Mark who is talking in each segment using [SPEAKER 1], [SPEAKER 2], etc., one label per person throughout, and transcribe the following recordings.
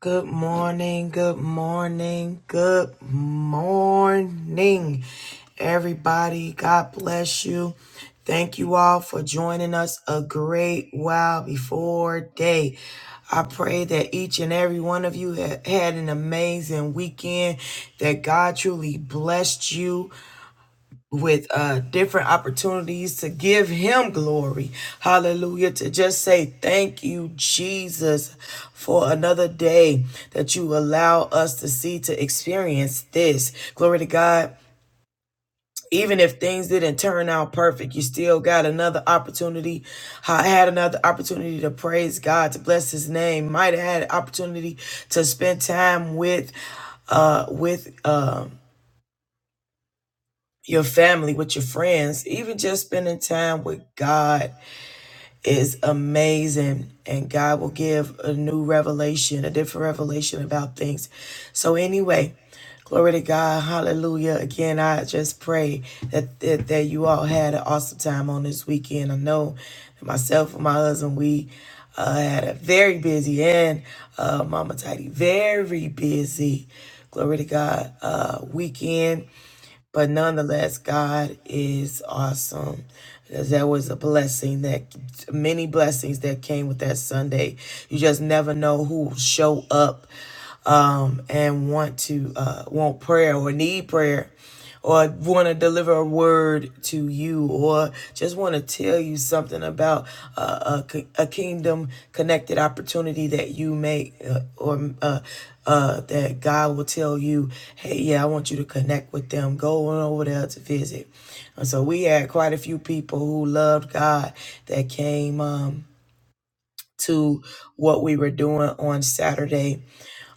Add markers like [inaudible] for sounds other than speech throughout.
[SPEAKER 1] Good morning, good morning, good morning, everybody. God bless you. Thank you all for joining us a great while before day. I pray that each and every one of you ha- had an amazing weekend, that God truly blessed you with uh different opportunities to give him glory hallelujah to just say thank you jesus for another day that you allow us to see to experience this glory to god even if things didn't turn out perfect, you still got another opportunity. I had another opportunity to praise God, to bless His name. Might have had an opportunity to spend time with, uh, with um your family, with your friends, even just spending time with God is amazing. And God will give a new revelation, a different revelation about things. So, anyway, glory to God. Hallelujah. Again, I just pray that, that, that you all had an awesome time on this weekend. I know that myself and my husband, we uh, had a very busy and uh, Mama Tidy, very busy. Glory to God. Uh, weekend but nonetheless, God is awesome. Because that was a blessing that many blessings that came with that Sunday. You just never know who will show up um, and want to uh, want prayer or need prayer or want to deliver a word to you or just want to tell you something about uh, a, a kingdom connected opportunity that you may uh, or uh, uh, that God will tell you, hey, yeah, I want you to connect with them. Go on over there to visit. And so we had quite a few people who loved God that came um, to what we were doing on Saturday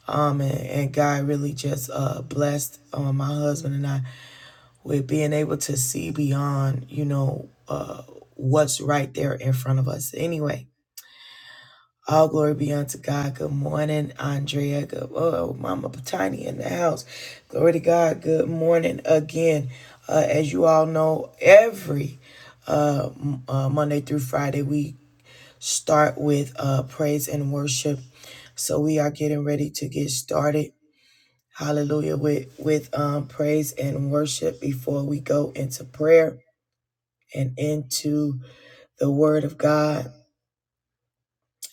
[SPEAKER 1] um, and, and God really just uh, blessed um, my husband and I with being able to see beyond, you know, uh, what's right there in front of us. Anyway, all glory be unto God. Good morning, Andrea. Good, oh, Mama Tiny in the house. Glory to God. Good morning again. Uh, as you all know, every uh, m- uh, Monday through Friday, we start with uh, praise and worship. So we are getting ready to get started hallelujah with with um praise and worship before we go into prayer and into the word of god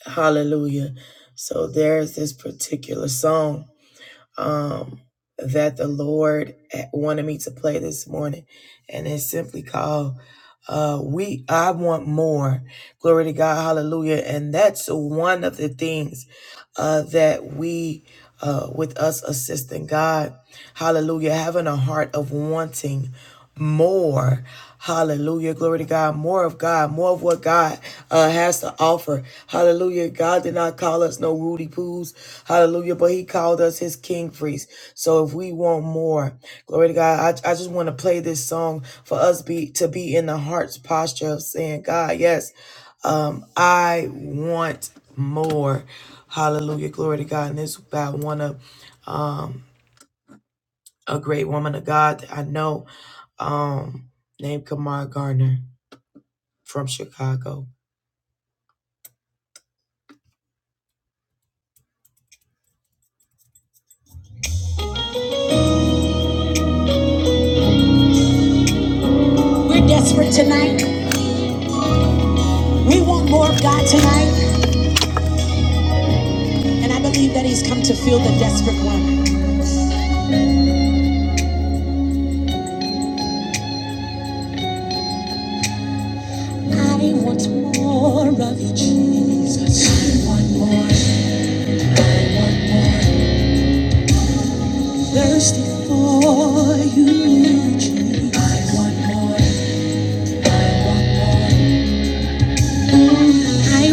[SPEAKER 1] hallelujah so there's this particular song um that the lord eh, wanted me to play this morning and it's simply called uh we i want more glory to god hallelujah and that's one of the things uh, that we, uh, with us assisting God, hallelujah, having a heart of wanting more. Hallelujah. Glory to God. More of God. More of what God uh, has to offer. Hallelujah. God did not call us no Rudy Poos. Hallelujah. But he called us his king priests. So if we want more, glory to God. I, I just want to play this song for us be to be in the heart's posture of saying, God, yes. Um, I want more. Hallelujah. Glory to God. And this is about one of um, a great woman of God that I know um, named Kamar Gardner from Chicago. We're desperate tonight. We want more of God tonight. And I believe that He's come to fill the desperate one. I want more of you, Jesus. I want more. I want more. Thirsty for you, Jesus. I want more. I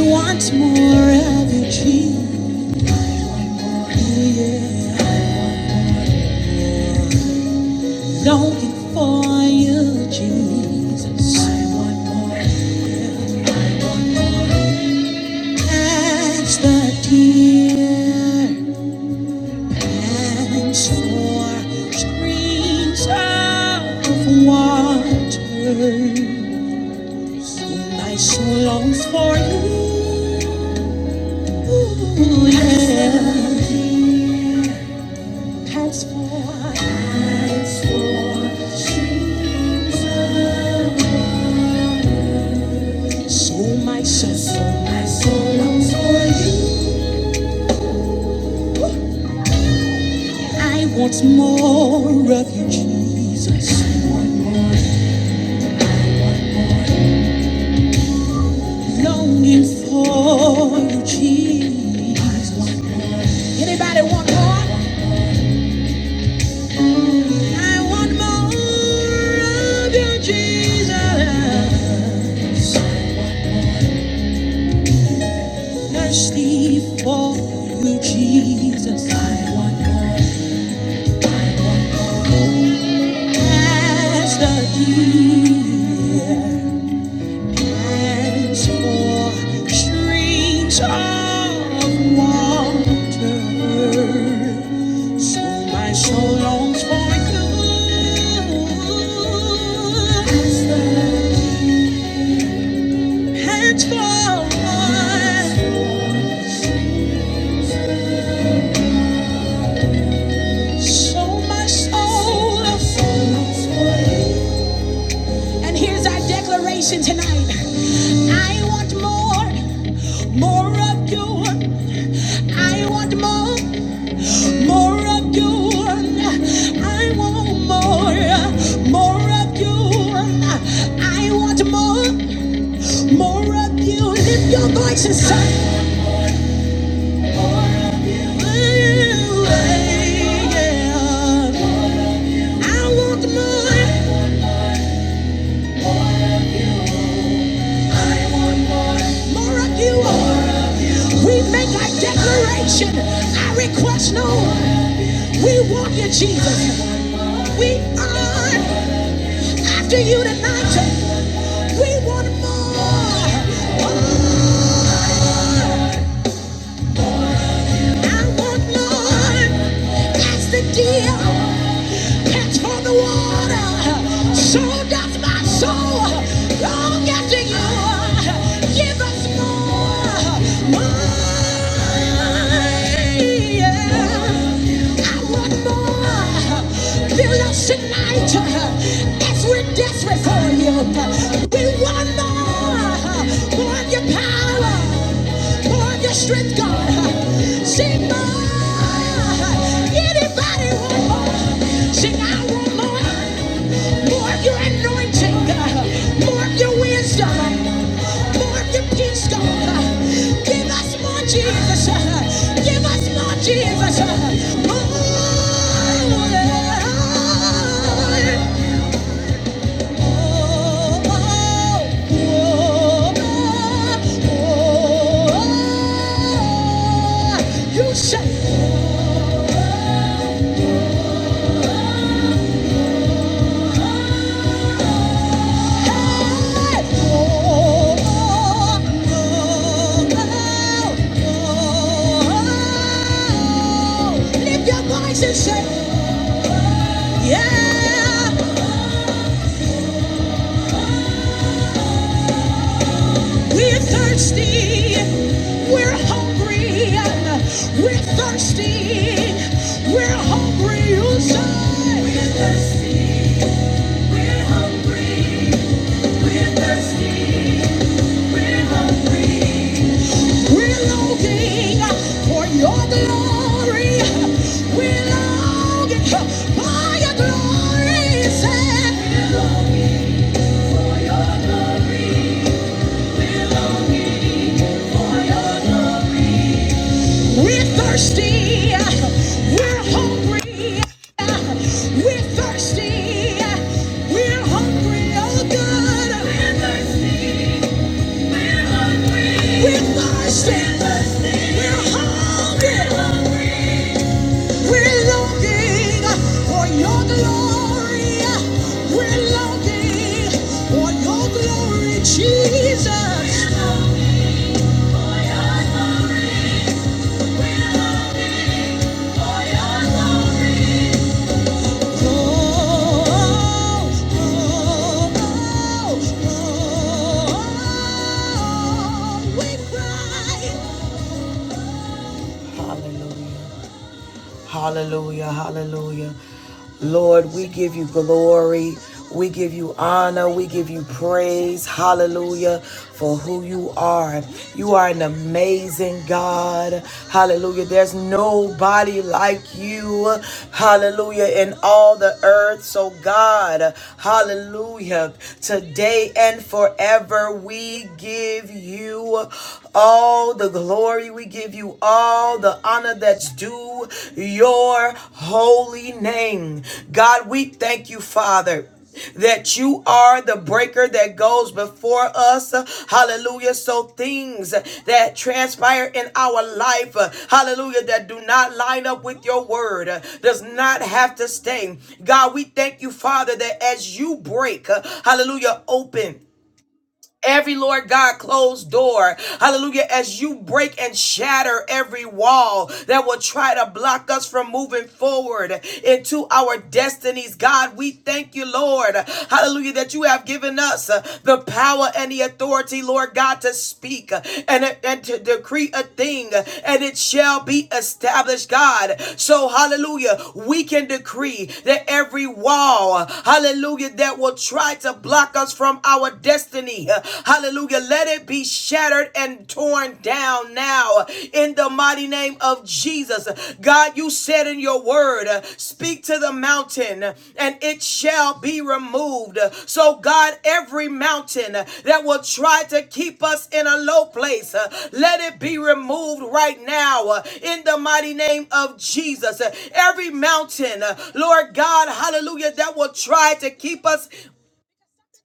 [SPEAKER 1] want more of you, Jesus. Longing for you, Jesus. I want more. That's the dear hands for streams of water. My soul longs for you. Yeah. Hands for, hands for streams of soul, my soul, so my soul longs for you. I want more of you, Jesus. I want more, I want more. Longing for you, Jesus. I want more. Anybody want more? I want more of you, Jesus. I want more. Especially for you, Jesus. I want more. I want more. As the deer pants for streams of water, so my soul longs for you. As the deer, pants for water. So my soul longs for you. And here's our declaration tonight. I want more, more of you. I want more, more of you. I want more, more of you. I want more, more of you. Lift your voices, son. I want more. More of you. We make our declaration. I request no. We want you, Jesus. We are after you tonight. We want more. I want none. That's the deal. Catch for the water. So does my soul. Long after you. Give us more. More. Yeah. I want more. Fill us tonight as we're desperate for you. We want more. Pour out your power. Pour out your strength, God. Sing more. Anybody want more? Sing, I want more. More of your anointing, God. More of your wisdom. More of your peace, God. Give us more, Jesus. Give us more, Jesus. More, Lord. You shall. Lift your voice and say, Yeah. We're thirsty. We're hungry. We're thirsty. We're hungry. You say. We're thirsty. We're hungry. We're thirsty. We're hungry. We're longing for your glory. We're longing for your glory. Say. We're longing for your glory. We're longing for your glory. We're thirsty. We're hungry. We're thirsty. We're hungry. Oh God. We're thirsty. We're hungry. We're thirsty. We're hungry. We're hungry. longing for your glory. We're longing for your glory, Jesus. We're longing for your glory. We're longing for your glory. Hallelujah. Hallelujah. Hallelujah. Lord, we give you glory. We give you honor. We give you praise. Hallelujah for who you are. You are an amazing God. Hallelujah. There's nobody like you you. Hallelujah. In all the earth. So, God, hallelujah. Today and forever, we give you all the glory. We give you all the honor that's due your holy name. God, we thank you, Father that you are the breaker that goes before us. Hallelujah. So things that transpire in our life, hallelujah, that do not line up with your word does not have to stay. God, we thank you, Father, that as you break, hallelujah, open every Lord God closed door. Hallelujah. As you break and shatter every wall that will try to block us from moving forward into our destinies. God, we thank you, Lord. Hallelujah. That you have given us uh, the power and the authority, Lord God, to speak uh, and, and to decree a thing uh, and it shall be established, God. So, hallelujah. We can decree that every wall, hallelujah, that will try to block us from from our destiny. Hallelujah. Let it be shattered and torn down now in the mighty name of Jesus. God, you said in your word, speak to the mountain and it shall be removed. So, God, every mountain that will try to keep us in a low place, let it be removed right now in the mighty name of Jesus. Every mountain, Lord God, hallelujah, that will try to keep us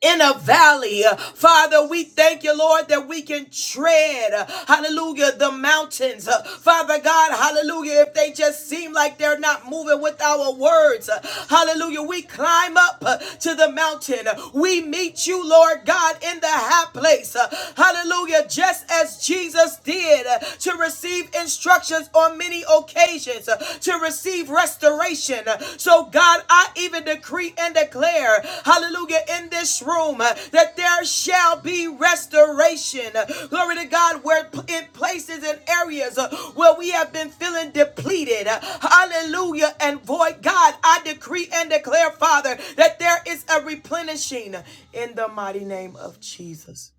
[SPEAKER 1] in a valley. Father, we thank you, Lord, that we can tread, hallelujah, the mountains. Father God, hallelujah, if they just seem like they're not moving with our words, hallelujah, we climb up to the mountain. We meet you, Lord God, in the high place. Hallelujah, just as Jesus did to receive instructions on many occasions nations uh, to receive restoration. Uh, So, God, I even decree and declare, hallelujah, in this room uh, that there shall be restoration. Uh, Glory to God, where in places and areas uh, where we have been feeling depleted, uh, hallelujah, and void. God, I decree and declare, Father, that there is a replenishing in the mighty name of Jesus.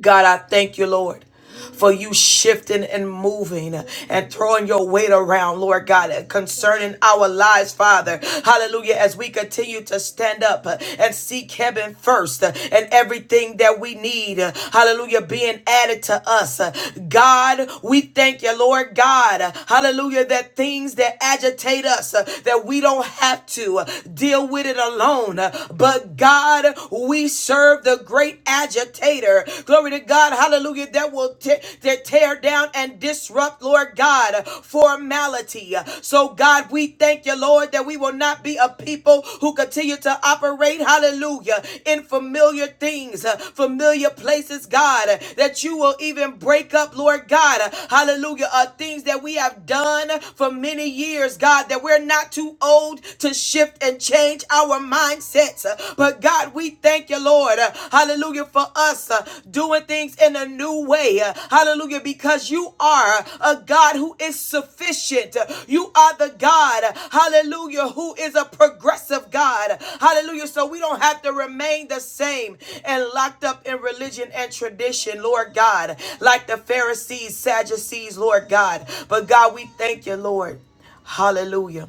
[SPEAKER 1] God, I thank you, Lord. For you shifting and moving and throwing your weight around, Lord God, concerning our lives, Father. Hallelujah. As we continue to stand up and seek heaven first and everything that we need, hallelujah, being added to us. God, we thank you, Lord God. Hallelujah. That things that agitate us, that we don't have to deal with it alone, but God, we we serve the great agitator. Glory to God. Hallelujah. That will te- that tear down and disrupt, Lord God, formality. So, God, we thank you, Lord, that we will not be a people who continue to operate, hallelujah, in familiar things, uh, familiar places, God, that you will even break up, Lord God, hallelujah, uh, things that we have done for many years, God, that we're not too old to shift and change our our mindsets. Uh, But God, we thank you, Lord. uh, Hallelujah for us uh, doing things in a new way. Uh, Hallelujah because you are a God who is sufficient. Uh, You are the God, hallelujah, who is a progressive God. Hallelujah. So we don't have to remain the same and locked up in religion and tradition, Lord God, like the Pharisees, Sadducees, Lord God. But God, we thank you, Lord. Hallelujah.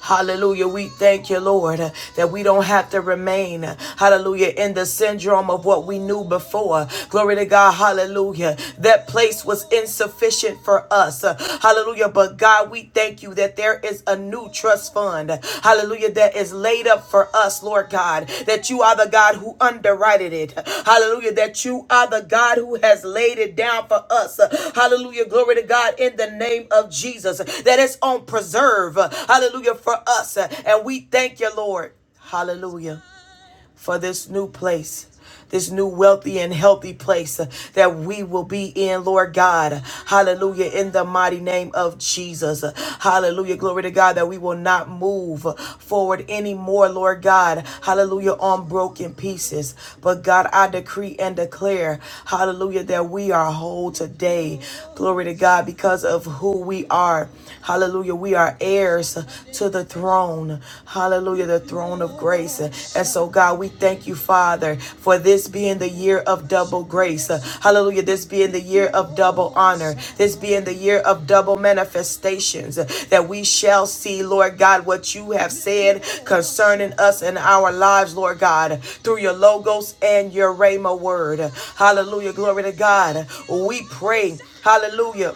[SPEAKER 1] Hallelujah. We thank you, Lord, uh, that we don't have to remain, uh, hallelujah, in the syndrome of what we knew before. Glory to God. Hallelujah. That place was insufficient for us. Uh, Hallelujah. But God, we thank you that there is a new trust fund. Hallelujah. That is is laid up for us, Lord God, that you are the God who underwrited it. Hallelujah. That you are the God who has laid it down for us. Hallelujah. Glory to God in the name of Jesus. That it's on preserve. Hallelujah. For us. And we thank you, Lord. Hallelujah for this new place. This new wealthy and healthy place uh, that we will be in, Lord God. Hallelujah. In the mighty name of Jesus. Hallelujah. Glory to God that we will not move forward anymore, Lord God. Hallelujah. On broken pieces. But God, I decree and declare, hallelujah, that we are whole today. Glory to God because of who we are. Hallelujah. We are heirs to to the throne. Hallelujah, the throne of grace. And so, God, we thank you, Father, for this being the year of double grace. Hallelujah, this being the year of double honor, this being the year of double manifestations that we shall see, Lord God, what you have said concerning us and our lives, Lord God, through your logos and your rhema word. Hallelujah, glory to God. We pray. Hallelujah.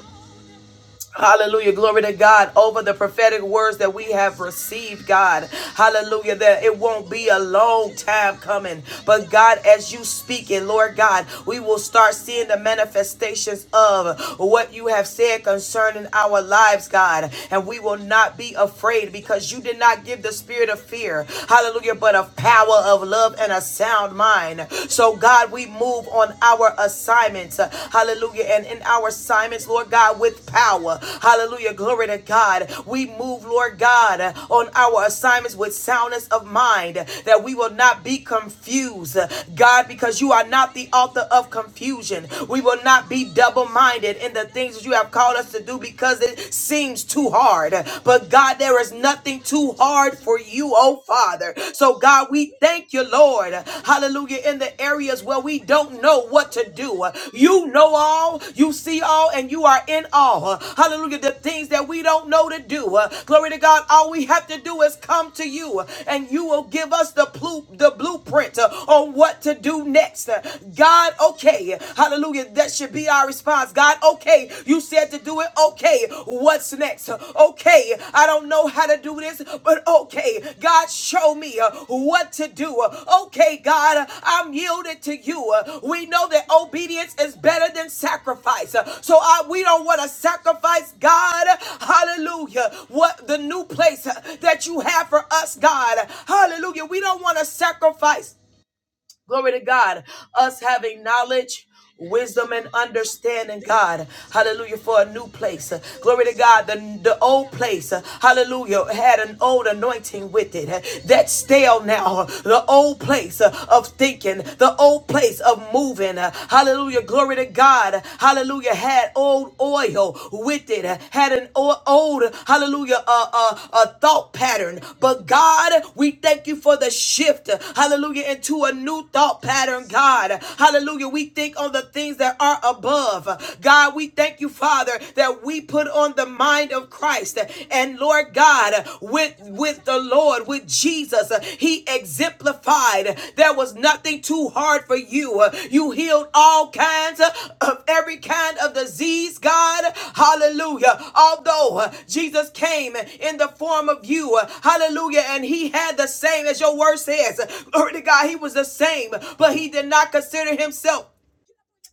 [SPEAKER 1] Hallelujah. Glory to God over the prophetic words that we have received, God. Hallelujah. That it won't be a long time coming. But God, as you speak it, Lord God, we will start seeing the manifestations of what you have said concerning our lives, God. And we will not be afraid because you did not give the spirit of fear. Hallelujah. But of power, of love, and a sound mind. So, God, God, we move on our assignments. Uh, Hallelujah. And in our assignments, Lord God, with power. Hallelujah. Glory to God. We move, Lord God, uh, on our assignments with soundness of mind uh, that we will not be confused. Uh, God, because you are not the author of confusion. We will not be double minded in the things that you have called us to do because it seems too hard. But God, there is nothing too too hard for you, oh Father. So, God, we thank you, Lord. Hallelujah. In the areas where we don't know what to do, you know all, you see all, and you are in all. Hallelujah. The things that we don't know to do. Glory to God. All we have to do is come to you, and you will give us the, plu- the blueprint on what to do next. God, okay. Hallelujah. That should be our response. God, Okay, you said to do it. Okay, what's next? Okay, I don't know how to do this, but okay, God, show me uh, what to do. Okay, God, I'm yielded to you. We know that obedience is better than sacrifice. So I, we don't want to sacrifice, God. Hallelujah. What the new place that you have for us, God. Hallelujah. We don't want to sacrifice. Glory to God. Us having knowledge. Wisdom and understanding, God. Hallelujah. For a new place. Glory to God. The, the old place, hallelujah, had an old anointing with it. That's stale now. The old place of thinking, the old place of moving. Hallelujah. Glory to God. Hallelujah. Had old oil oil with it, had an old, hallelujah, uh, uh, uh, thought pattern. But God, we thank you for the shift, hallelujah, into a new thought pattern, God. Hallelujah, we think on the things that are above. God, we thank you, Father, that we put on the mind of Christ. And Lord God, with, with the Lord, with with Jesus, uh, he exemplified there was nothing too hard for you. Uh, You healed all kinds uh, of every kind of disease, God. Hallelujah. Although uh, Jesus came in the form of you, uh, hallelujah, and he had the same as your word says. Glory to God, he was the same, but he did not consider himself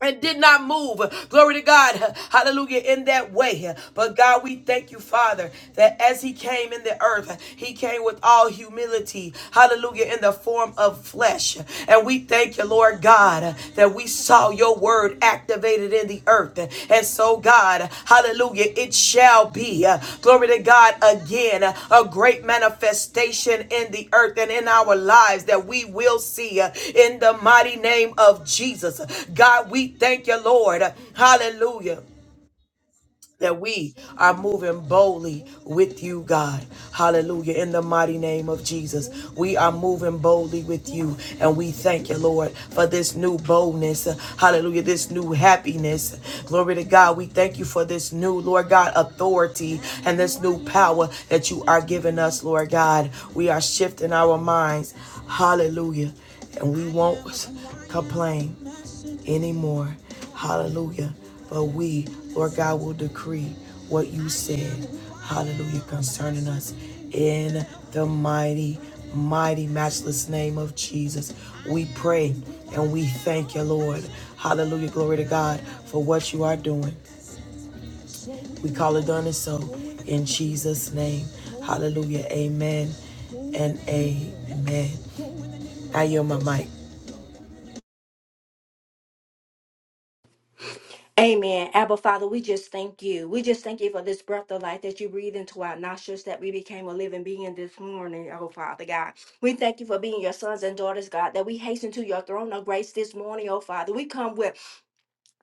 [SPEAKER 1] and did not move. Glory to God. Hallelujah. In that way. But God, we thank you, Father, that as he came in the earth, he came with all humility. Hallelujah. In the form of flesh. And we thank you, Lord God, that we saw your word activated in in the earth. And so, God, hallelujah, it shall be, uh, glory to God, again, uh, a great manifestation in the earth and in our lives that we will see uh, in the mighty name of Jesus. God, we thank you, Lord. Hallelujah that we are moving boldly with you, God. Hallelujah. In the mighty name of Jesus, we are moving boldly with you. And we thank you, Lord, for this new boldness. Hallelujah. This new happiness. Glory to God. We thank you for this new, Lord God, authority and this new power that you are giving us, Lord God. We are shifting our minds. Hallelujah. And we won't complain anymore. Hallelujah. But we, Lord God, will decree what you said. Hallelujah. Concerning us in the mighty, mighty, matchless name of Jesus. We pray and we thank you, Lord. Hallelujah. Glory to God for what you are doing. We call it done and so in Jesus' name. Hallelujah. Amen and amen. I yield my mic.
[SPEAKER 2] Amen. Abba Father, we just thank you. We just thank you for this breath of life that you breathe into our nostrils that we became a living being this morning, oh Father God. We thank you for being your sons and daughters, God, that we hasten to your throne of grace this morning, oh Father. We come with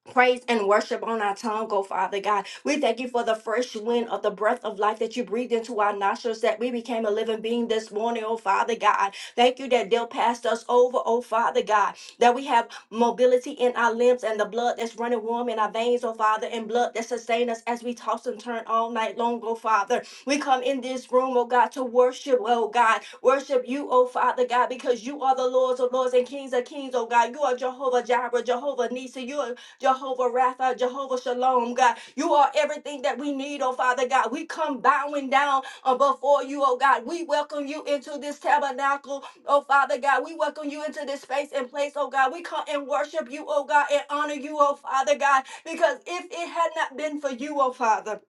[SPEAKER 2] praise and worship on our tongue, oh Father God. We thank you for the fresh wind of the breath of life that you breathed into our nostrils, that we became a living being this morning, oh Father God. Thank you that they'll pass us over, oh Father God, that we have mobility in our limbs and the blood that's running warm in our veins, oh Father, and blood that sustain us as we toss and turn all night long, oh Father. We come in this room, oh God, to worship, oh God. Worship you, oh Father God, because you are the Lords of Lords and Kings of Kings, oh God. You are Jehovah Jireh, Jehovah Nisa, Jehovah Rapha, Jehovah Shalom, God. You are everything that we need, oh Father God. We come bowing down uh, before you, oh God. We welcome you into this tabernacle, oh Father God. We welcome you into this space and place, oh God. We come and worship you, oh God, and honor you, oh Father God, because if it had not been for you, oh Father,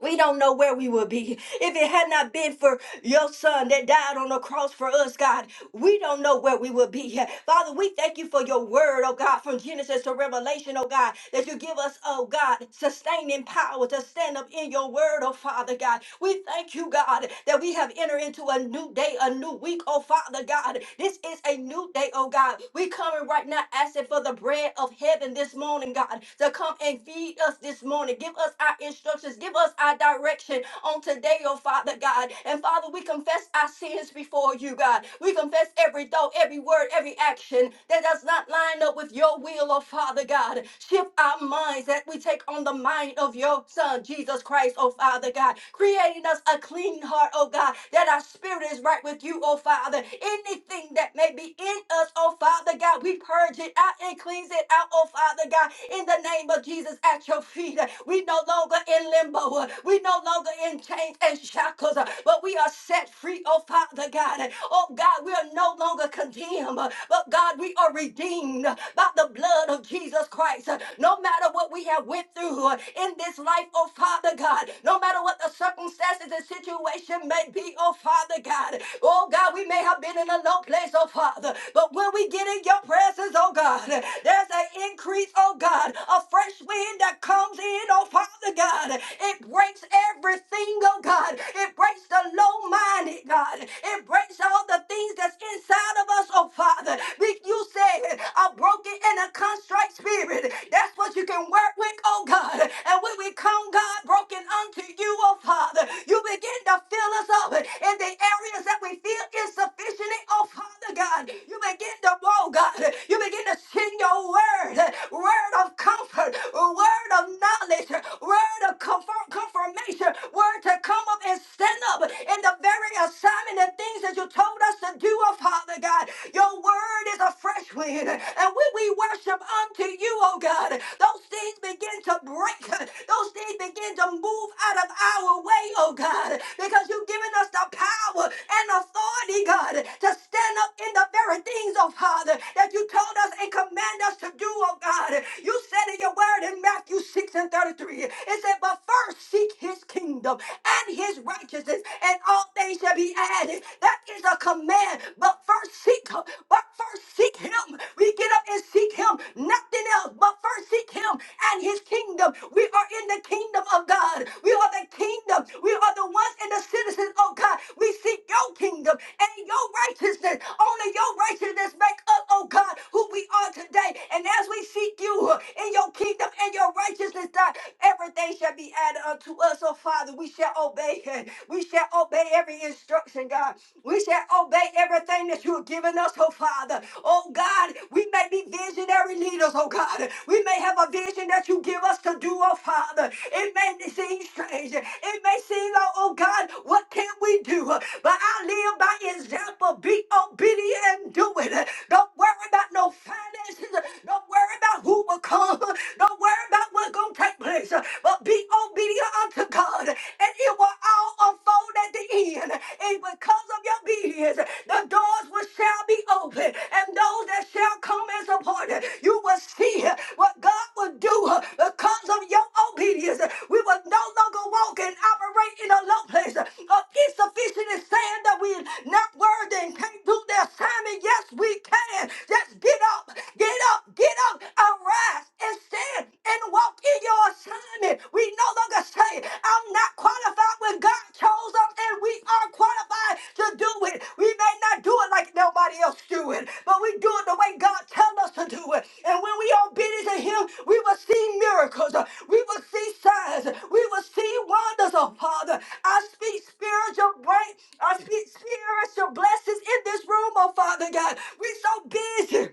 [SPEAKER 2] we don't know where we would be if it had not been for your son that died on the cross for us, God. We don't know where we will be. Father, we thank you for your word, oh God, from Genesis to Revelation, oh God, that you give us, oh God, sustaining power to stand up in your word, oh Father God. We thank you, God, that we have entered into a new day, a new week, oh Father God. This is a new day, oh God. We coming right now asking for the bread of heaven this morning, God, to come and feed us this morning. Give us our instructions, give us our direction on today, oh Father God. And Father, we confess our sins before you, God. We confess every thought, every word, every action that does not line up with your will, oh Father God. Shift our minds that we take on the mind of your Son, Jesus Christ, oh Father God. Creating us a clean heart, oh God, that our spirit is right with you, oh Father. Anything that may be in us, oh Father God, we purge it out and cleanse it out, oh Father God, in the name of Jesus at your feet. We no longer in limbo, we no longer in chains and shackles, but we are are set free, oh Father God. Oh God, we are no longer condemned, but God, we are redeemed by the blood of Jesus Christ. No matter what we have went through uh, in this life, oh Father God, no matter what the circumstances and situation may be, oh Father God, oh God, we may have been in a low place, oh Father, but when we get in your presence, oh God, there's an increase, oh God, a fresh wind that comes in, oh Father God. It breaks everything, oh God, God. It breaks the low minded, God. It breaks all the things that's inside of us, oh Father. Be- You said a broken and a contrite spirit. That's what you can work with, oh God. And when we come, God, broken unto you, oh Father, you begin to fill us up in the areas that we feel insufficient, in, oh Father God. You begin to grow, God. You begin to send your word, word of comfort, word of knowledge, word of comfort, confirmation nation were to come up and stand up in the very assignment and things that you told us to do, oh Father God. Your word is a fresh wind. And when we worship unto you, oh God, those things begin to break. Those things begin to move out of our way, oh God, because you've given us the power and authority, God, to stand up in the very things, oh Father, that you told us and command us to do, oh God. You said in your word in Matthew 6 and 33, it it said, but first seek his kingdom and his righteousness, and all things shall be added. That is a command. But first seek But first seek him. We get up and seek him. Nothing else. But first seek him and his kingdom. We are in the kingdom of God. We are the kingdom. We are the ones and the citizens of God. We seek your kingdom and your righteousness. Only your righteousness make us, oh God, who we are today. And as we seek you in your kingdom and your righteousness, righteousness, God. Everything shall be added unto us, oh Father. We shall obey. We shall obey every instruction, God. We shall obey everything that you have given us, oh Father. Oh God, we may be visionary leaders, oh God. We may have a vision that you give us to do, oh Father. It may seem strange. It may seem like, oh God, what can we do? But I live by example. Be obedient and do it. Don't worry about no finances. Don't worry about who will come. [laughs] Don't worry about what's going to take place, but be obedient unto God, and it will all unfold at the end. And because of your obedience, the doors will shall be open, and those that shall come as a part, you will see what God will do because of your obedience. We will no longer walk and operate in a low place of insufficient in saying that we're not worthy and can't do the assignment. Yes, we can. Just get up, get up, Get up and rise and stand and walk in your assignment. We no longer say, I'm not qualified when God chose us and we are qualified to do it. We may not do it like nobody else do it, but we do it the way God tells us to do it. And when we are obedient to Him, we will see miracles. We will see signs. We will see wonders, oh Father. I speak spiritual break. I speak spiritual blessings in this room, oh Father God. We're so busy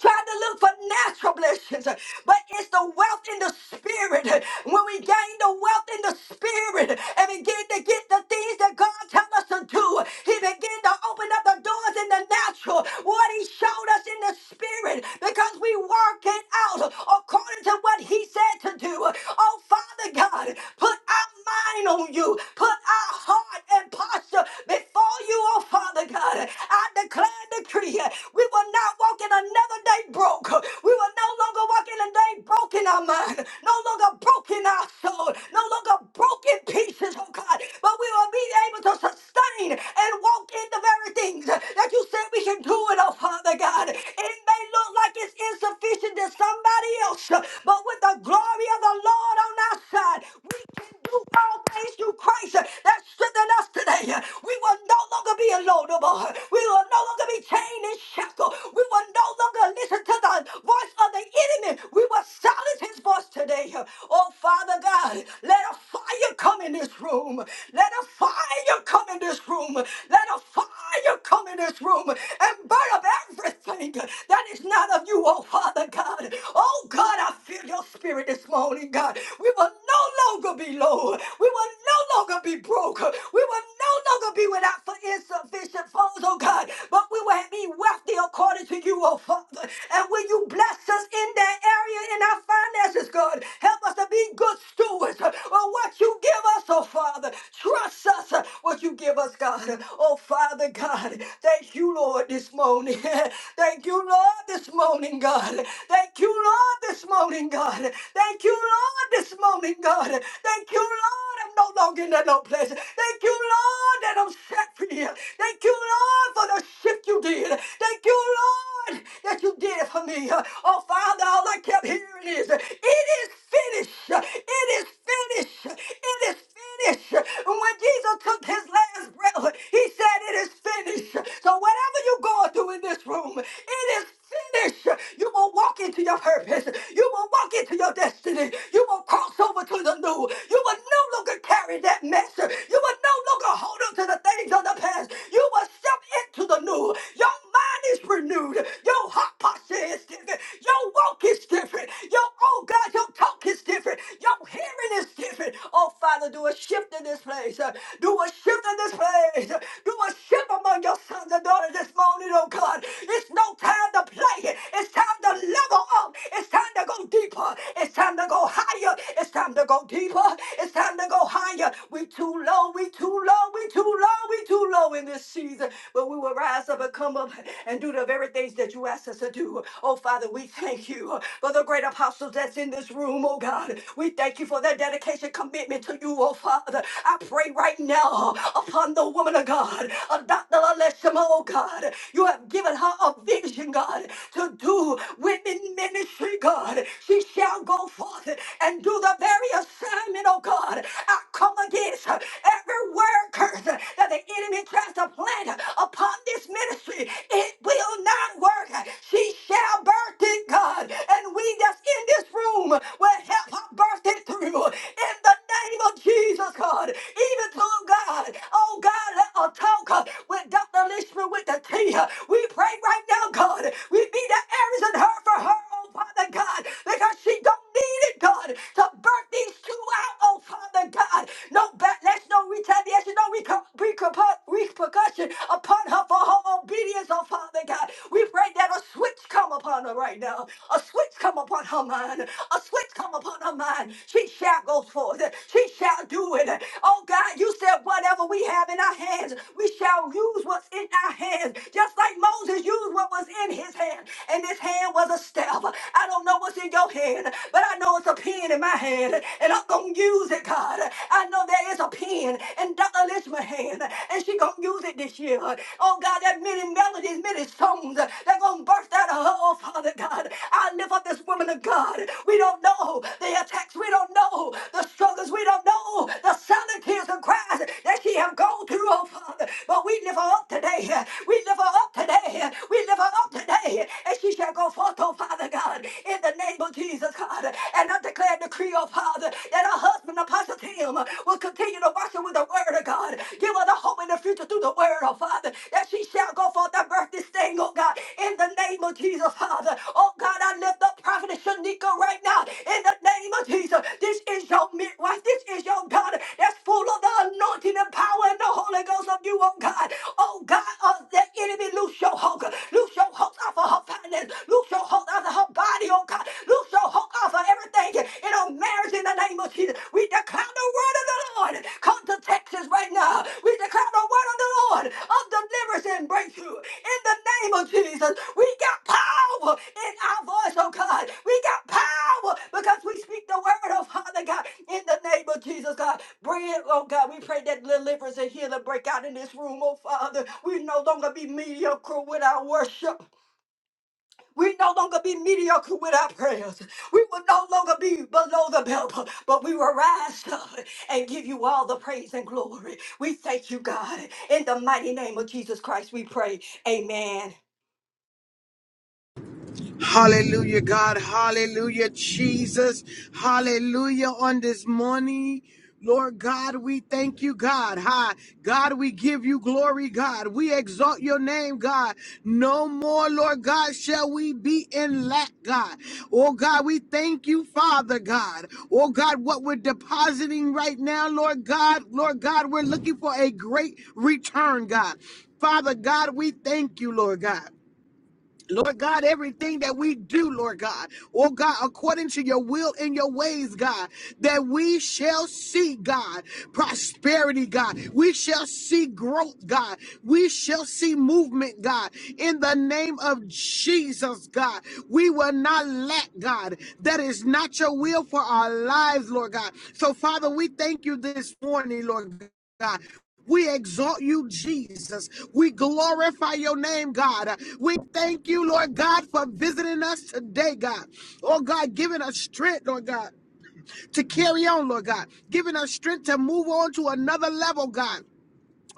[SPEAKER 2] trying to look for natural blessings, but it's the wealth in the spirit. When we gain the wealth in the spirit and begin to get the things that God tells us to do, He begin to open up the doors in the natural, what He showed us in the spirit, because we work it out according to what He said to do. Oh, Father God, put our mind on you, put our heart and posture before you, oh Father God. I declare and decree decree. We will not walk in another day broke. We will no longer walk in a day broken our mind, no longer broken our soul, no longer broken pieces, oh God. But we will be able to sustain and walk in the very things that you said we can do it, oh Father God. It may look like it's insufficient to somebody else, but with the glory of the Lord on our side, we can do all things through Christ uh, that strengthen us today. Uh, We will no longer be alone no more. We will no longer be chained and shackled. We will no longer listen to the voice of the enemy. We will silence his voice today. Uh, Oh, Father God, let a fire come in this room. Let a fire come in this room. Let a fire come in this room and burn up everything that is not of you, oh Father God. Oh Oh God, I feel your spirit this morning, God. We will no longer be low. We will no longer be broke. We will no longer be without for insufficient funds, oh God. But we will be wealthy according to you, oh Father. And when you bless us in that area in our finances, God, help us to be good stewards of what you give us us, oh Father. Trust us uh, what you give us, God. Oh Father God, thank you, Lord, this morning. [laughs] thank you, Lord, this morning, God. Thank you, Lord, this morning, God. Thank you, Lord, this morning, God. Thank you, Lord, I'm no longer in that low place. Thank you, Lord, that I'm set free. Thank you, Lord, for the shift you did. Thank you, Lord that you did it for me. Uh, Oh, Father, all I kept hearing is, it is finished. Uh, It is finished. It is finished. When Jesus took his last breath, he said, it is finished. So whatever you're going through in this room, it is finished. You will walk into your purpose. You will walk into your destiny. You will cross over to the new. You will no longer carry that mess. You will no longer hold on to the things of the past. You will step up into the new. Your mind is renewed. Your heart posture is different. Your walk is different. Your oh God, your talk is different. Your hearing is different. Oh Father, do a shift in this place. Uh, Do a shift in this place. Uh, Do a shift among your sons and daughters this morning on it, oh God. It's no time to play. It's time to level up. It's time to go deeper. It's time to go higher. It's time to go deeper. It's time to go higher. We too low. We too low. We too low. We too low in this season. But we will rise up and come up and do the very things that you asked us to do. Oh Father, we thank you for the great apostles that's in this room, oh God. We thank you for their dedication, commitment to you, oh Father. I pray right now upon the woman of God, a Dr bless him, oh God. You have given her a vision, God, to do women ministry, God. She shall go forth and do the very assignment, oh God. I come against every word curse that the enemy tries to plant upon this ministry. It will not work. She shall birth it, God. And we that's in this room will help her birth it through. In the name of Jesus, God. Even to God. Oh God, talk uh, with Dr. Lishman with the T. uh, We pray right now, God. We be the Aries in her for her, oh Father God, because she don't need it, God, to birth these two out, oh Father God. No backlash, no retaliation, no reco- reco- repercussion upon her for her obedience, oh Father God. We pray that a switch come upon her right now. A switch come upon her mind. A switch come upon her mind. She shall go forth. She shall do it. Oh God, you said whatever what we have in our hands, we shall use what's in our hands, just like Moses used what was in his hand. And his hand was a staff. I don't know what's in your hand, but I know it's a pen in my hand, and I'm gonna use it, God. I know there is a pen in Dr. Lishma's hand, and she gonna use it this year. Oh God, that many melodies, many songs that gonna burst out of her. Oh Father God, I lift up this woman of God. We don't know the attacks. We don't know the struggles. We don't know the solitude tears and cries that she have gone through, oh Father. But we lift her up today. We lift her up today. We lift her up today. And she shall go forth, oh Father God, in the name of Jesus, God. And I declare and decree, oh Father, that her husband, Apostle Tim, will continue to watch her with the word of God. Give her the hope in the future through the word, oh Father, that she shall go forth and birth this thing, oh God, in the name of Jesus, Father. Oh God, I lift up Prophet Shanika right now in the name of Jesus. This is your midwife. This is your oh God, that's full of the anointing and power and the Holy Ghost of you, oh God. Oh God, of the enemy, loose your hook. Loose your hook off of her finances. Loose your hook off of her body, oh God. Loose your hook off of everything in her marriage in the name of Jesus. We declare the word of the Lord. Come to Texas right now. We declare the word of the Lord of deliverance and breakthrough. In the name of Jesus, we got power in our voice, oh God. We got power because we speak the word of Father God. In the name of Jesus, God, bring it, oh God. We pray that deliverance and healing break out in this room, oh Father. We no longer be mediocre with our worship. We no longer be mediocre with our prayers. We will no longer be below the belt, but we will rise up and give you all the praise and glory. We thank you, God. In the mighty name of Jesus Christ, we pray. Amen.
[SPEAKER 3] Hallelujah, God. Hallelujah, Jesus. Hallelujah on this morning. Lord God, we thank you, God. Hi, God, we give you glory, God. We exalt your name, God. No more, Lord God, shall we be in lack, God. Oh, God, we thank you, Father God. Oh, God, what we're depositing right now, Lord God, Lord God, we're looking for a great return, God. Father God, we thank you, Lord God. Lord God, everything that we do, Lord God, oh God, according to your will and your ways, God, that we shall see, God, prosperity, God. We shall see growth, God. We shall see movement, God. In the name of Jesus, God, we will not lack, God. That is not your will for our lives, Lord God. So, Father, we thank you this morning, Lord God. We exalt you, Jesus. We glorify your name, God. We thank you, Lord God, for visiting us today, God. Oh, God, giving us strength, Lord God, to carry on, Lord God, giving us strength to move on to another level, God.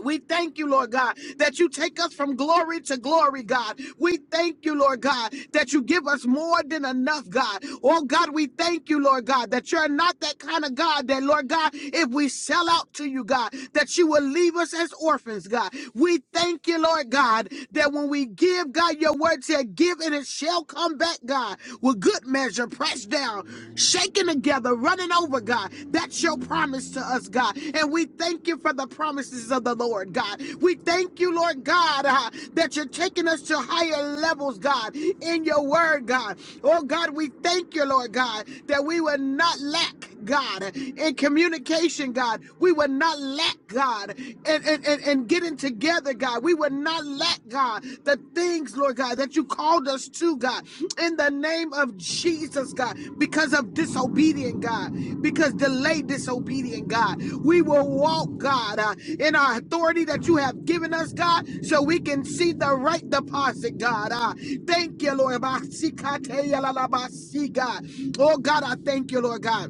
[SPEAKER 3] We thank you, Lord God, that you take us from glory to glory, God. We thank you, Lord God, that you give us more than enough, God. Oh, God, we thank you, Lord God, that you're not that kind of God that, Lord God, if we sell out to you, God, that you will leave us as orphans, God. We thank you, Lord God, that when we give, God, your word said, give and it shall come back, God, with good measure, pressed down down, shaken together, running over, God. That's your promise to us, God. And we thank you for the promises of the Lord, God. We thank you, Lord God, uh, that you're taking us to higher levels, God, in your word, God. Oh, God, we thank you, Lord God, that we will not lack, God, in communication, God. We will not lack, God, and, and, and, and getting together, God. We we would not let God, the things, Lord God, that you called us to, God, in the name of Jesus, God, because of disobedient, God, because delayed disobedient, God. We will walk, God, uh, in our authority that you have given us, God, so we can see the right deposit, God. Uh, thank you, Lord. Basikateyalalabashi, God. Oh, God, I thank you, Lord God.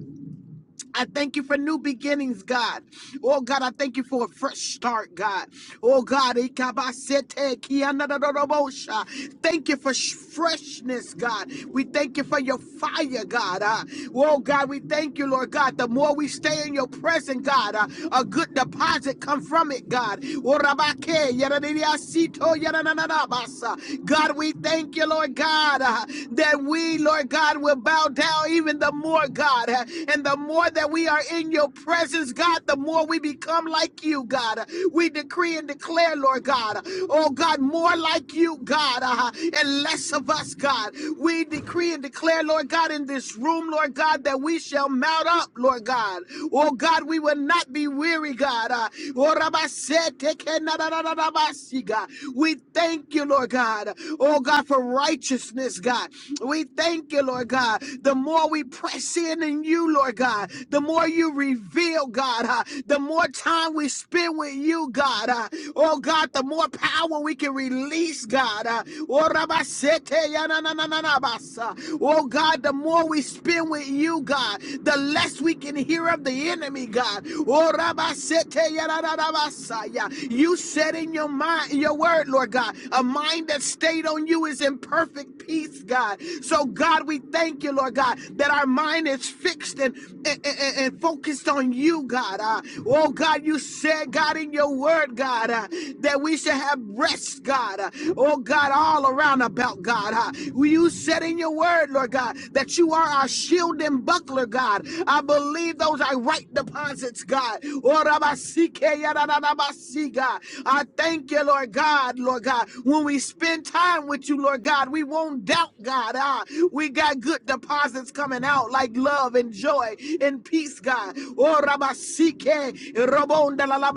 [SPEAKER 3] I thank you for new beginnings, God. Oh, God, I thank you for a fresh start, God. Oh, God, ikabasete kianadadorobosha. thank you for sh- freshness, God. We thank you for your fire, God. Uh, oh, God, we thank you, Lord God. The more we stay in your presence, God, uh, a good deposit come from it, God. Oh, rabake, yadadidiasito, yadadadadabasa. God, we thank you, Lord God, uh, that we, Lord God, will bow down now even the more, God. uh, And the more that we are in your presence, God, the more we become like you, God. Uh, We decree and declare, Lord God, uh, oh God, more like you, God, uh, and less of us, God. We decree and declare, Lord God, in this room, Lord God, that we shall mount up, Lord God. Oh God, we will not be weary, God. Uh, oh, Rabba na, na, We thank you, Lord God. Oh God, for righteousness, God. God. We thank you, Lord God. The more we press in in you, Lord God, the more you reveal, God, uh, the more time we spend with you, God. uh, oh, God, the more power we can release, God. Uh, oh, Rabasete, ya na na na na na basa. Oh, God, the more we spend with you, God, the less we can hear of the enemy, God. Oh, Rabasete, ya na na na basa, ya. You said in your mind, your word, Lord God, a mind that's that stayed on you is in perfect peace, God. So, God, we thank you, Lord God, that our mind is fixed and, and, and- and focused on you, God. Uh, oh, God, you said, God, in your word, God, uh, that we should have rest, God. Uh, oh, God, all around about, God. Uh, you said in your word, Lord God, that you are our shield and buckler, God. I believe those are right deposits, God. Oh, Rabba, see, God. I thank you thank you, Lord God, Lord God. When we spend time with you, Lord God, we won't doubt, God. Ah, we got good deposits coming out like love and joy and peace, God. Oh, Rabasike, Rabonda la la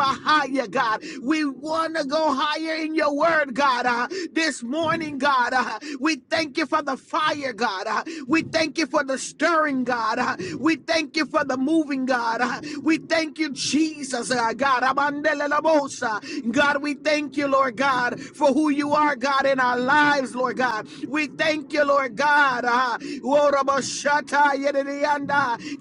[SPEAKER 3] God. We want to go higher in your word, God. Ah, this morning, God, ah, we thank you for the fire, God. Ah, we thank you for the stirring, God. Ah, we thank you for the moving, God. Ah, we thank you, Jesus, ah, God. Ah, God, we thank you, Lord God, for who you are, God, in our lives, Lord God. We thank you, Lord God. ah.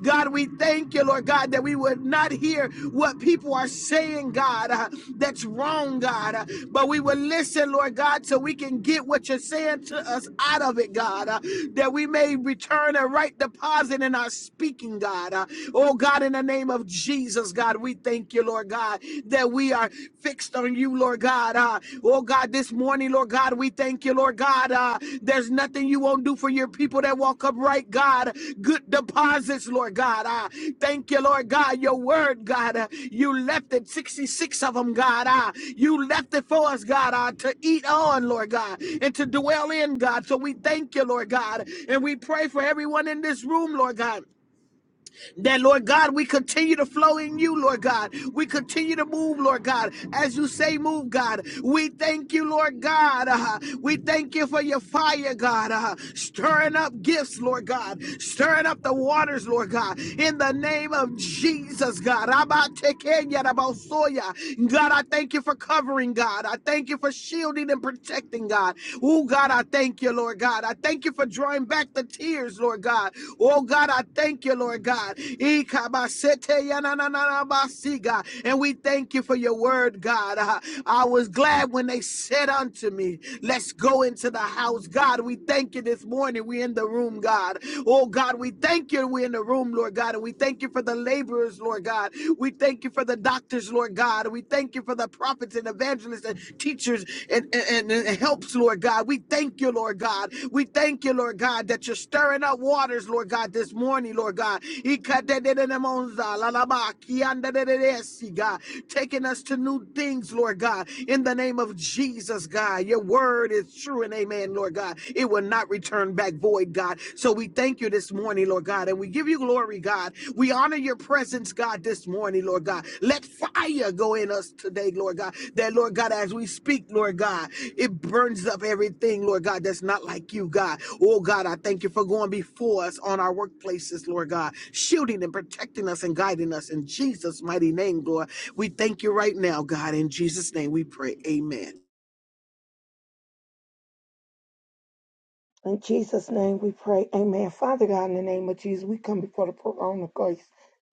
[SPEAKER 3] God, we thank you, Lord God, that we would not hear what people are saying, God, ah, that's wrong, God, ah, but we would listen, Lord God, so we can get what you're saying to us out of it, God, ah, that we may return a right deposit in our speaking, God. ah. Oh, God, in the name of name of Jesus, God, we thank you, Lord God, that we are fixed on you, Lord God. Uh, oh, God, this morning, Lord God, we thank you, Lord God. Uh, there's nothing you won't do for your people that walk upright, God. Good deposits, Lord God. Uh, thank you, Lord God. Your word, God, uh, you left it, 66 of them, God. Uh, you left it for us, God, uh, to eat on, Lord God, and to dwell in, God. So we thank you, Lord God. And we pray for everyone in this room, Lord God. That, Lord God, we continue to flow in you, Lord God. We continue to move, Lord God, as you say, move, God. We thank you, Lord God. Uh, we thank you for your fire, God. Uh, stirring up gifts, Lord God. Stirring up the waters, Lord God. In the name of Jesus, God. Rabatekenyarabasoya. God, I thank you for covering, God. I thank you for shielding and protecting, God. Oh, God. God, I thank you, Lord God. I thank you for drawing back the tears, Lord God. Oh God, I thank you, Lord God. Ikabasete yanananabasi, God. And we thank you for your word, God. Uh, I was glad when they said unto me, Let's go into the house, God. We thank you this morning. We're in the room, God. Oh God, we thank you. We're in the room, Lord God. And we thank you for the laborers, Lord God. We thank you for the doctors doctors, Lord God. We thank you for the prophets and evangelists and teachers and, and, and helps, Lord God. We thank you, Lord God. We thank you, Lord God, that you're stirring up waters, Lord God, this morning, Lord God. Ikadedededemonza, lalaba, kiandedededesi, God. Taking us to new things, Lord God. In the name of Jesus, God. Your word is true and amen, Lord God. It will not return back void, God. So we thank Thank you this morning, Lord God, and we give you glory, God. We honor your presence, God, this morning, Lord God. Let fire go in us today, Lord God. That, Lord God, as we speak, Lord God, it burns up everything, Lord God, that's not like you, God. Oh, God, I thank you for going before us on our workplaces, Lord God, shielding and protecting us and guiding us in Jesus' mighty name, Lord. We thank you right now, God. In Jesus' name we pray. Amen.
[SPEAKER 4] In Jesus' name we pray. Amen. Father God, in the name of Jesus, we come before the throne of grace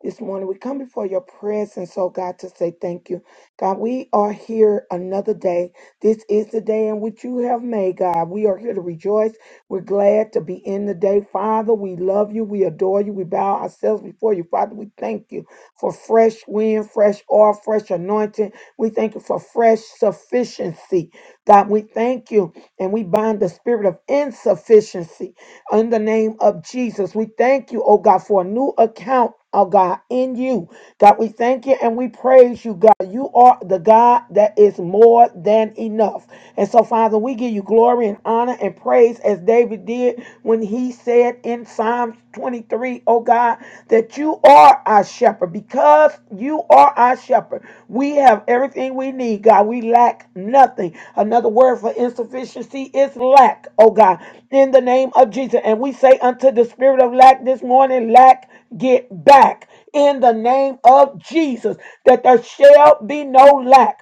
[SPEAKER 4] this morning. We come before your presence, oh God, to say thank you. God, we are here another day. This is the day in which you have made, God. We are here to rejoice. We're glad to be in the day. Father, we love you. We adore you. We bow ourselves before you. Father, we thank you for fresh wind, fresh oil, fresh anointing. We thank you for fresh sufficiency. God, we thank you and we bind the spirit of insufficiency in the name of Jesus. We thank you, oh God, for a new account, oh God, in you. God, we thank you and we praise you, God. You are the God that is more than enough. And so, Father, we give you glory and honor and praise as David did when he said in Psalms 23, oh God, that you are are our shepherd. Because you are our shepherd, we have everything we need, God. We lack nothing. Another word for insufficiency is lack, oh God, in the name of Jesus. And we say unto the spirit of lack this morning, lack, get back in the name of Jesus, that there shall be no lack.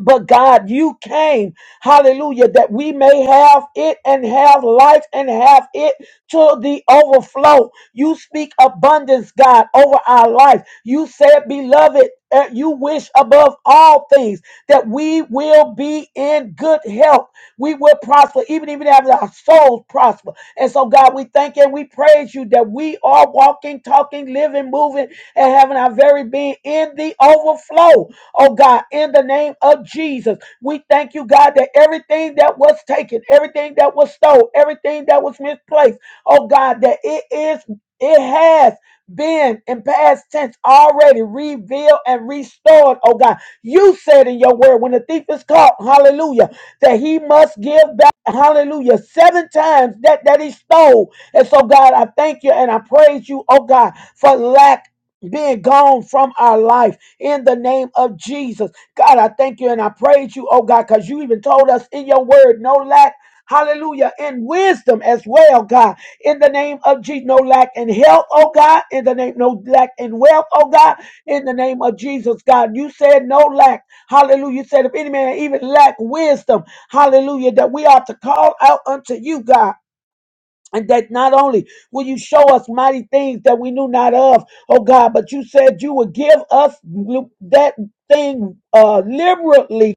[SPEAKER 4] But God, you came, hallelujah, that we may have it and have life and have it to the overflow. You speak abundance, God, over our life. You said, beloved, uh, you wish above all things that we will be in good health. We will prosper, even if even have our souls prosper. And so, God, we thank you and we praise you that we are walking, talking, living, moving, and having our very being in the overflow. Oh, God, in the name of Jesus, we thank you, God, that everything that was taken, everything that was stole, everything that was misplaced, oh, God, that it is, it has been in past tense already revealed and restored, oh God. You said in your word, when the thief is caught, hallelujah, that he must give back. Hallelujah. Seven times that, that he stole. And so, God, I thank you and I praise you, oh God, for lack being gone from our life in the name of Jesus. God, I thank you and I praise you, oh God, because you even told us in your word, no lack. Hallelujah. In wisdom as well, God. In the name of Jesus, no lack in health, oh God. In the name, no lack in wealth, oh God. In the name of Jesus, God. You said no lack. Hallelujah. You said if any man even lack wisdom, Hallelujah. That we are to call out unto you, God. And that not only will you show us mighty things that we knew not of, oh God, but you said you would give us that thing uh, liberally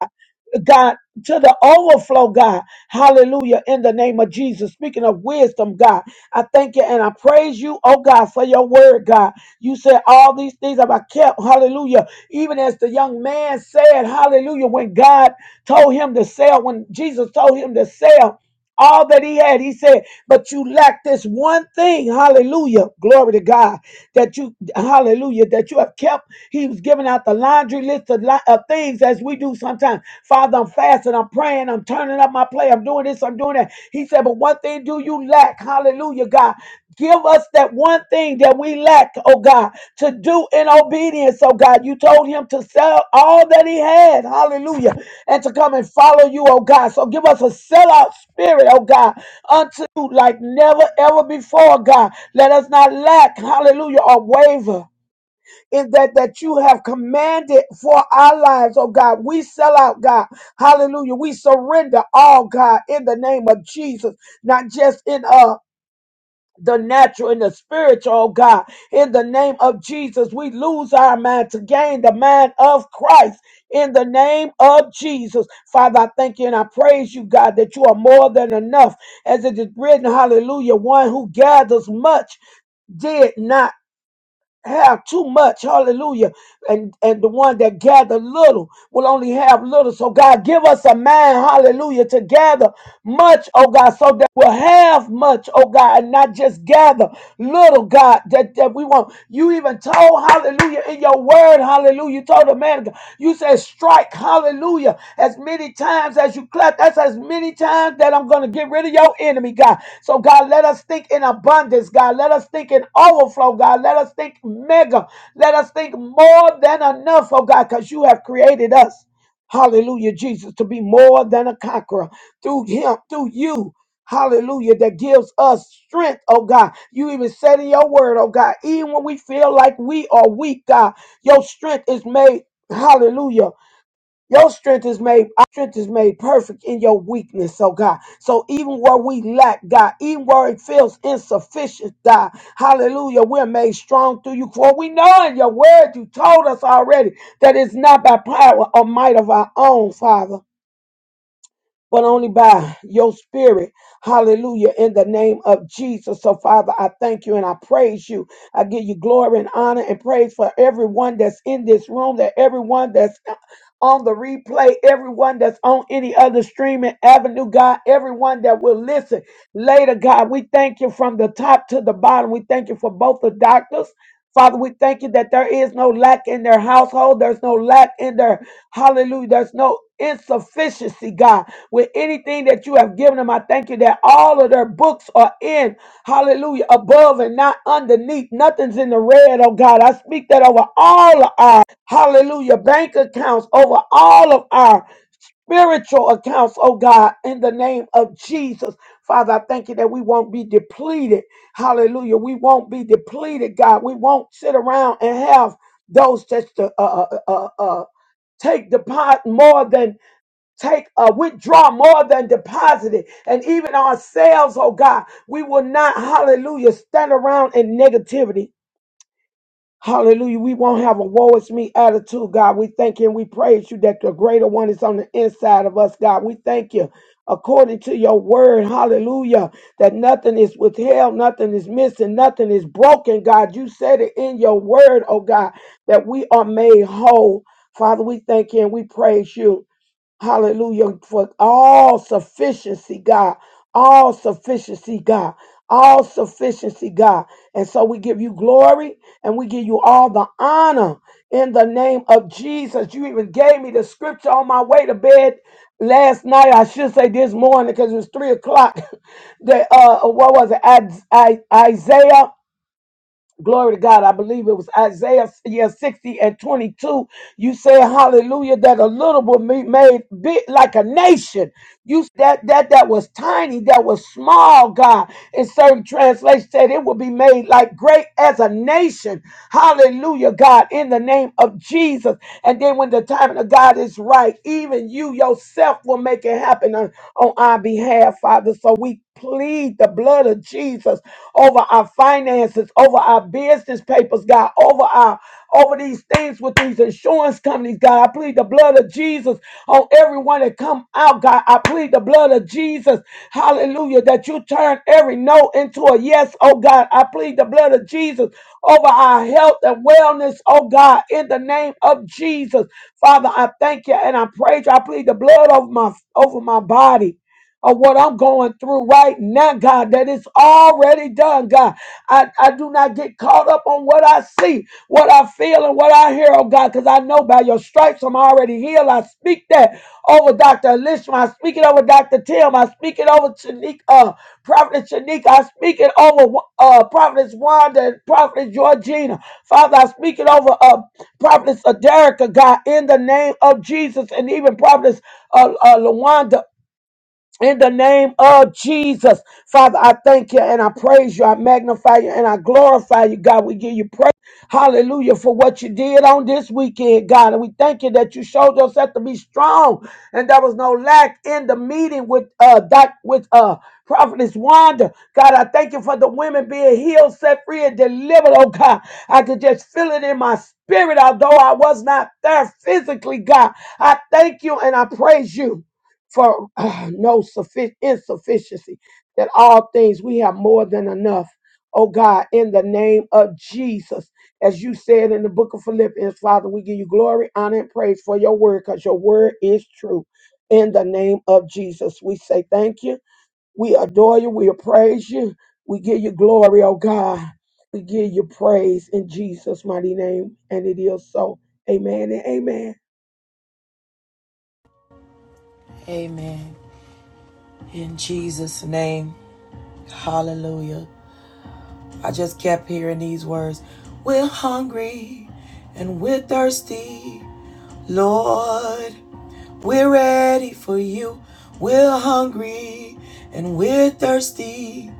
[SPEAKER 4] God, to the overflow, God. Hallelujah. In the name of Jesus. Speaking of wisdom, God, I thank you and I praise you, oh God, for your word, God. You said all these things have I kept. Hallelujah. Even as the young man said, hallelujah, when God told him to sell, when Jesus told him to sell all that he had, he said, but you lack this one thing. Hallelujah. Glory to God that you, hallelujah, that you have kept he was giving out the laundry list of, li- of things as we do sometimes. Father, I'm fasting, I'm praying, I'm turning up my play, I'm doing this, I'm doing that. He said, But one thing do you lack? Hallelujah, God. Give us that one thing that we lack, oh God, to do in obedience, oh God. You told him to sell all that he had, hallelujah, and to come and follow you, oh God. So give us a sellout spirit, oh God, unto you like never ever before, God. Let us not lack, hallelujah, or waver in that that you have commanded for our lives, oh God. We sell out, God. Hallelujah. We surrender all, God, in the name of Jesus, not just in uh the natural and the spiritual, oh God. In the name of Jesus, we lose our mind to gain the mind of Christ. In the name of Jesus, Father, I thank you and I praise you, God, that you are more than enough. As it is written, hallelujah, one who gathers much did not have too much, hallelujah and, and the one that gather little will only have little. So God, give us a mind, hallelujah, to gather much, oh God, so that we'll have much, oh God, and not just gather little, God, that, that we want. You even told, hallelujah, in your word, hallelujah, you told the man, of God, you said strike, hallelujah, as many times as you clap, that's as many times that I'm going to get rid of your enemy, God. So God, let us think in abundance, God. Let us think in overflow, God. Let us think mega, let us think more than enough, oh God, because you have created us. Hallelujah, Jesus, to be more than a conqueror through him, through you. Hallelujah, that gives us strength, oh God. You even said in your word, oh God, even when we feel like we are weak, God, your strength is made, hallelujah. Your strength is made our strength is made perfect in your weakness, oh God. So even where we lack, God, even where it feels insufficient, God, hallelujah, we're made strong through you. For we know in your word you told us already that it's not by power or might of our own, Father but only by your spirit. Hallelujah. In the name of Jesus. So, Father, I thank you and I praise you. I give you glory and honor and praise for everyone that's in this room, that everyone that's on the replay, everyone that's on any other streaming avenue, God, everyone that will listen later, God, we thank you from the top to the bottom. We thank you for both the doctors. Father, we thank you that there is no lack in their household. There's no lack in their Hallelujah. There's no insufficiency, God, with anything that you have given them. I thank you that all of their books are in, hallelujah, above and not underneath. Nothing's in the red, oh God. I speak that over all of our, hallelujah, bank accounts, over all of our spiritual accounts, oh God, in the name of Jesus. Father, I thank you that we won't be depleted. Hallelujah. We won't be depleted, God. We won't sit around and have those just uh, uh, uh, uh, uh, take depart more than take uh, withdraw more than deposited and even ourselves oh god we will not hallelujah stand around in negativity hallelujah we won't have a woe is me attitude god we thank you and we praise you that the greater one is on the inside of us god we thank you according to your word hallelujah that nothing is withheld nothing is missing nothing is broken god you said it in your word oh god that we are made whole father we thank you and we praise you Hallelujah. For all sufficiency, God. All sufficiency, God. All sufficiency, God. And so we give you glory and we give you all the honor in the name of Jesus. You even gave me the scripture on my way to bed last night. I should say this morning because it was three o'clock. [laughs] that uh, what was it? Is- I- Isaiah Glory to God. I believe it was Isaiah yeah, 60 and 22. You said, hallelujah, that a little will be made big like a nation. You that that that was tiny, that was small, God. In certain translations said it will be made like great as a nation. Hallelujah, God, in the name of Jesus. And then when the timing of God is right, even you yourself will make it happen on, on our behalf, Father. So we plead the blood of Jesus over our finances, over our business papers, God, over our over these things with these insurance companies, God. I plead the blood of Jesus on everyone that come out, God. I plead the blood of Jesus. Hallelujah. That you turn every no into a yes, oh God. I plead the blood of Jesus over our health and wellness, oh God, in the name of Jesus. Father, I thank you and I praise you. I plead the blood over my over my body of what I'm going through right now, God, that it's already done, God. I, I do not get caught up on what I see, what I feel, and what I hear, oh God, because I know by your stripes I'm already healed. I speak that over Dr. Elishma. I speak it over Dr. Tim. I speak it over Chanique, uh, Prophet Chanique. I speak it over uh, Prophetess Wanda and Prophetess Georgina. Father, I speak it over uh, Prophetess Aderica, God, in the name of Jesus, and even Prophetess uh, uh, Lawanda in the name of Jesus, Father, I thank you and I praise you. I magnify you and I glorify you, God. We give you praise. Hallelujah for what you did on this weekend, God. And we thank you that you showed yourself to be strong and there was no lack in the meeting with uh doc, with uh prophetess Wanda. God, I thank you for the women being healed, set free, and delivered. Oh God, I could just feel it in my spirit, although I was not there physically, God. I thank you and I praise you for [clears throat] no suffi- insufficiency, that all things we have more than enough. Oh God, in the name of Jesus, as you said in the book of Philippians, Father, we give you glory, honor, and praise for your word because your word is true. In the name of Jesus, we say thank you. We adore you. We praise you. We give you glory, oh God. We give you praise in Jesus' mighty name. And it is so. Amen and amen.
[SPEAKER 1] Amen. In Jesus' name. Hallelujah. I just kept hearing these words We're hungry and we're thirsty, Lord. We're ready for you. We're hungry and we're thirsty,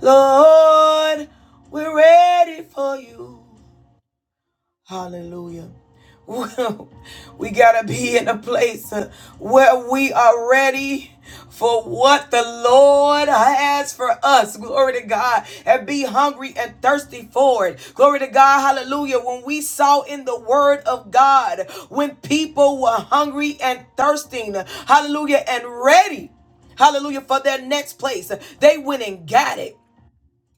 [SPEAKER 1] Lord. We're ready for you. Hallelujah. [laughs] we got to be in a place uh, where we are ready for what the Lord has for us. Glory to God. And be hungry and thirsty for it. Glory to God. Hallelujah. When we saw in the word of God, when people were hungry and thirsting, hallelujah, and ready, hallelujah, for their next place, they went and got it.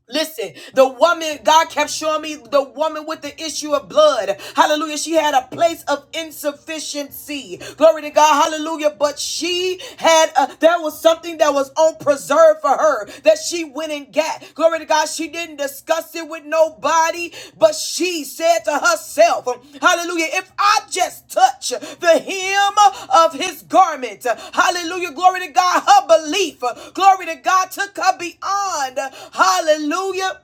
[SPEAKER 1] Listen, the woman, God kept showing me the woman with the issue of blood. Hallelujah. She had a place of insufficiency. Glory to God. Hallelujah. But she had, a, there was something that was on preserve for her that she went and got. Glory to God. She she didn't discuss it with nobody, but she said to herself, Hallelujah, if I just touch the hem of his garment, Hallelujah, glory to God, her belief, glory to God, took her beyond, Hallelujah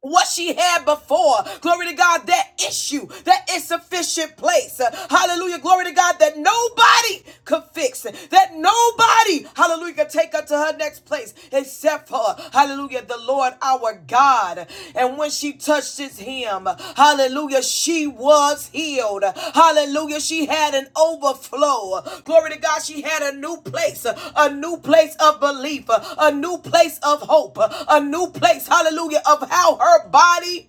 [SPEAKER 1] what she had before. Glory to God, that issue, that insufficient place. Uh, Hallelujah. Glory to God that nobody could fix, it. that nobody, hallelujah, could take her to her next place except for, hallelujah, the Lord our God. And when when she touched his hem, hallelujah, she was healed. Hallelujah, she had an overflow. Glory to God, she had a new place, a new place of belief, a new place of hope, a new place, hallelujah, of how her body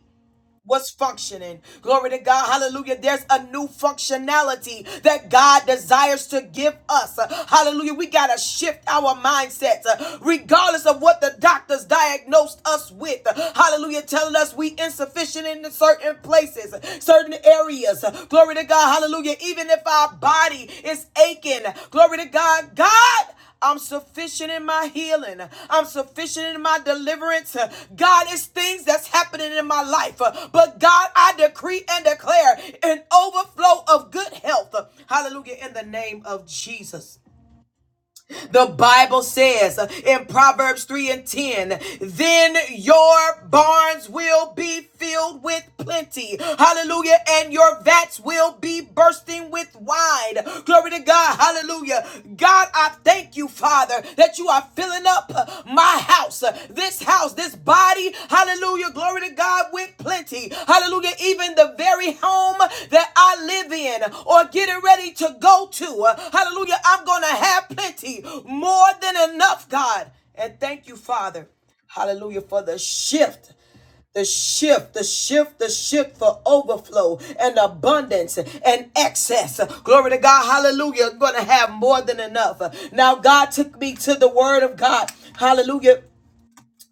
[SPEAKER 1] was functioning. Glory to God. Hallelujah. There's a new functionality that God desires to give us. Hallelujah. We got to shift our mindsets uh, regardless of what the doctors diagnosed us with. Hallelujah. Telling us we insufficient in certain places, certain areas. Glory to God. Hallelujah. Even if our body is aching. Glory to God. God I'm sufficient in my healing. I'm sufficient in my deliverance. God, it's things that's happening in my life. But God, I decree and declare an overflow of good health. Hallelujah. In the name of Jesus. The Bible says in Proverbs 3 and 10, then your barns will be filled with plenty. Hallelujah. And your vats will be bursting with wine. Glory to God. Hallelujah. God, I thank you, Father, that you are filling up my house, this house, this body. Hallelujah. Glory to God with plenty. Hallelujah. Even the very house home that I live in or getting ready to go to. Hallelujah. I'm going to have plenty, more than enough, God. And thank you, Father. Hallelujah for the shift the shift, the shift, the shift for overflow and abundance and excess. Glory to God. Hallelujah. I'm Going to have more than enough. Now, God took me to the word of God. Hallelujah.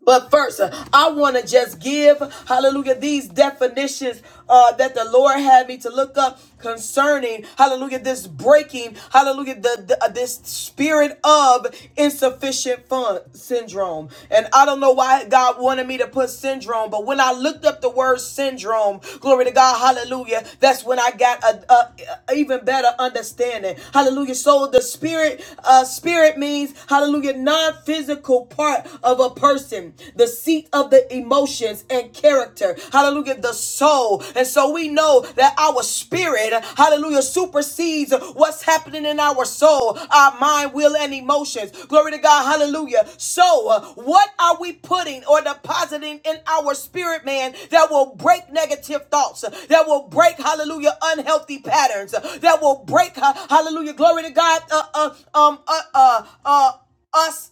[SPEAKER 1] But first, uh, I want to just give, hallelujah, these definitions uh, that the Lord had me to look up concerning, hallelujah, this breaking, hallelujah, the, the- uh, this spirit of insufficient fund syndrome. And I don't know why God wanted me to put syndrome, but when I looked up the word syndrome, glory to God, hallelujah, that's when I got a, a, a even better understanding. Hallelujah. So the spirit, uh, spirit means, hallelujah, non physical part heart of a person, the seat of the emotions and character. Hallelujah, the soul. And so we know that our spirit, hallelujah, supersedes what's happening in our soul, our mind, will, and emotions. Glory to God. Hallelujah. So, uh, what are we putting or depositing in our spirit, man, that will break negative thoughts, uh, that will break, hallelujah, unhealthy patterns, uh, that will break, hallelujah, glory to God, uh, uh, um, uh, uh, uh, us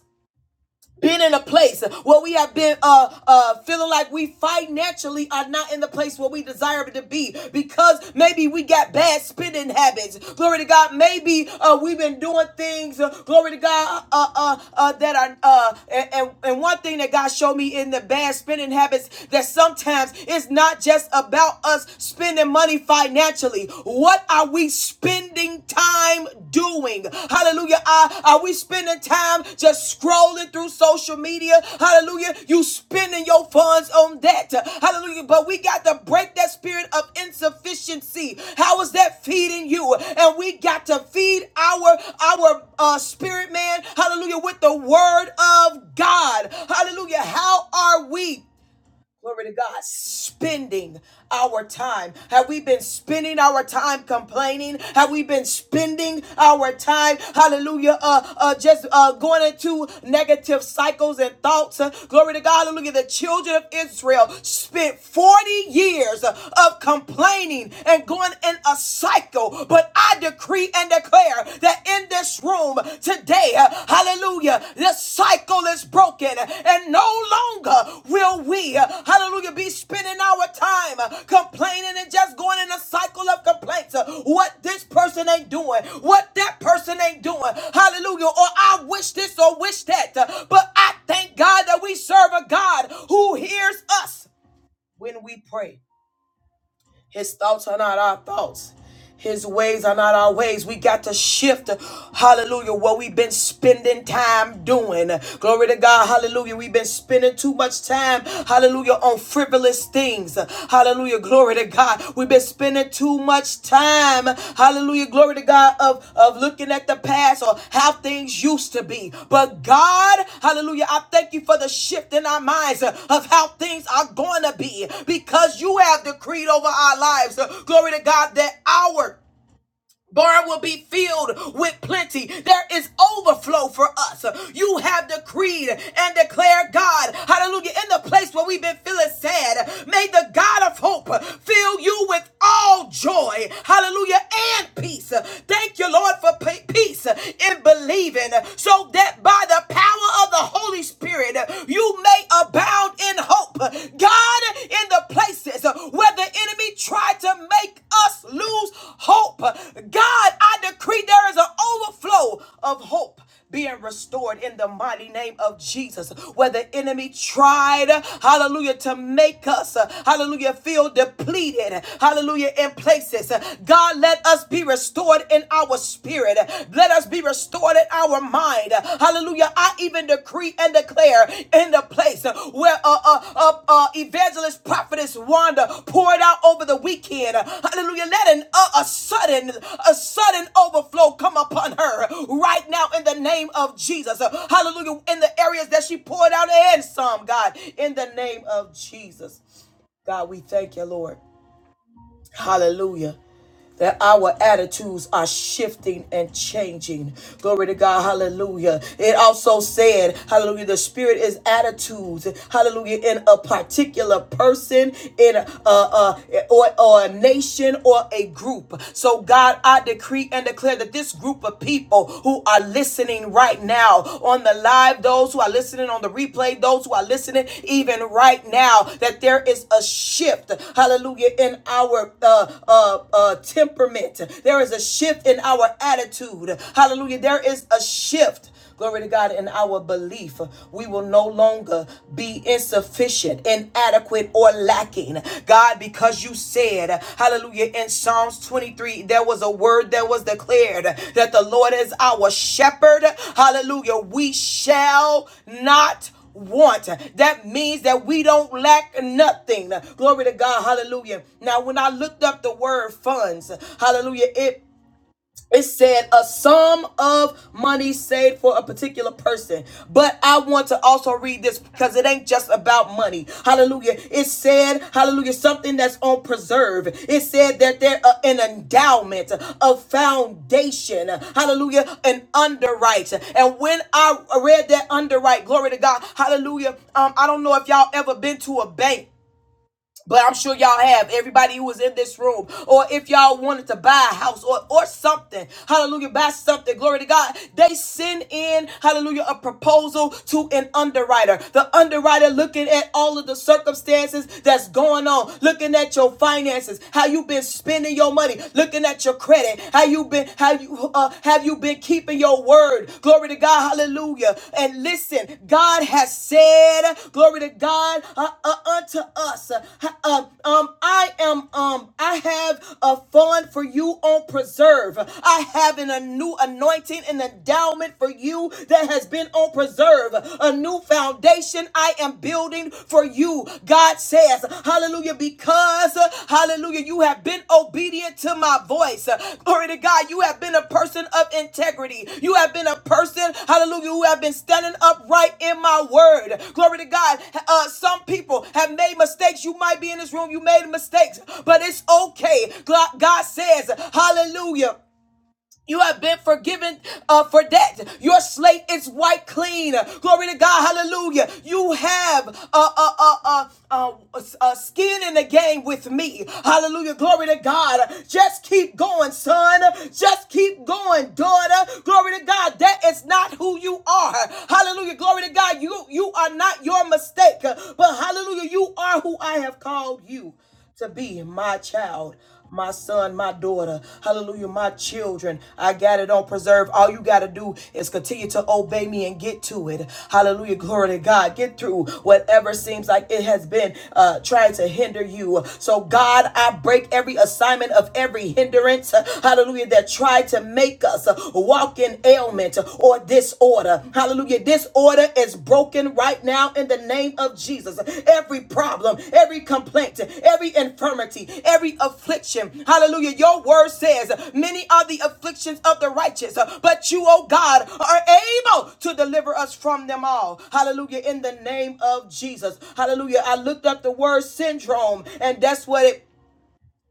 [SPEAKER 1] been in a place where we have been uh uh feeling like we financially are not in the place where we desire to be because maybe we got bad spending habits glory to god maybe uh we've been doing things uh, glory to god uh uh, uh that are uh and, and and one thing that god showed me in the bad spending habits that sometimes it's not just about us spending money financially what are we we spending time doing? Hallelujah. Are, are we spending time just scrolling through social media? Hallelujah. You spending your funds on that. Hallelujah. But we got to break that spirit of insufficiency. How is that feeding you? And we got to feed our our uh, spirit man. Hallelujah. With the word of God. Hallelujah. How are we? Glory to God. Spending our time. Have we been spending our time complaining? Have we been spending our time, hallelujah, uh, uh, just uh, going into negative cycles and thoughts? Uh, glory to God. Hallelujah. The children of Israel spent 40 years of complaining and going in a cycle. But I decree and declare that in this room today. Hallelujah. The cycle is broken and no longer will we, hallelujah, be spending our time complaining and just going in a cycle of complaints. What this person ain't doing, what that person ain't doing. Hallelujah. Or I wish this or wish that. But I thank God that we serve a God who hears us when we pray. His thoughts are not our thoughts. His ways are not our ways. We got to shift, hallelujah, what we've been spending time doing. Glory to God, hallelujah. We've been spending too much time, hallelujah, on frivolous things. Hallelujah, glory to God. We've been spending too too much time, hallelujah, glory to God, of, of looking at the past or how things used to be. But God, hallelujah, I thank you for the shift in our minds uh, of how things are going to be because you have decreed over our lives, uh, glory to God, that our barn will be filled with plenty. There is overflow for us. You have decreed and declared, God, hallelujah, in the place where we've been feeling sad. May the God of hope fill you with all joy, hallelujah, and peace. Thank you, Lord, for peace in believing, so that by the power of the Holy Spirit, you may abound in in hope. God, in the places where the enemy tried to make us lose hope, God, I decree there is an overflow of hope being restored in the mighty name of Jesus. Where the enemy tried, hallelujah, to make us, hallelujah, feel depleted, hallelujah, in places. God, let us be restored in our spirit. Let us be restored in our mind. Hallelujah. I even decree and declare in the place where uh, uh, uh, uh, evangelist prophetess Wanda poured out over the weekend. Hallelujah. Let an, uh, a sudden, a sudden overflow come upon her right now in the name of Jesus. Hallelujah. In the areas that she poured out and some, God, in the name of Jesus. God, we thank you, Lord. Hallelujah. That our attitudes are shifting and changing. Glory to God. Hallelujah. It also said, Hallelujah, the Spirit is attitudes. Hallelujah. In a particular person, in a, a, a- or, or a nation or a group. So, God, I decree and declare that this group of people who are listening right now, now on the live, those who are listening on the replay, those who are listening even right now, that there is a shift, hallelujah, in our uh, uh, uh, temperament. There is a shift in our attitude. Hallelujah. There is a shift. Glory to God in our belief. We will no longer be insufficient, inadequate, or lacking. God, because you said, hallelujah, in Psalms 23, there was a word that was declared that the Lord is our shepherd. Hallelujah. We shall not want. That means that we don't lack nothing. Glory to God. Hallelujah. Now, when I looked up the word funds, hallelujah, it it said a sum of money saved for a particular person. But I want to also read this because it ain't just about money. Hallelujah. It said, hallelujah, something that's on preserve. It said that there uh, an endowment, a foundation. Hallelujah, an underwrite. And when I read that underwrite, glory to God. Hallelujah. Um, I don't know if y'all ever been to a bank but I'm sure y'all have everybody who was in this room, or if y'all wanted to buy a house or or something, hallelujah, buy something, glory to God. They send in, hallelujah, a proposal to an underwriter. The underwriter looking at all of the circumstances that's going on, looking at your finances, how you've been spending your money, looking at your credit, how you've been, how you uh, have you been You've been keeping your word. Glory to God. Hallelujah. And listen, God has said, glory to God uh, uh, unto us. Uh, uh, um, I am um, I have a fund for you on preserve. I have an, a new anointing and endowment for you that has been on preserve. A new foundation I am building for you you. God says, hallelujah, because, uh, hallelujah, you have been obedient to my voice. Uh, Glory to God, you have been a person of integrity. You have been a person, hallelujah, who have been standing upright in my word. Glory to God. Uh, some people have made mistakes. You might be in this room, you made mistakes, but it's okay. God says, hallelujah. You have been forgiven uh, for that. Your slate is white clean. Glory to God. Hallelujah. You have uh, uh, uh, uh, uh, uh, skin in the game with me. Hallelujah. Glory to God. Just keep going, son. Just keep going, daughter. Glory to God. That is not who you are. Hallelujah. Glory to God. You, you are not your mistake. But hallelujah, you are who I have called you to be my child, my son, my daughter. Hallelujah, my children. I got it on preserve. All you got to do is continue to obey me and get to it. Hallelujah, glory to God. Get through whatever seems like it has been uh, trying to hinder you. So, God, I break every assignment of every hindrance. Hallelujah, that tried to make us walk in ailment or disorder disorder. Hallelujah. Disorder is broken right now in the name of Jesus. Every problem, every complaint, every infirmity, every affliction. Hallelujah. Your word says, Many are the afflictions of the righteous, but you, oh God, are able to deliver us from them all. Hallelujah. In the name of Jesus. Hallelujah. I looked up the word syndrome, and that's what it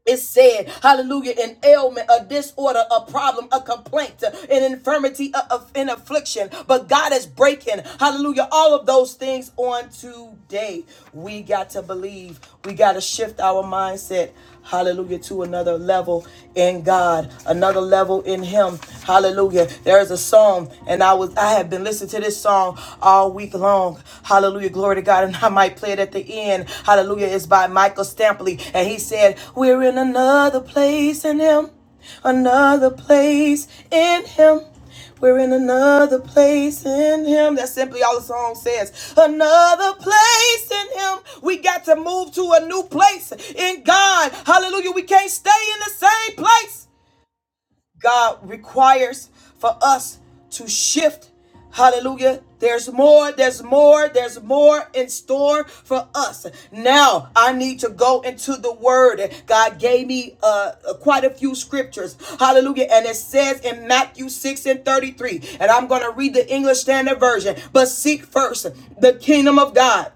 [SPEAKER 1] it said, hallelujah, an ailment, a disorder, a problem, a complaint, an infirmity, an affliction. But God is breaking, hallelujah, all of those things on today. We got to believe. We got to shift our mindset, hallelujah, to another level in God, another level in Him. Hallelujah. There is a song, and I was I have been listening to this song all week we belong. Hallelujah. Glory to God. And I might play it at the end. Hallelujah. It's by Michael Stampley. And he said, We're in another place in him. Another place in him. We're in another place in him. That's simply all the song says. Another place in him. We got to move to a new place in God. Hallelujah. We can't stay in the same place. God requires for us to shift. Hallelujah. There's more, there's more, there's more in store for us. Now I need to go into the word. God gave me uh, quite a few scriptures. Hallelujah. And it says in Matthew 6 and 33, and I'm going to read the English Standard Version, but seek first the kingdom of God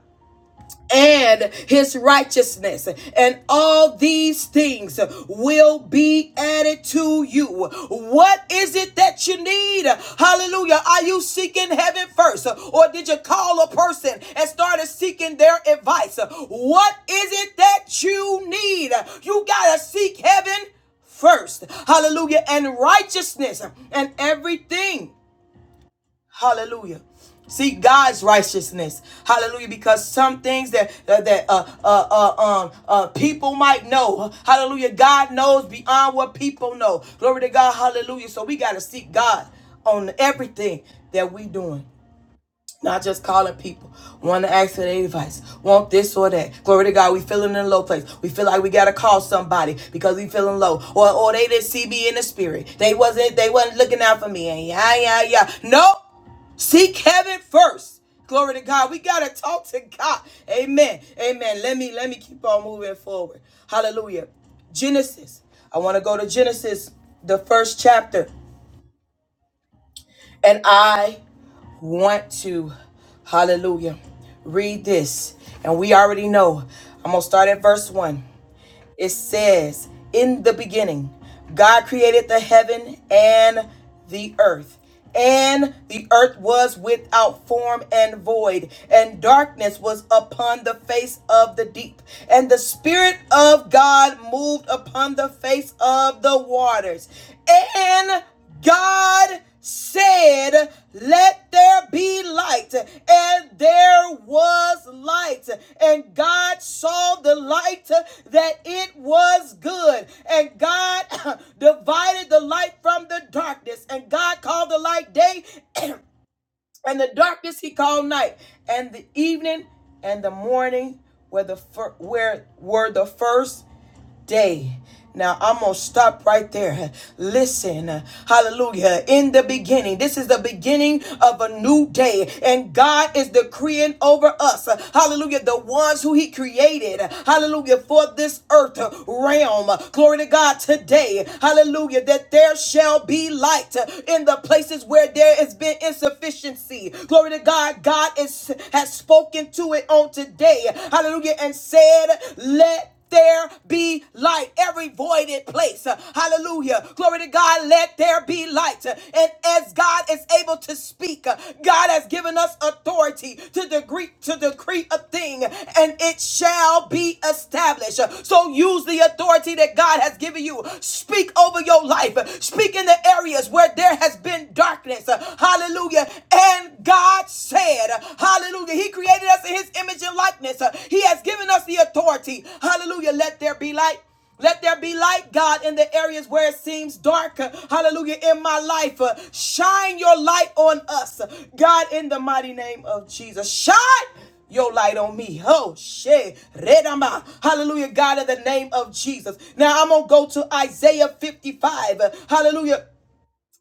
[SPEAKER 1] and his righteousness, and all these things will be added to you. What is it that you need? Hallelujah. Are you seeking heaven first, or did you call a person and started seeking their advice? What is it that you need? You gotta seek heaven first. Hallelujah. And righteousness and everything Hallelujah. Seek God's righteousness. Hallelujah. Because some things that that, that, uh, uh, uh, um, uh, people might know. Hallelujah. God knows beyond what people know. Glory to God. Hallelujah. So we got to seek God on everything that we doing. Not just calling people, want to ask for their advice, want this or that. Glory to God, we feeling in a low place. We feel like we gotta call somebody because we feeling low, or or they didn't see me in the spirit. They wasn't they wasn't looking out for me, and yeah yeah yeah. Nope. Seek heaven first. Glory to God. We gotta talk to God. Amen. Amen. Let me let me keep on moving forward. Hallelujah. Genesis. I want to go to Genesis, the first chapter. And I want to, hallelujah, read this. And we already know. I'm going to start at verse 1. It says, In the beginning, God created the heaven and the earth. And the earth was without form and void, and darkness was upon the face of the deep. And the Spirit of God moved upon the face of the waters. And God said, Let there be light, and there was light. And God saw the light that it was good. And God [coughs] divided the light from the darkness. And God called the light day, [coughs] and the darkness he called night. And the evening and the morning were the, fir- where were the first day. Now I'm going to stop right there. Listen, hallelujah. In the beginning, this is the beginning of a new day, and God is decreeing over us, hallelujah, the ones who He created, hallelujah, for this earth realm. Glory to God today, hallelujah, that there shall be light in the places where there has been insufficiency. Glory to God, God is, has spoken to it on today, hallelujah, and said, Let there be light. Every voided place. Uh, Hallelujah. Glory to God. Let there be light. Uh, And as God is able to speak, uh, God has given us authority to decree to decree a thing and it shall be established. Uh, So use the authority that God has given you. Speak over your life. Uh, Speak in the areas where there has been darkness. Uh, Hallelujah. And God said, Hallelujah. He created us in his image and likeness. Uh, He has given us the authority. Hallelujah. Let there be light. Let there be light, God, in the areas where it seems dark. Uh, Hallelujah. In my life, Uh, shine your light on us. God, in the mighty name of Jesus, shine your light on me. Oh, shit. Redama. Hallelujah, God, in the name of Jesus. Now I'm going to go to Isaiah 55. Hallelujah.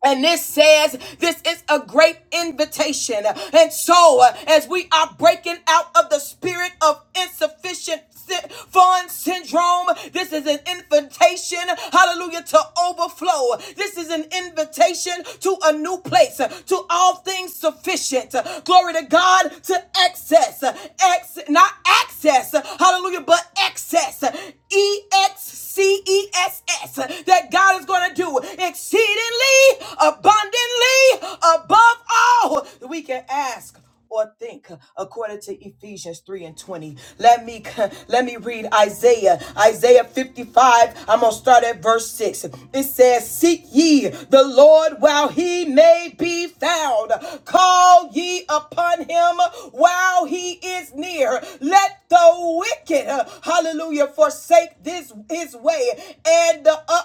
[SPEAKER 1] And this says this is a great invitation. And so, uh, as we are breaking out of the spirit of insufficient sy- fund syndrome, this is an invitation, hallelujah, to overflow. This is an invitation to a new place, uh, to all things sufficient. Uh, Glory to God, to excess, uh, ex, not access, uh, hallelujah, but excess. Uh, E X C E S S that God is going to do exceedingly abundantly above all that we can ask or think according to Ephesians 3 and 20. Let me [laughs] let me read Isaiah. Isaiah 55. I'm gonna start at verse 6. It says, Seek ye the Lord while he may be found. Call ye upon him while he is near. Let the wicked, hallelujah, forsake this his way and the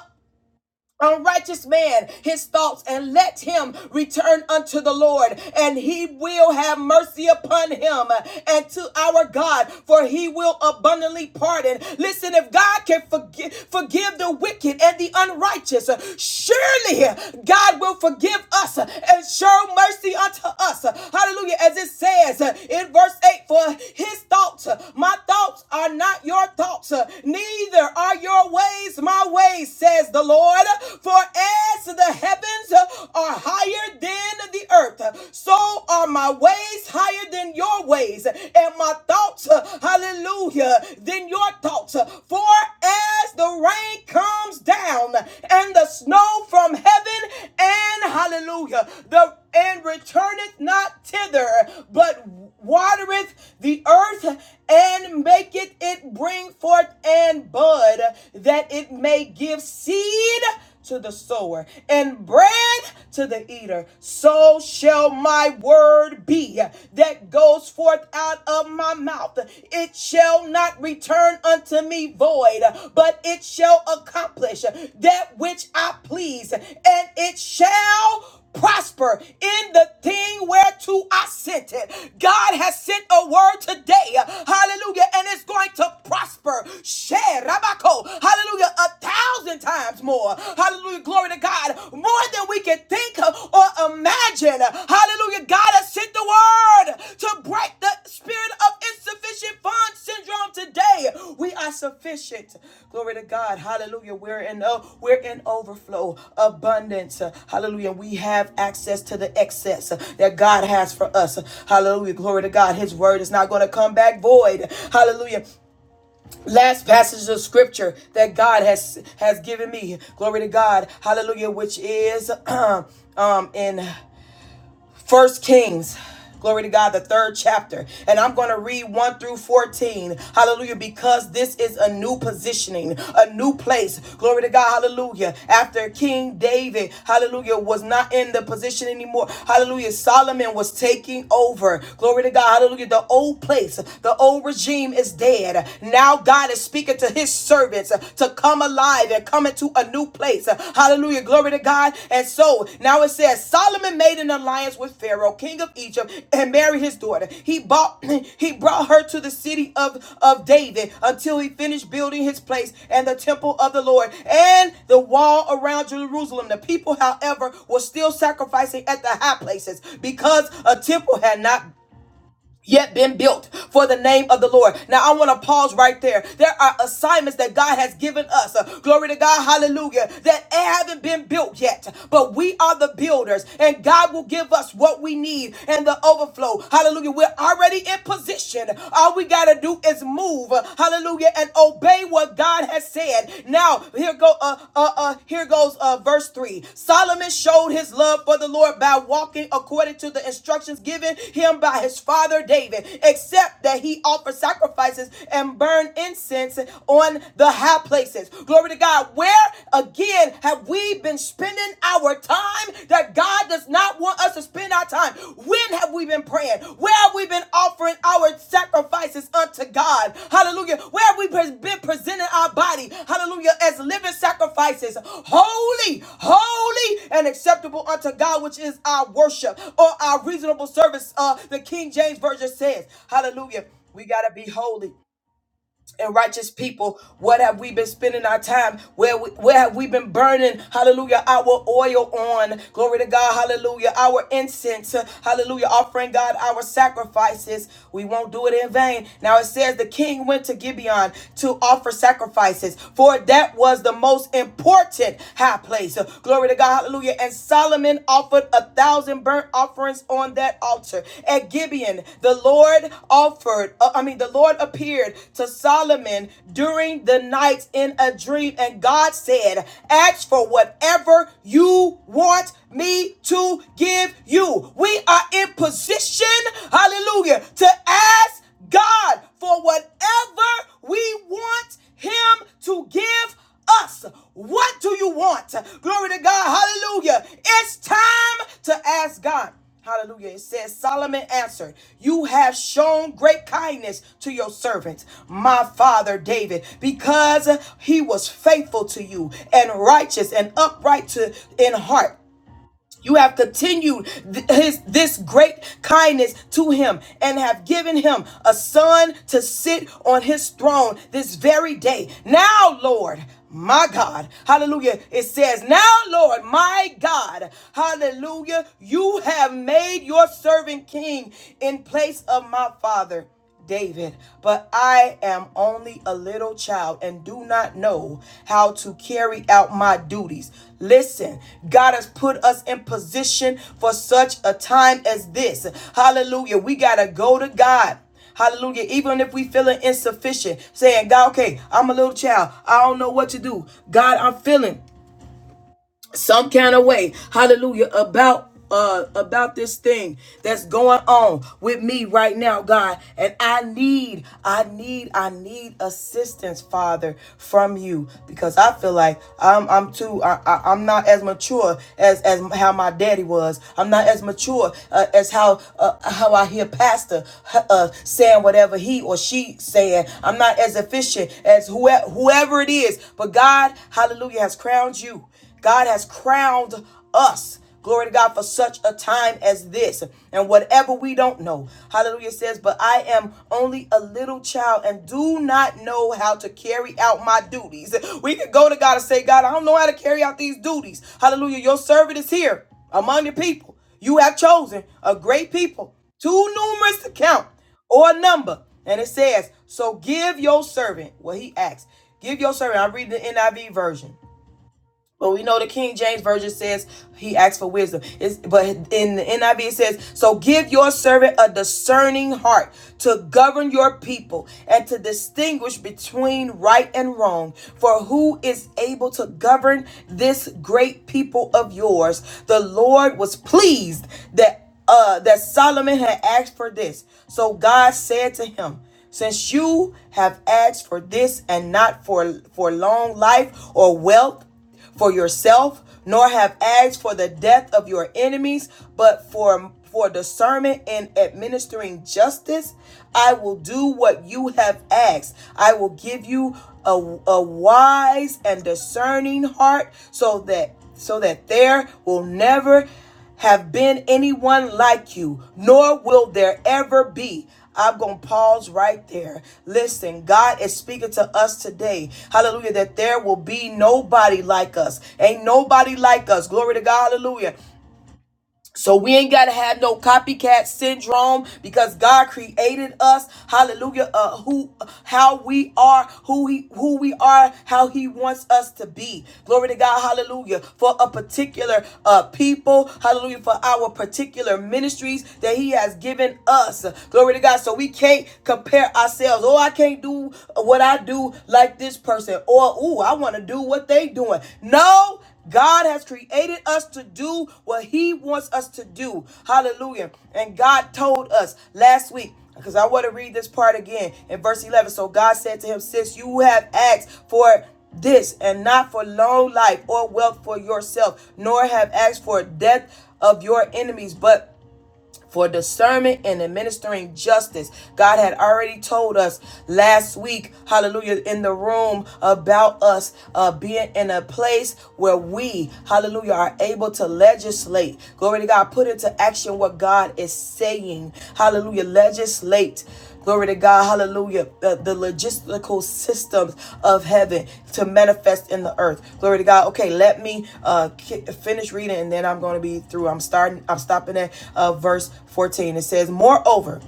[SPEAKER 1] Unrighteous man his thoughts and let him return unto the Lord and he will have mercy upon him and to our God for he will abundantly pardon listen if God can forgive forgive the wicked and the unrighteous surely God will forgive us and show mercy unto us hallelujah as it says in verse 8 for his thoughts my thoughts are not your thoughts neither are your ways my ways things, says the Lord. For as the heavens are higher than the earth, so are my ways higher than your ways, and my thoughts, hallelujah, than your thoughts. For as the rain comes down and the snow from heaven, and hallelujah, the and returneth not thither, but watereth the earth and maketh it bring forth and bud, that it may give seed to the sower and bread to the eater. So shall my word be that goes forth out of my mouth. It shall not return unto unto me void, but it shall accomplish that which I please, and it shall prosper in the thing whereto I sent it. God has sent a word today, hallelujah, and it's going to prosper. Share, hallelujah, a thousand times more, hallelujah, glory to God, more than we can think of or imagine. Hallelujah. God has sent the word to break the spirit of insufficient funds syndrome today. We are sufficient. Glory to God. Hallelujah. We're in uh, we're in overflow, abundance. Hallelujah. We have access to the excess that God has for us. Hallelujah. Glory to God. His word is not going to come back void. Hallelujah last passage of scripture that God has has given me. Glory to God. Hallelujah, which is [clears throat] um um in First Kings. Glory to God, the third chapter. And I'm going to read 1 through 14. Hallelujah. Because this is a new positioning, a new place. Glory to God. Hallelujah. After King David, hallelujah, was not in the position anymore. Hallelujah. Solomon was taking over. Glory to God. Hallelujah. The old place, the old regime is dead. Now God is speaking to his servants to come come alive and come into a new place. Hallelujah. Glory to God. And so now it says Solomon made an alliance with Pharaoh, king of Egypt, and married his daughter. He bought [clears throat] he brought her to the city of, of David until he finished building his place and the temple of the Lord and the wall around Jerusalem. The people, however, were still sacrificing at the high places because a temple had not yet been built for the name of the Lord. Now I want to pause right there. There are assignments that God has given us. uh, glory to God, hallelujah, that haven't been built yet, but we are the builders and God will give us what we need and the overflow. Hallelujah. We're already in position. All we got to do is move. uh, Hallelujah and obey what God has said now here go uh uh uh here goes uh verse 3. Solomon showed his love for the Lord by walking according to the instructions given him by his father David, except that he offered sacrifices and burned incense on the high places. Glory to God. Where again have we been spending our time that God does not want us want us to spend our time? When have we been praying? Where have we been offering our sacrifices unto God? Hallelujah. Where have we been presenting our body? Hallelujah. As living sacrifices, holy, holy, and acceptable unto God, which is our worship or our reasonable service. Uh, the King James Version says, Hallelujah. We got to be holy and righteous people what have we been spending our time where we, where have we been burning hallelujah our oil on glory to god hallelujah our incense hallelujah offering god our sacrifices we won't do it in vain now it says the king went to gibeon to offer sacrifices for that was the most important high place glory to god hallelujah and solomon Aaron offered a thousand burnt offerings on that altar. At Gibeon, the Lord offered, uh, I mean, the Lord appeared to Solomon during the night in a dream, and God said, Ask for whatever you want me to give you. We are in position, hallelujah, to ask God for whatever we want Him to give us. What do you want? Glory to God. Hallelujah. It's time to ask God. Hallelujah. It says, Solomon answered, You have shown great kindness to your servant, my father David, because he was faithful to you and righteous and upright to, in heart. You have continued th- his this great kindness to him and have given him a son to sit on his throne this very day. Now, Lord, my God, hallelujah. It says, Now, Lord, my God, hallelujah, you have made your servant king in place of my father. David, but I am only a little child and do not know how to carry out my duties. Listen, God has put us in position for such a time as this. Hallelujah. We got to go to God. Hallelujah. Even if we feeling insufficient, saying, God, okay, I'm a little child. I don't know what to do. God, I'm feeling some kind of way hallelujah about uh about this thing that's going on with me right now god and i need i need i need assistance father from you because i feel like i'm i'm too i, I i'm not as mature as as how my daddy was i'm not as mature uh, as how uh, how i hear pastor uh, saying whatever he or she saying i'm not as efficient as whoever whoever it is but god hallelujah has crowned you God has crowned us. Glory to God for such a time as this. And whatever we don't know, hallelujah says, But I am only a little child and do not know how to carry out my duties. We can go to God and say, God, I don't know how to carry out these duties. Hallelujah. Your servant is here among your people. You have chosen a great people, too numerous to count or number. And it says, So give your servant what he asks. Give your servant. I'm reading the NIV version. But we know the King James Version says he asks for wisdom. It's, but in the NIV it says, So give your servant a discerning heart to govern your people and to distinguish between right and wrong. For who is able to govern this great people of yours? The Lord was pleased that uh that Solomon had asked for this. So God said to him, since you have asked for this and not for for long life or wealth for yourself, nor have asked for the death of your enemies, but for for discernment in administering justice, I will do what you have asked. I will give you a, a wise and discerning heart so that so that there will never have been anyone like you, nor will there ever be. I'm going to pause right there. Listen, God is speaking to us today. Hallelujah. That there will be nobody like us. Ain't nobody like us. Glory to God. Hallelujah. So we ain't gotta have no copycat syndrome because God created us, hallelujah, uh, who how we are, who he who we are, how he wants us to be. Glory to God, hallelujah, for a particular uh people, hallelujah, for our particular ministries that he has given us. Glory to God. So we can't compare ourselves. Oh, I can't do what I do like this person, or ooh, I want to do what they doing. No, God has created us to do what He wants us to do. Hallelujah. And God told us last week, because I want to read this part again in verse 11. So God said to him, "Since you have asked for this and not for long life or wealth for yourself, nor have asked for death of your enemies, but for discernment and administering justice. God had already told us last week, hallelujah, in the room about us uh, being in a place where we, hallelujah, are able to legislate. Glory to God, put into action what God is saying. Hallelujah, legislate Glory to God, hallelujah. The, the logistical systems of heaven to manifest in the earth. Glory to God. Okay, let me uh ki- finish reading and then I'm going to be through. I'm starting I'm stopping at uh verse 14. It says, "Moreover,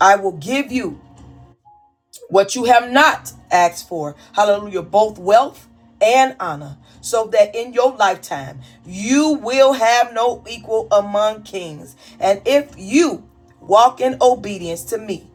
[SPEAKER 1] I will give you what you have not asked for. Hallelujah, both wealth and honor, so that in your lifetime you will have no equal among kings. And if you walk in obedience to me,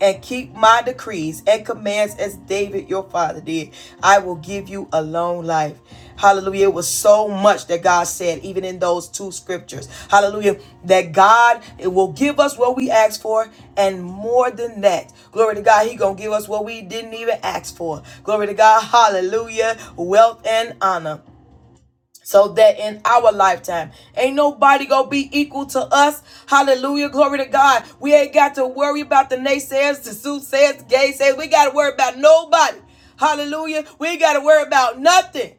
[SPEAKER 1] and keep my decrees and commands as David your father did, I will give you a long life. Hallelujah. It was so much that God said, even in those two scriptures. Hallelujah. That God it will give us what we ask for and more than that. Glory to God. He going to give us what we didn't even ask for. Glory to God. Hallelujah. Wealth and honor so that in our lifetime ain't nobody gonna be equal to us hallelujah glory to god we ain't got to worry about the naysayers the soothsayers the gay sayers we gotta worry about nobody hallelujah we ain't gotta worry about nothing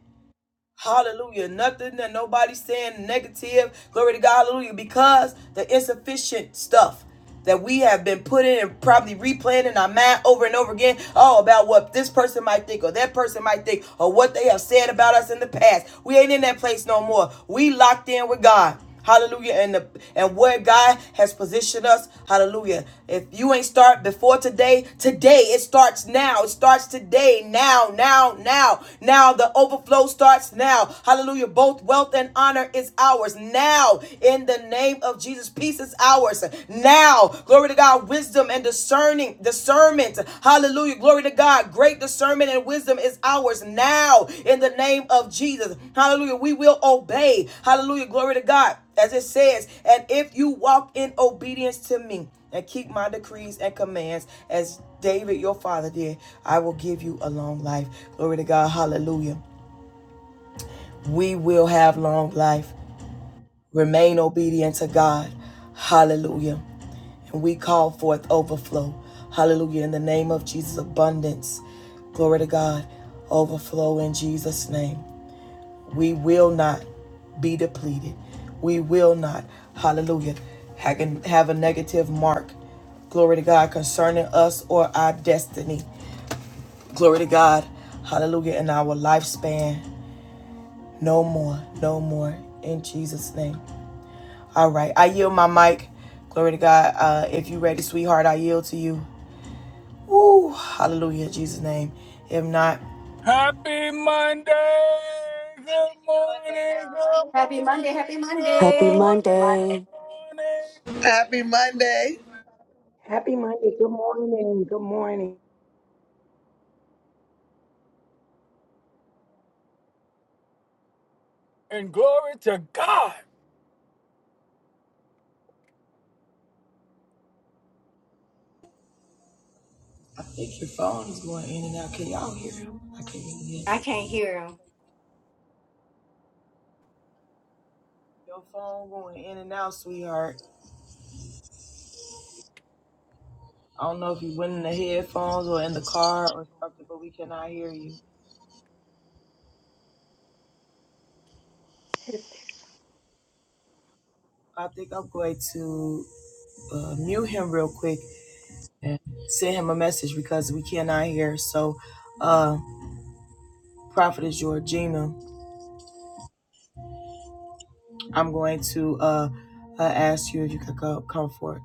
[SPEAKER 1] Hallelujah. Nothing that nobody's saying negative. Glory to God. Hallelujah. Because the insufficient stuff that we have been putting and probably replaying in our mind over and over again. Oh, about what this person might think or that person might think or what they have said about us in the past. We ain't in that place no more. We locked in with God. Hallelujah. And the, and where God has positioned us. Hallelujah. If you ain't start before today, today it starts now. It starts today. Now, now, now. Now the overflow starts now. Hallelujah. Both wealth and honor is ours. Now in the name of Jesus. Peace is ours. Now. Glory to God. Wisdom and discernment discernment. Hallelujah. Glory to God. Great discernment and wisdom is ours now in the name of Jesus. Hallelujah. We will obey. Hallelujah. Glory to God. As it says, and if you walk in obedience to me and keep my decrees and commands as David your father did, I will give you a long life. Glory to God. Hallelujah. We will have long life. Remain obedient to God. Hallelujah. And we call forth overflow. Hallelujah. In the name of Jesus, abundance. Glory to God. Overflow in Jesus' name. We will not be depleted. We will not, hallelujah, have a negative mark. Glory to God concerning us or our destiny. Glory to God. Hallelujah. In our lifespan. No more. No more. In Jesus' name. All right. I yield my mic. Glory to God. Uh, if you ready, sweetheart, I yield to you. Woo, hallelujah, in Jesus' name. If not,
[SPEAKER 5] Happy Monday! Good morning, good
[SPEAKER 2] Happy
[SPEAKER 5] morning,
[SPEAKER 2] Monday. Happy
[SPEAKER 5] good
[SPEAKER 6] Happy
[SPEAKER 2] Monday.
[SPEAKER 5] morning, good
[SPEAKER 6] Monday.
[SPEAKER 5] morning,
[SPEAKER 3] Happy Monday.
[SPEAKER 4] Happy Monday. Good morning. Good morning.
[SPEAKER 5] and glory to God.
[SPEAKER 1] I think your phone is going in and out. Can y'all hear him? I can't even hear.
[SPEAKER 2] I
[SPEAKER 1] him.
[SPEAKER 2] can't hear him.
[SPEAKER 1] Your phone going in and out, sweetheart. I don't know if you went in the headphones or in the car or something, but we cannot hear you. I think I'm going to uh, mute him real quick and send him a message because we cannot hear. So, uh, Prophetess Georgina, I'm going to uh, uh, ask you if you could co- come forth.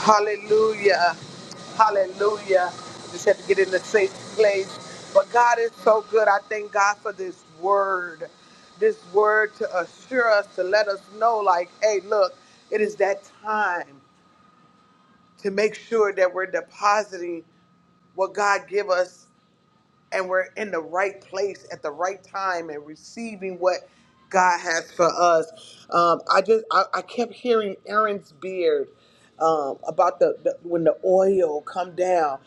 [SPEAKER 3] Hallelujah. Hallelujah. Just had to get in a safe place. But God is so good. I thank God for this word. This word to assure us, to let us know, like, hey, look, it is that time to make sure that we're depositing what God give us and we're in the right place at the right time and receiving what God has for us. Um, I just I, I kept hearing Aaron's beard um, about the, the when the oil come down.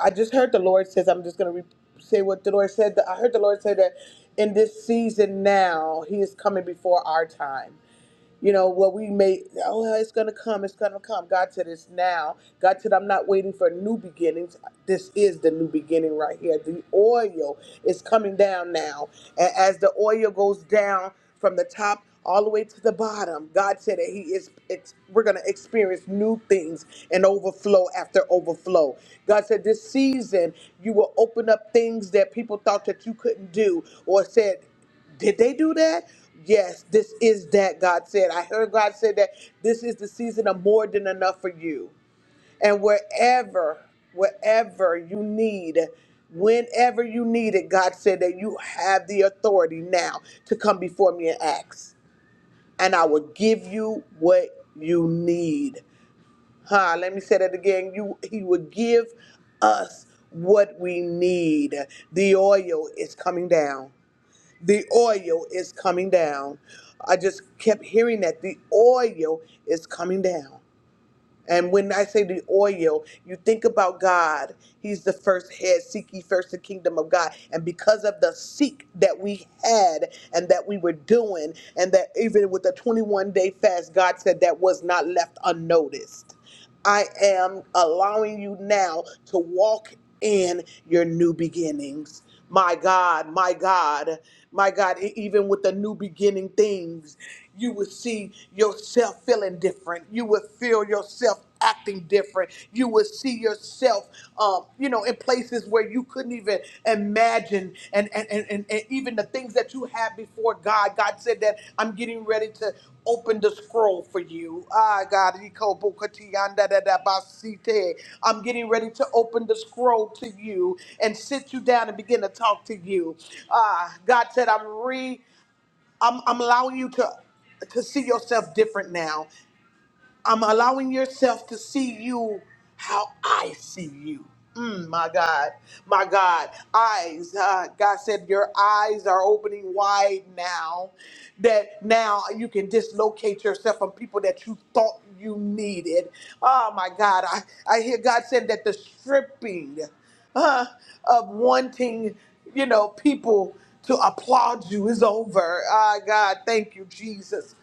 [SPEAKER 3] I just heard the Lord says I'm just gonna re- say what the Lord said. I heard the Lord say that in this season now He is coming before our time. You know, what we may, oh, well, it's going to come, it's going to come. God said it's now. God said, I'm not waiting for new beginnings. This is the new beginning right here. The oil is coming down now. And as the oil goes down from the top all the way to the bottom, God said that He is, it's, we're going to experience new things and overflow after overflow. God said, this season, you will open up things that people thought that you couldn't do or said, did they do that? Yes, this is that God said. I heard God said that this is the season of more than enough for you. And wherever, wherever you need, whenever you need it, God said that you have the authority now to come before me and ask. And I will give you what you need. Huh, let me say that again. You he will give us what we need. The oil is coming down the oil is coming down. I just kept hearing that the oil is coming down. And when I say the oil, you think about God. He's the first head. Seek ye first the kingdom of God. And because of the seek that we had and that we were doing, and that even with the 21 day fast, God said that was not left unnoticed. I am allowing you now to walk in your new beginnings. My God, my God, my God, e- even with the new beginning things, you will see yourself feeling different. You will feel yourself acting different. You will see yourself, um, you know, in places where you you couldn't even imagine and and, and and and even the things that you had before god god said that i'm getting ready to open the scroll for you ah god ikobokotiyandadadabasite. i'm getting ready to open the scroll to you and sit you down and begin to talk to you ah god said i'm re i'm, I'm allowing you to to see yourself different now I'm allowing yourself to see you how I see you. Mm, my God, my God, eyes. Uh, God said, Your eyes are opening wide now. That now you can dislocate yourself from people that you thought you needed. Oh, my God. I, I hear God said that the stripping uh, of wanting, you know, people to applaud you is over. Ah, God, thank you, Jesus.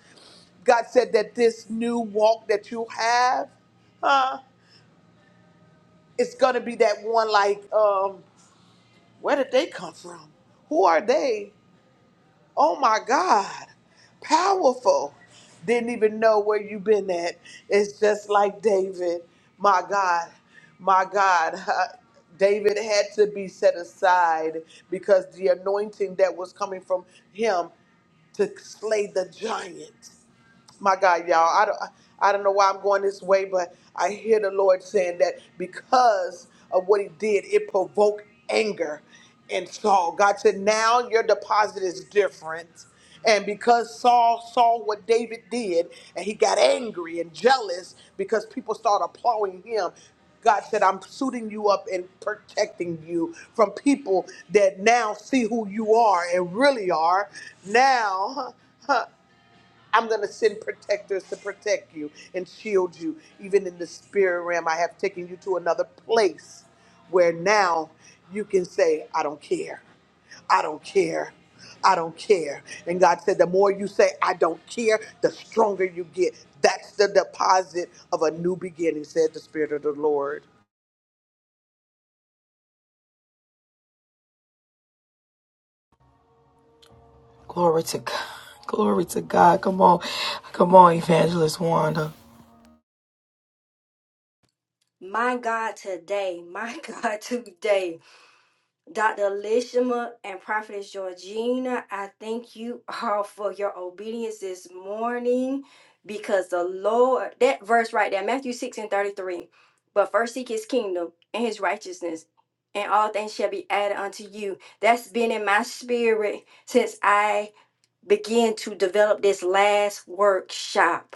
[SPEAKER 3] God said that this new walk that you have, huh, it's gonna be that one like, um, where did they come from? Who are they? Oh my God, powerful. Didn't even know where you been at. It's just like David. My God, my God. huh, David had to be set aside because the anointing that was coming from him to slay the giant. my God, y'all, I don't, I don't know why I'm going this way, but I hear the Lord saying that because of what he did, it provoked anger in Saul. God said, now your deposit is different. And because Saul saw what David did, and he got angry and jealous because people started applauding him, God said, I'm suiting you up and protecting you from people that now see who you are and really are. Now, [laughs] I'm going to send protectors to protect you and shield you. Even in the spirit realm, I have taken you to another place where now you can say, I don't care. I don't care. I don't care. And God said, the more you say, I don't care, the stronger you get. That's the deposit of a new beginning, said the Spirit of the Lord.
[SPEAKER 2] My God, today. My [laughs] God, today. Dr. Lishima and Prophetess Georgina, I thank you all for your obedience this morning because the Lord, that verse right there, Matthew 6 and 33, but first seek his kingdom and his righteousness, and all things shall be added unto you. That's been in my spirit since I began to develop this last workshop.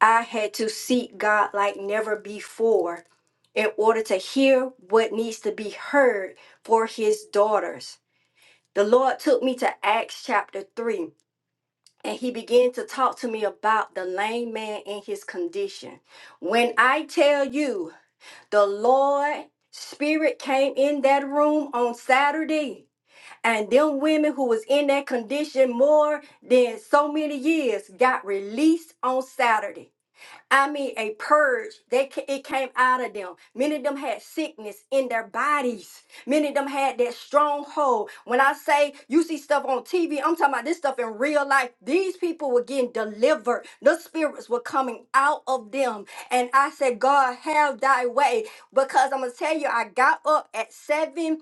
[SPEAKER 2] I had to seek God like never before in order to hear what needs to be heard for his daughters. The Lord took me to Acts chapter 3, and he began to talk to me about the lame man and his condition. When I tell you, the Lord spirit came in that room on Saturday, and them women who was in that condition more than so many years got released on Saturday. I mean, a purge. They ca- it came out of them. Many of them had sickness in their bodies. Many of them had that stronghold. When I say you see stuff on TV, I'm talking about this stuff in real life. These people were getting delivered. The spirits were coming out of them. And I said, God, have thy way. Because I'm gonna tell you, I got up at 7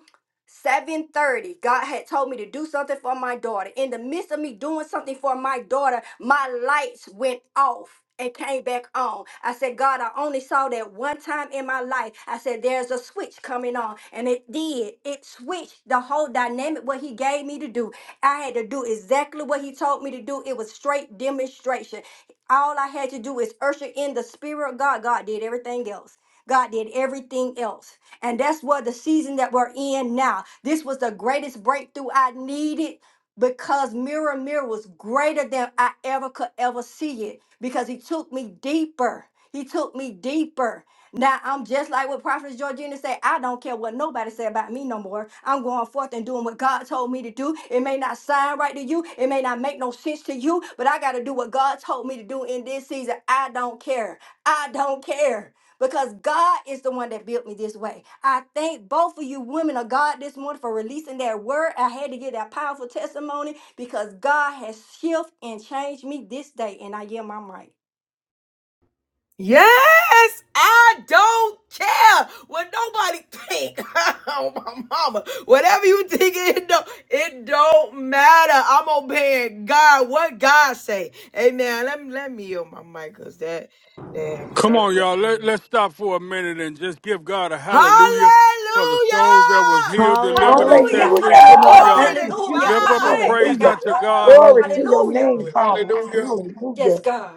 [SPEAKER 2] 7:30 God had told me to do something for my daughter. In the midst of me doing something for my daughter, my lights went off and came back on. I said, "God, I only saw that one time in my life." I said, "There's a switch coming on." And it did. It switched the whole dynamic what he gave me to do. I had to do exactly what he told me to do. It was straight demonstration. All I had to do is usher in the spirit of God. God did everything else. God did everything else. And that's what the season that we're in now. This was the greatest breakthrough I needed because Mirror Mirror was greater than I ever could ever see it because he took me deeper. He took me deeper. Now I'm just like what Prophet Georgina said. I don't care what nobody say about me no more. I'm going forth and doing what God told me to do. It may not sound right to you. It may not make no sense to you, but I got to do what God told me to do in this season. I don't care. I don't care because God is the one that built me this way. I thank both of you women of God this morning for releasing that word. I had to get that powerful testimony because God has shifted and changed me this day, and I yield my mic.
[SPEAKER 1] Yes, I don't care what nobody [laughs] tell my mama. Whatever don't matter. I'm paying God. What God? Amen. Let me let me yield my mic because that damn
[SPEAKER 5] Come on,
[SPEAKER 1] thirty.
[SPEAKER 5] y'all.
[SPEAKER 1] of
[SPEAKER 5] Let,
[SPEAKER 1] me.
[SPEAKER 5] let's stop for a minute and just give God a
[SPEAKER 1] Hallelujah!
[SPEAKER 5] hallelujah for the souls that was healed, delivered, and set
[SPEAKER 2] Hallelujah,
[SPEAKER 6] Hallelujah.
[SPEAKER 5] free. Come
[SPEAKER 4] Hallelujah.
[SPEAKER 5] on,
[SPEAKER 2] hallelujah,
[SPEAKER 4] Thank
[SPEAKER 1] Glory
[SPEAKER 5] y'all.
[SPEAKER 1] to
[SPEAKER 4] you,
[SPEAKER 2] hallelujah, [laughs]
[SPEAKER 5] Lift
[SPEAKER 4] Jesus.
[SPEAKER 5] up a
[SPEAKER 1] God.
[SPEAKER 2] hey, yeah,
[SPEAKER 5] praise
[SPEAKER 4] Hallelujah.
[SPEAKER 2] God.
[SPEAKER 5] unto God.
[SPEAKER 1] Woo!
[SPEAKER 4] Glory
[SPEAKER 6] Hallelujah.
[SPEAKER 4] to your
[SPEAKER 2] hallelujah.
[SPEAKER 4] name,
[SPEAKER 1] Glory to God.
[SPEAKER 4] Father.
[SPEAKER 5] Hallelujah.
[SPEAKER 4] Hallelujah.
[SPEAKER 2] Yes, God.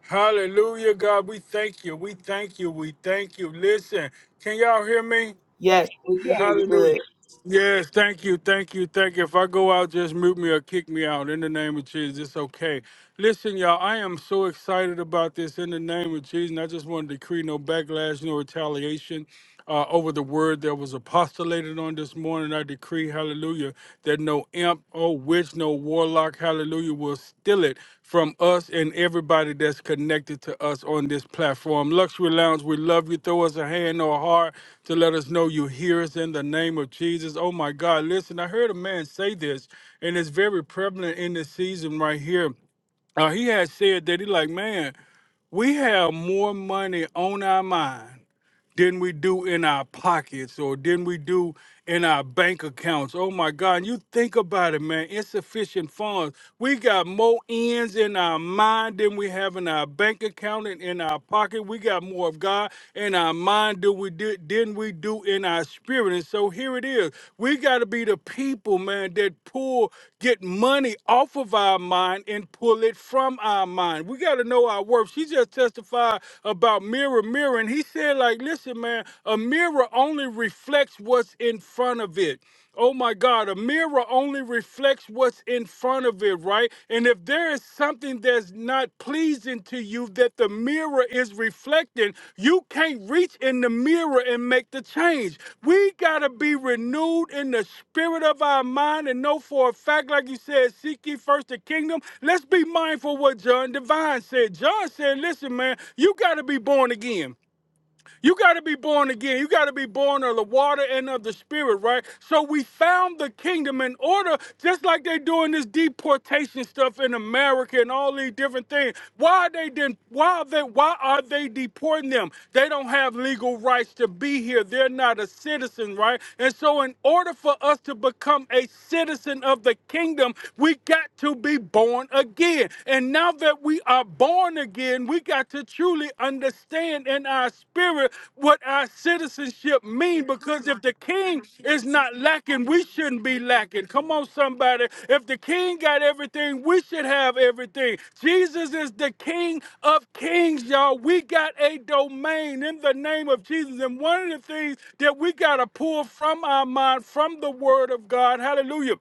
[SPEAKER 5] Hallelujah, God. We thank you. We thank you. We thank you. Listen, can y'all hear me?
[SPEAKER 1] Yes, we can
[SPEAKER 4] Yes.
[SPEAKER 1] hear you good.
[SPEAKER 5] Hallelujah. Yes, thank you, thank you, thank you. If I go out, just mute me or kick me out in the name of Jesus. It's okay. Listen, y'all, I am so excited about this in the name of Jesus. And I just want to decree no backlash, no retaliation uh, over the word that was apostolated on this morning. I decree, hallelujah, that no imp Oh, which no warlock, hallelujah, will steal it from us and everybody that's connected to us on this platform. Luxury Lounge, we love you. Throw us a hand or a heart to let us know you hear us in the name of Jesus. Oh my God, listen, I heard a man say this, and it's very prevalent in this season right here. Uh, he had said that he like, man, we have more money on our mind than we do in our pockets or than we do in our bank accounts. Oh my God. And you think about it, man. Insufficient funds. We got more ends in our mind than we have in our bank account and in our pocket. We got more of God in our mind than we did than we do in our spirit. And so here it is. We gotta be the people, man, that pull get money off of our mind and pull it from our mind. We gotta know our worth. She just testified about mirror, mirror, and he said said, like, listen, man, a mirror only reflects what's in front of it. Oh my God, a mirror only reflects what's in front of it, right? And if there is something that's not pleasing to you that the mirror is reflecting, you can't reach in the mirror and make the change. We got to be renewed in the spirit of our mind and know for a fact, like you said, seek ye first the kingdom. Let's be mindful of what John Divine said. John said, listen, man, you got to be born again. You got to be born again. You got to be born of the water and of the spirit, right? So we found the kingdom in order, just like they are doing this deportation stuff in America and all these different things. Why are they then? Why are they? Why are they deporting them? They don't have legal rights to be here. They're not a citizen, right? And so, in order for us to become a citizen of the kingdom, we got to be born again. And now that that we are born again, we got to truly understand in our spirit what our citizenship means. Because if the king is not lacking, we shouldn't be lacking. Come on, somebody. If the king got everything, we should have everything. Jesus is the king of kings, y'all. We got a domain in the name of Jesus. And one of the things that we got to pull from our mind, from the word of God, hallelujah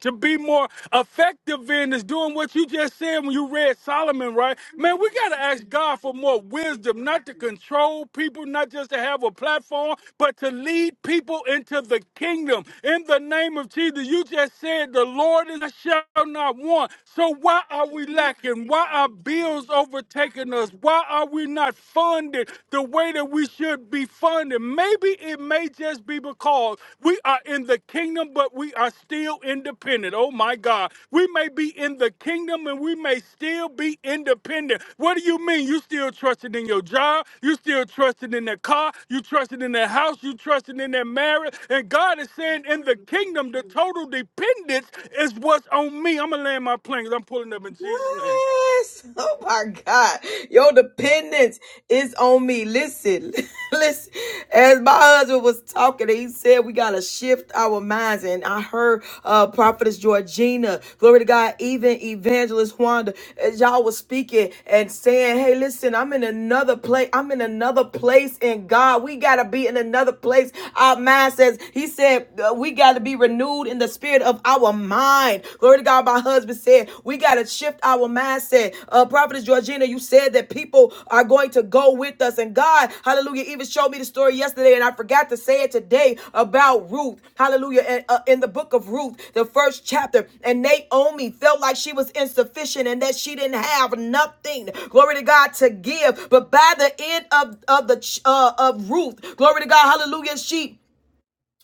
[SPEAKER 5] to be more effective in is doing what you just said when you read Solomon, right? Man, we got to ask God for more wisdom, not to control people, not just to have a platform, but to lead people into the kingdom. In the name of Jesus, you just said the Lord is I shall not want. So why are we lacking? Why are bills overtaking us? Why are we not funded the way that we should be funding. Maybe it may just be because we are in the kingdom, but we are still independent. Oh my God. We may be in the kingdom and we may still be independent. What do you mean? You still trusted in your job, you still trusted in the car, you trusted in the house, you trusted in that marriage. And God is saying in the kingdom, the total dependence is what's on me. I'm gonna land my plane 'cause I'm pulling up in Jesus' name.
[SPEAKER 1] Yes. Oh my God. Your dependence is on me. Listen, [laughs] listen. As my husband was talking, he said we gotta shift our minds. And I heard uh prophetess Georgina, glory to God, even evangelist Wanda, as y'all was speaking and saying, Hey, listen, I'm in another place. I'm in another place in God. We gotta be in another place. Our mind says, He said, uh, we gotta be renewed in the spirit of of our mind. Glory to God. My husband said, we got to shift our mindset. Uh, Prophetess Georgina, you said that people are going to go with us. And God, hallelujah, even showed me the story yesterday, and I forgot to say it today about Ruth. Hallelujah. And, uh, in the book of Ruth, the first chapter, and Naomi felt like she was insufficient and that she didn't have nothing. Glory to God to give. But by the end of, of the uh, of Ruth, glory to God, hallelujah, she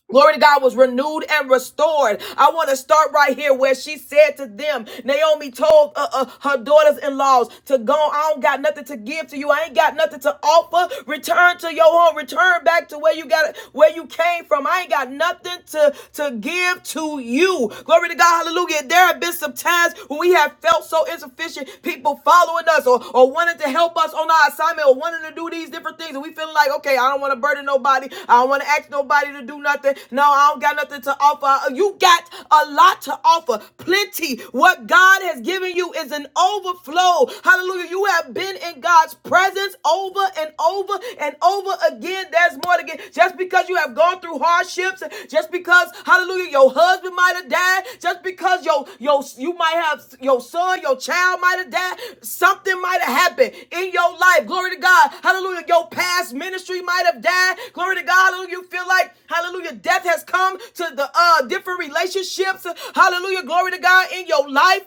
[SPEAKER 1] Glory to God was renewed and restored. I want to start right here where she said to them, Naomi told uh, uh, her daughters-in-laws to go. I don't got nothing to give to you. I ain't got nothing to offer. Return to your home. Return back to where you got where you came from. I ain't got nothing to to give to you. Glory to God. Hallelujah. There have been some times when we have felt so insufficient attention, people following us or, or wanting to help us on our assignment or wanting to do these different things. And we feeling like, okay, I don't want to burden nobody. I don't want to ask nobody to do nothing. No, I don't got nothing to offer. You got a lot to offer, plenty. What God has given you is an overflow. Hallelujah. You have been in God's presence over and over and over again. There's more to get. Just because you have gone through hardships, just because hallelujah, your husband might have died, just because your your you might have your son, your child might have died, something might have happened in your life. Glory to God. Hallelujah. Your past ministry might have died. Glory to God. Hallelujah. You feel like hallelujah, death has come to the uh different relationships. Hallelujah. Glory to God in your life.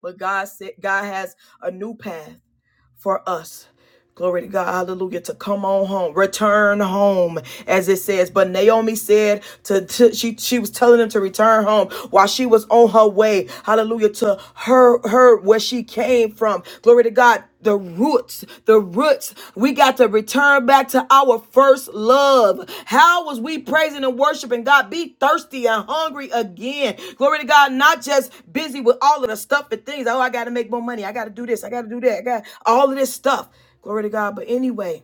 [SPEAKER 1] But God said God has a new path for us. Glory to God, hallelujah, to come on home, return home, as it says. But Naomi said to, to- she she was telling them to return home while she was on her way, hallelujah, to her her where she came from. Glory to God. The roots, the roots. We got to return back to our first love. How was we praising and worshiping God? Be thirsty and hungry again. Glory to God, not just busy with all of the stuff and things. Oh, I gotta make more money. I gotta do this. I gotta do that. I got all of this stuff. Glory to God. But anyway,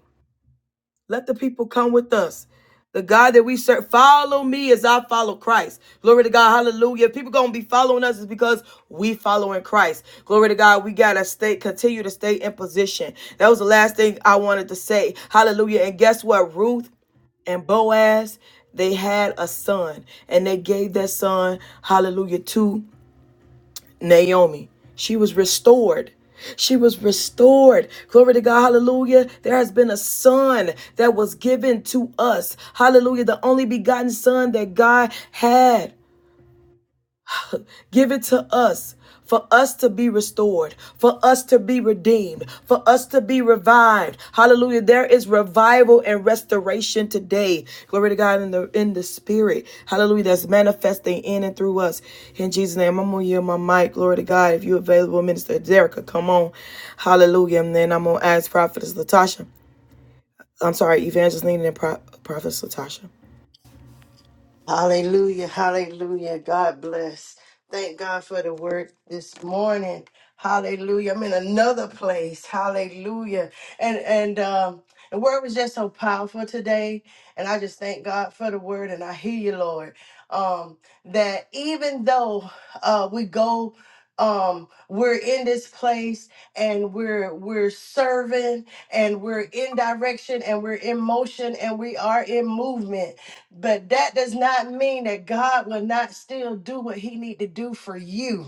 [SPEAKER 1] let the people come with us. The God that we serve, follow me as I follow Christ. Glory to God. Hallelujah. If people gonna be following us, is because we following Christ. Glory to God. We gotta stay, continue to stay in position. That was the last thing I wanted to say. Hallelujah. And guess what? Ruth and Boaz, they had a son, and they gave that son, hallelujah, to Naomi. She was restored. She was restored. Glory to God. Hallelujah. There has been a son that was given to us. Hallelujah. The only begotten son that God had. Give it to us for us to be restored, for us to be redeemed, for us to be revived. Hallelujah. There is revival and restoration today. Glory to God in the in the spirit. Hallelujah. That's manifesting in and through us. In Jesus' name. I'm gonna yield my mic. Glory to God. If you're available, Minister Derrica, come on. Hallelujah. And then I'm gonna ask Prophetess Latasha. I'm sorry, Evangeline and Pro- Prophetess Latasha.
[SPEAKER 7] Hallelujah, hallelujah. God bless. Thank God for the word this morning. Hallelujah. I'm in another place. Hallelujah. And and um the word was just so powerful today. And I just thank God for the word and I hear you, Lord. Um, that even though uh we go um we're in this place and we're we're serving and we're in direction and we're in motion and we are in movement but that does not mean that God will not still do what he need to do for you.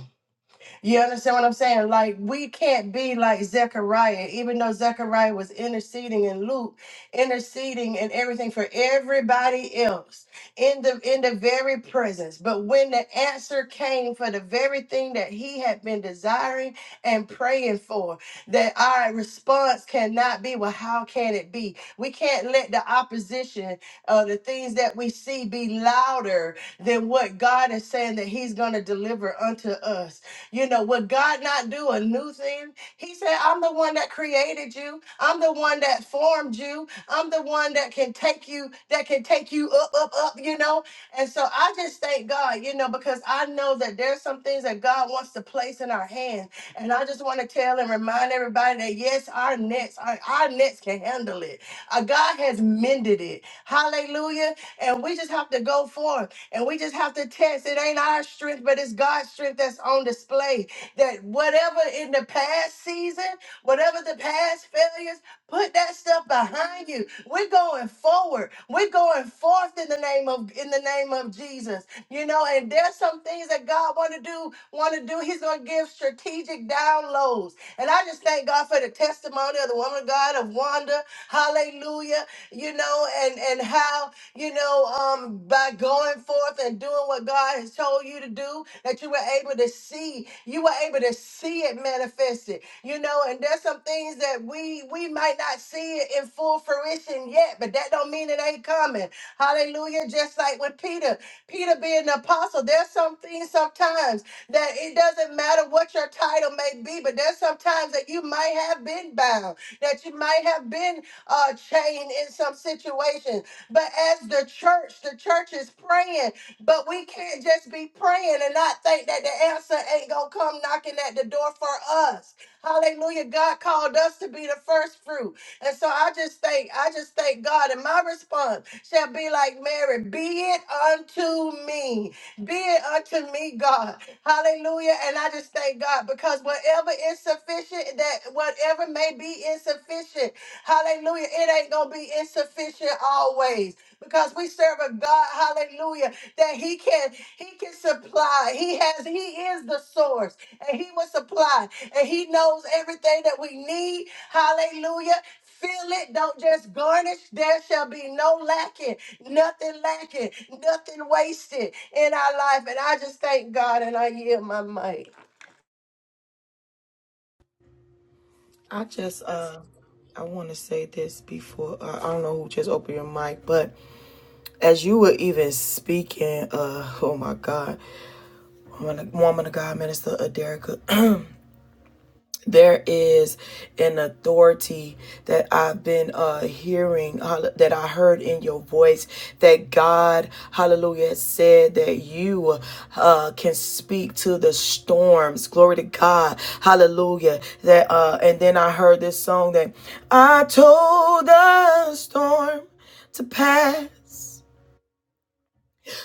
[SPEAKER 7] You understand what I'm saying? Like we can't be like Zechariah, even though Zechariah was interceding and Luke, interceding and everything for everybody else in the in the very presence. But when the answer came for the very thing that he had been desiring and praying for, that our response cannot be, well, how can it be? We can't let the opposition uh, the things that we see be louder than what God is saying that He's gonna deliver unto us you know, would God not do a new thing? He said, I'm the one that created you. I'm the one that formed you. I'm the one that can take you, that can take you up, up, up, you know? And so I just thank God, you know, because I know that there's some things that God wants to place in our hands. And I just want to tell and remind everybody that yes, our nets, our, our nets can handle it. Uh, God has mended it. Hallelujah. And we just have to go forth. And we just have to test. It ain't our strength, but it's God's strength that's on display. That whatever in the past season, whatever the past failures, put that stuff behind you. We're going forward. We're going forth in the name of in the name of Jesus. You know, and there's some things that God want to do, want to do. He's gonna give strategic downloads. And I just thank God for the testimony of the woman of God of Wanda. Hallelujah. You know, and and how you know, um, by going forth and doing what God has told you to do, that you were able to see, you were able to see it manifested, you know, and there's some things that we we might not see it in full fruition yet, but that don't mean it ain't coming. Hallelujah. Just like with Peter, Peter being the apostle, there's some things sometimes that it doesn't matter what your title may be, but there's sometimes that you might have been bound, that you might have been uh chained in some situation but as the church, the church is praying, but we can't just be praying and not think that the answer ain't gonna come knocking at the door for us. Hallelujah. God called us to be the first fruit. And so I just thank, I just thank God. And my response shall be like Mary, be it unto me. Be it unto me, God. Hallelujah. And I just thank God because whatever is sufficient, that whatever may be insufficient, Hallelujah. It ain't going to be insufficient always because we serve a God, hallelujah, that he can he can supply. He has he is the source and he will supply and he knows everything that we need. Hallelujah. Fill it, don't just garnish. There shall be no lacking, nothing lacking, nothing wasted in our life. And I just thank God and I yield my might.
[SPEAKER 1] Been speaking, uh, oh my God, woman, woman of God, Minister Aderica. [clears throat] there is an authority that I've been uh, hearing, hall- that I heard in your voice, that God, hallelujah, said that you uh, can speak to the storms. Glory to God, hallelujah. That uh, And then I heard this song that I told the storm to pass,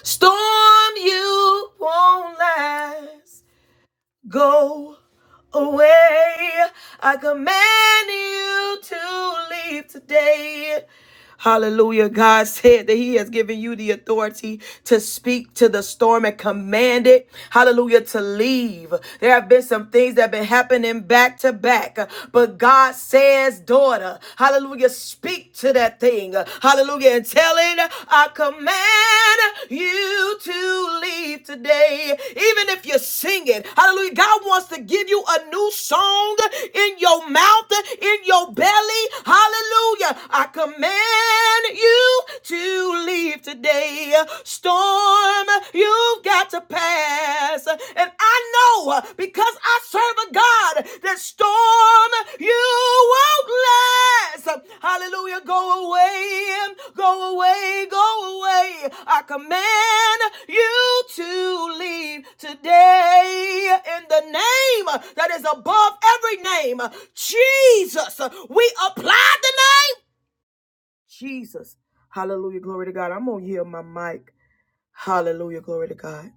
[SPEAKER 1] storm you won't last. Go away. I command you to leave today. Hallelujah. God said that He has given you the authority to speak to the storm and command it. Hallelujah. To leave. There have been some things that have been happening back to back. But God says, daughter, hallelujah, speak to that thing. Hallelujah. And tell it, I command you to leave today. Even if you're singing, hallelujah. God wants to give you a new song in your mouth, in your belly. Hallelujah. I command command you to leave today. Storm, you've got to pass. And I know because I serve a God that storm, you won't last. Hallelujah. Go away, go away, go away. I command you to leave today in the name that is above every name. Jesus, we apply the name Jesus. Hallelujah. Glory to God. I'm going to hear my mic. Hallelujah. Glory to God.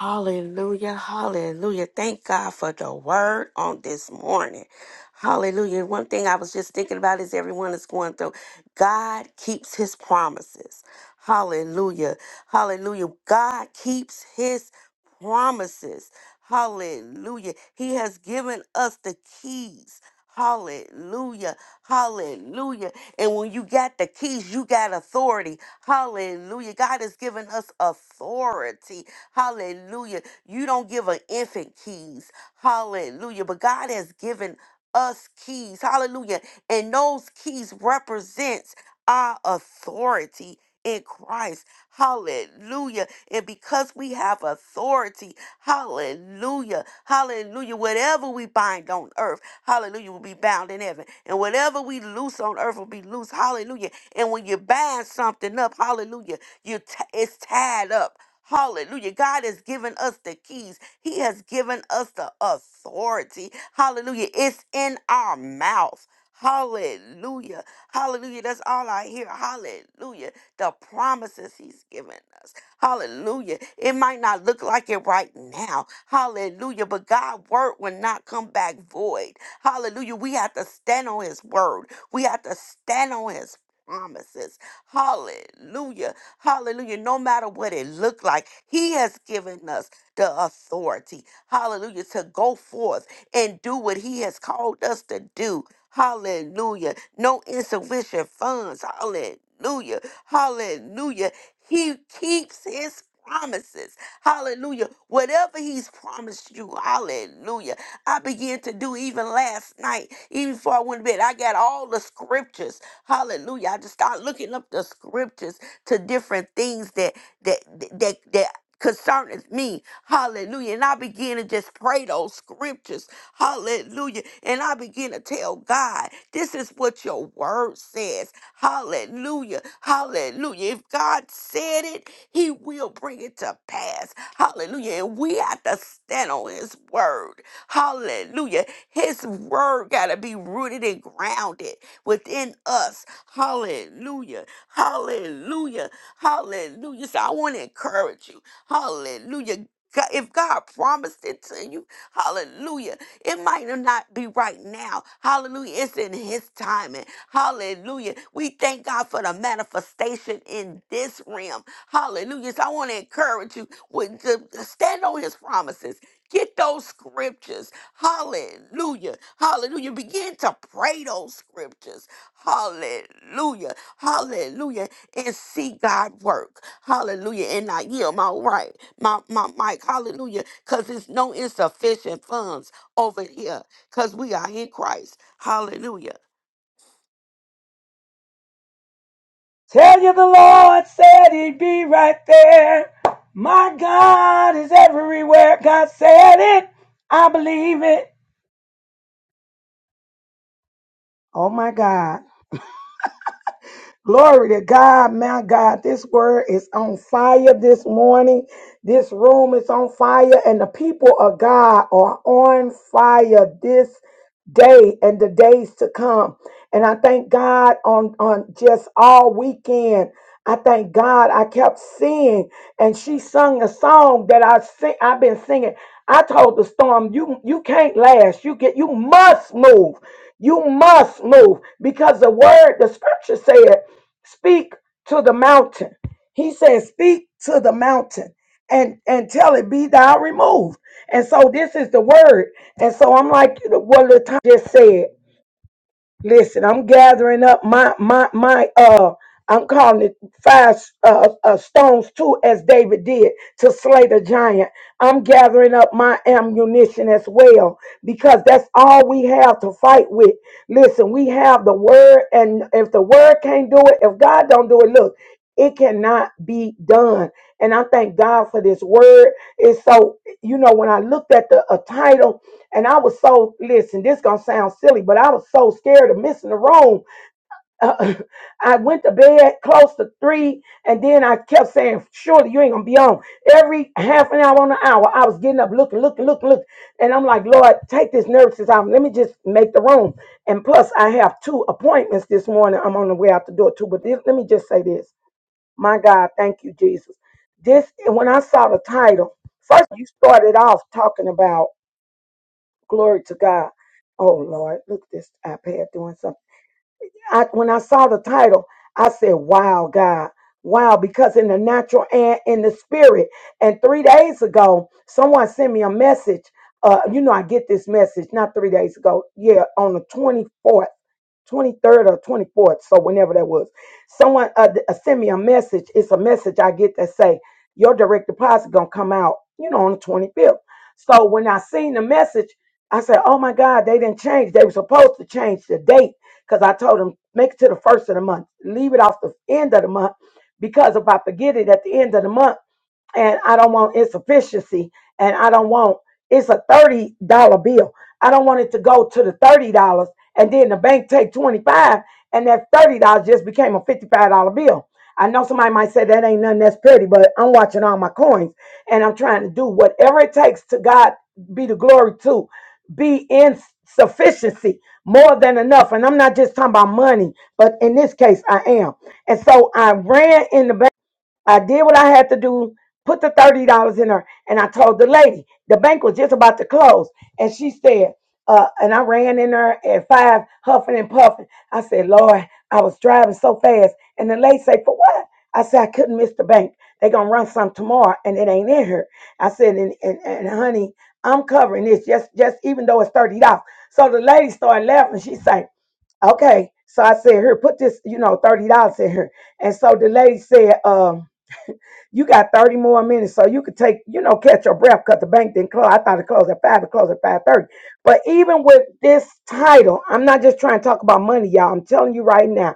[SPEAKER 6] Hallelujah, hallelujah. Thank God for the word on this morning. Hallelujah. One thing I was just thinking about is everyone is going through. God keeps his promises. Hallelujah. Hallelujah. God keeps his promises. Hallelujah. He has given us the keys. Hallelujah. Hallelujah. And when you got the keys, you got authority. Hallelujah. God has given us authority. Hallelujah. You don't give an infant keys. Hallelujah. But God has given us keys. Hallelujah. And those keys represents our authority in Christ. Hallelujah. And because we have authority, hallelujah, hallelujah, whatever we bind on earth, hallelujah, will be bound in heaven. And whatever we loose on earth will be loose, hallelujah. And when you bind something up, hallelujah, you t- it's tied up. Hallelujah. God has given us the keys, He has given us the authority. Hallelujah. It's in our mouth. Hallelujah. Hallelujah. That's all I hear. Hallelujah. The promises he's given us. Hallelujah. It might not look like it right now. Hallelujah. But God's word will not come back void. Hallelujah. We have to stand on his word. We have to stand on his promises. Hallelujah. Hallelujah. No matter what it looked like, He has given us the authority. Hallelujah. To go forth and do what He has called us to do. Hallelujah. No insufficient funds. Hallelujah. Hallelujah. He keeps His promises. Hallelujah. Whatever He's promised you. Hallelujah. I began to do even last night, even before I went to bed. I got all the scriptures. Hallelujah. I just started looking up the scriptures to different things that that that that concerneth me. Hallelujah. And I begin to just pray those scriptures. Hallelujah. And I begin to tell God, this is what your word says. Hallelujah. Hallelujah. If God said it, he will bring it to pass. Hallelujah. And we have to stand on his word. Hallelujah. His word got to be rooted and grounded within us. Hallelujah. Hallelujah. Hallelujah. So I want to encourage you. Hallelujah. God- If God promised it to you, hallelujah. It might not be right now. Hallelujah. It's in His timing. Hallelujah. We thank God for the manifestation in this realm. Hallelujah. So I want to encourage you with- to to stand on His promises. Get those scriptures. Hallelujah. Hallelujah. Begin to pray those scriptures. Hallelujah. Hallelujah. And see God work. Hallelujah. And I yield my right, my my mic. Hallelujah. Cause it's no insufficient funds over here. Cause we are in Christ. Hallelujah.
[SPEAKER 4] Tell you the Lord said he'd be right there. My God is everywhere. God said it. I believe it. Oh my God. Glory to God, my God. This word is on fire this morning. This room is on fire, and the people of God are on fire this day and the days to come. And I thank God on, on just all weekend. I thank God I kept singing, and she sung a song that I sing, I've been singing. I told the storm, you you can't last. You get you must move. You must move because the word, the scripture said. Speak to the mountain. He says, Speak to the mountain and, and tell it be thou removed. And so this is the word. And so I'm like what Latasha just said. Listen, I'm gathering up my my my uh I'm calling it five uh, uh stones too as David did to slay the giant. I'm gathering up my ammunition as well because that's all we have to fight with. Listen, we have the word and if the word can't do it, if God don't do it, look, it cannot be done. And I thank God for this word. It's so you know when I looked at the uh, title and I was so listen. This gonna sound silly, but I was so scared of missing the room. Uh, [laughs] I went to bed close to three, and then I kept saying, "Surely you ain't gonna be on." Every half an hour, on an hour, I was getting up, looking, looking, looking, looking, and I'm like, "Lord, take this nervousness out. Let me just make the room." And plus, I have two appointments this morning. I'm on the way out the door too. But this, let me just say this: My God, thank you, Jesus. This when I saw the title first, you started off talking about. Glory to God. Oh Lord, look at this iPad doing something. I, when I saw the title, I said, "Wow, God, wow!" Because in the natural and in the spirit. And three days ago, someone sent me a message. Uh, you know, I get this message not three days ago. Yeah, on the twenty fourth. 23rd or 24th, so whenever that was. Someone uh, th- uh, send me a message. It's a message I get that say your direct deposit gonna come out, you know, on the 25th. So when I seen the message, I said, "Oh my God, they didn't change. They were supposed to change the date because I told them make it to the first of the month, leave it off the end of the month because if I forget it at the end of the month." and I don't want insufficiency, and I don't want it's a thirty dollar bill. I don't want it to go to the thirty dollars, and then the bank take twenty five, and that thirty dollars just became a fifty five dollar bill. I know somebody might say that ain't nothing that's pretty, but I'm watching all my coins, and I'm trying to do whatever it takes to God be the glory to be in sufficiency more than enough and i'm not just talking about money but in this case i am and so i ran in the bank I did what I had to do, put the thirty dollars in her, and I told the lady the bank was just about to close, and she said, uh, and I ran in there at five, huffing and puffing. I said, Lord, I was driving so fast, and the lady said, for what? I said, I couldn't miss the bank. They gonna run some tomorrow, and it ain't in here. I said, and, and, and honey, I'm covering this, just just even though it's thirty dollars. So the lady started laughing. She said, okay. So I said, here, put this, you know, thirty dollars in here. And so the lady said, um you got 30 more minutes, so you could take, you know, catch your breath because the bank didn't close. I thought it closed at 5, it closed at 5.30. But even with this title, I'm not just trying to talk about money, y'all. I'm telling you right now,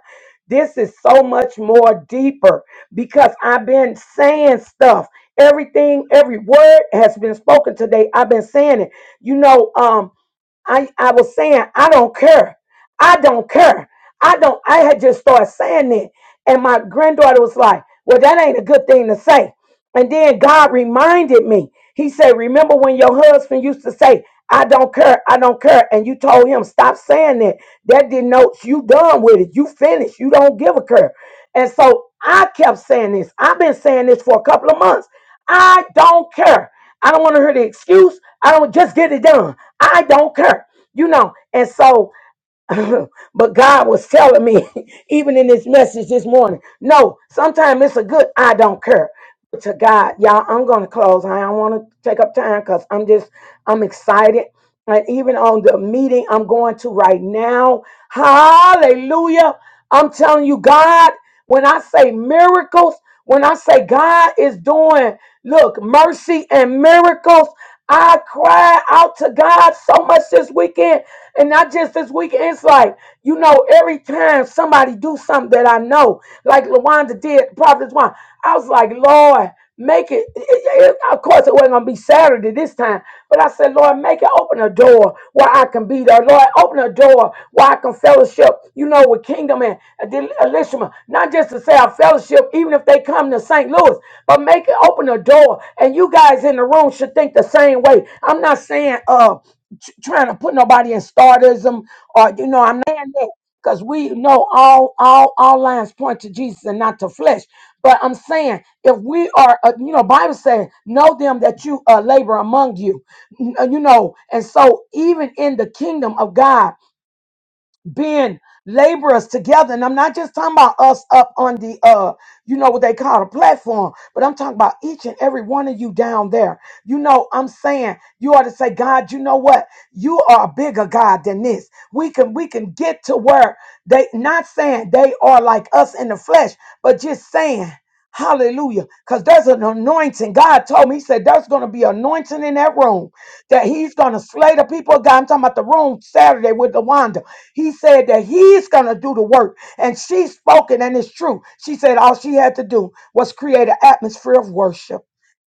[SPEAKER 4] this is so much more deeper because I've been saying stuff. Everything, every word has been spoken today. I've been saying it. You know, um, I, I was saying, I don't care. I don't care. I don't, I had just started saying that. And my granddaughter was like, well, that ain't a good thing to say. And then God reminded me. He said, remember when your husband used to say, I don't care, I don't care. And you told him, stop saying that. That denotes you done with it. You finished. You don't give a care. And so I kept saying this. I've been saying this for a couple of months. I don't care. I don't want to hear the excuse. I don't just get it done. I don't care. You know, and so [laughs] but God was telling me, [laughs] even in this message this morning, no, sometimes it's a good I don't care. But To God, y'all, I'm gonna close. I don't want to take up time because I'm just I'm excited. And even on the meeting I'm going to right now, hallelujah. I'm telling you, God, when I say miracles, when I say God is doing, look, mercy and miracles, I cried out to God so much this weekend and not just this week. It's like, you know, every time somebody do something that I know, like LaWanda did, Prophet Juan, I was like, Lord, make it. it- it- Of course, it wasn't going to be Saturday this time. But I said, Lord, make it open a door where I can be there. Lord, open a door where I can fellowship, you know, with Kingdom and Adel- Elishma. Not just to say I fellowship, even if they come to St. Louis, but make it open a door. And you guys in the room should think the same way. I'm not saying, uh, tr- trying to put nobody in startism or you know i'm not saying that because we know all all all lines point to jesus and not to flesh but i'm saying if we are uh, you know bible saying know them that you uh, labor among you N- uh, you know and so even in the kingdom of god being laborers together. And I'm not just talking about us up on the uh, you know what they call a platform, but I'm talking about each and every one of you down there. You know, I'm saying you ought to say, God, you know what? You are a bigger God than this. We can we can get to where they not saying they are like us in the flesh, but just saying Hallelujah. Because there's an anointing. God told me, He said, there's going to be anointing in that room that He's going to slay the people of God. I'm talking about the room Saturday with the Wanda. He said that he's going to do the work. And she spoken, and it's true. She said all she had to do was create an atmosphere of worship.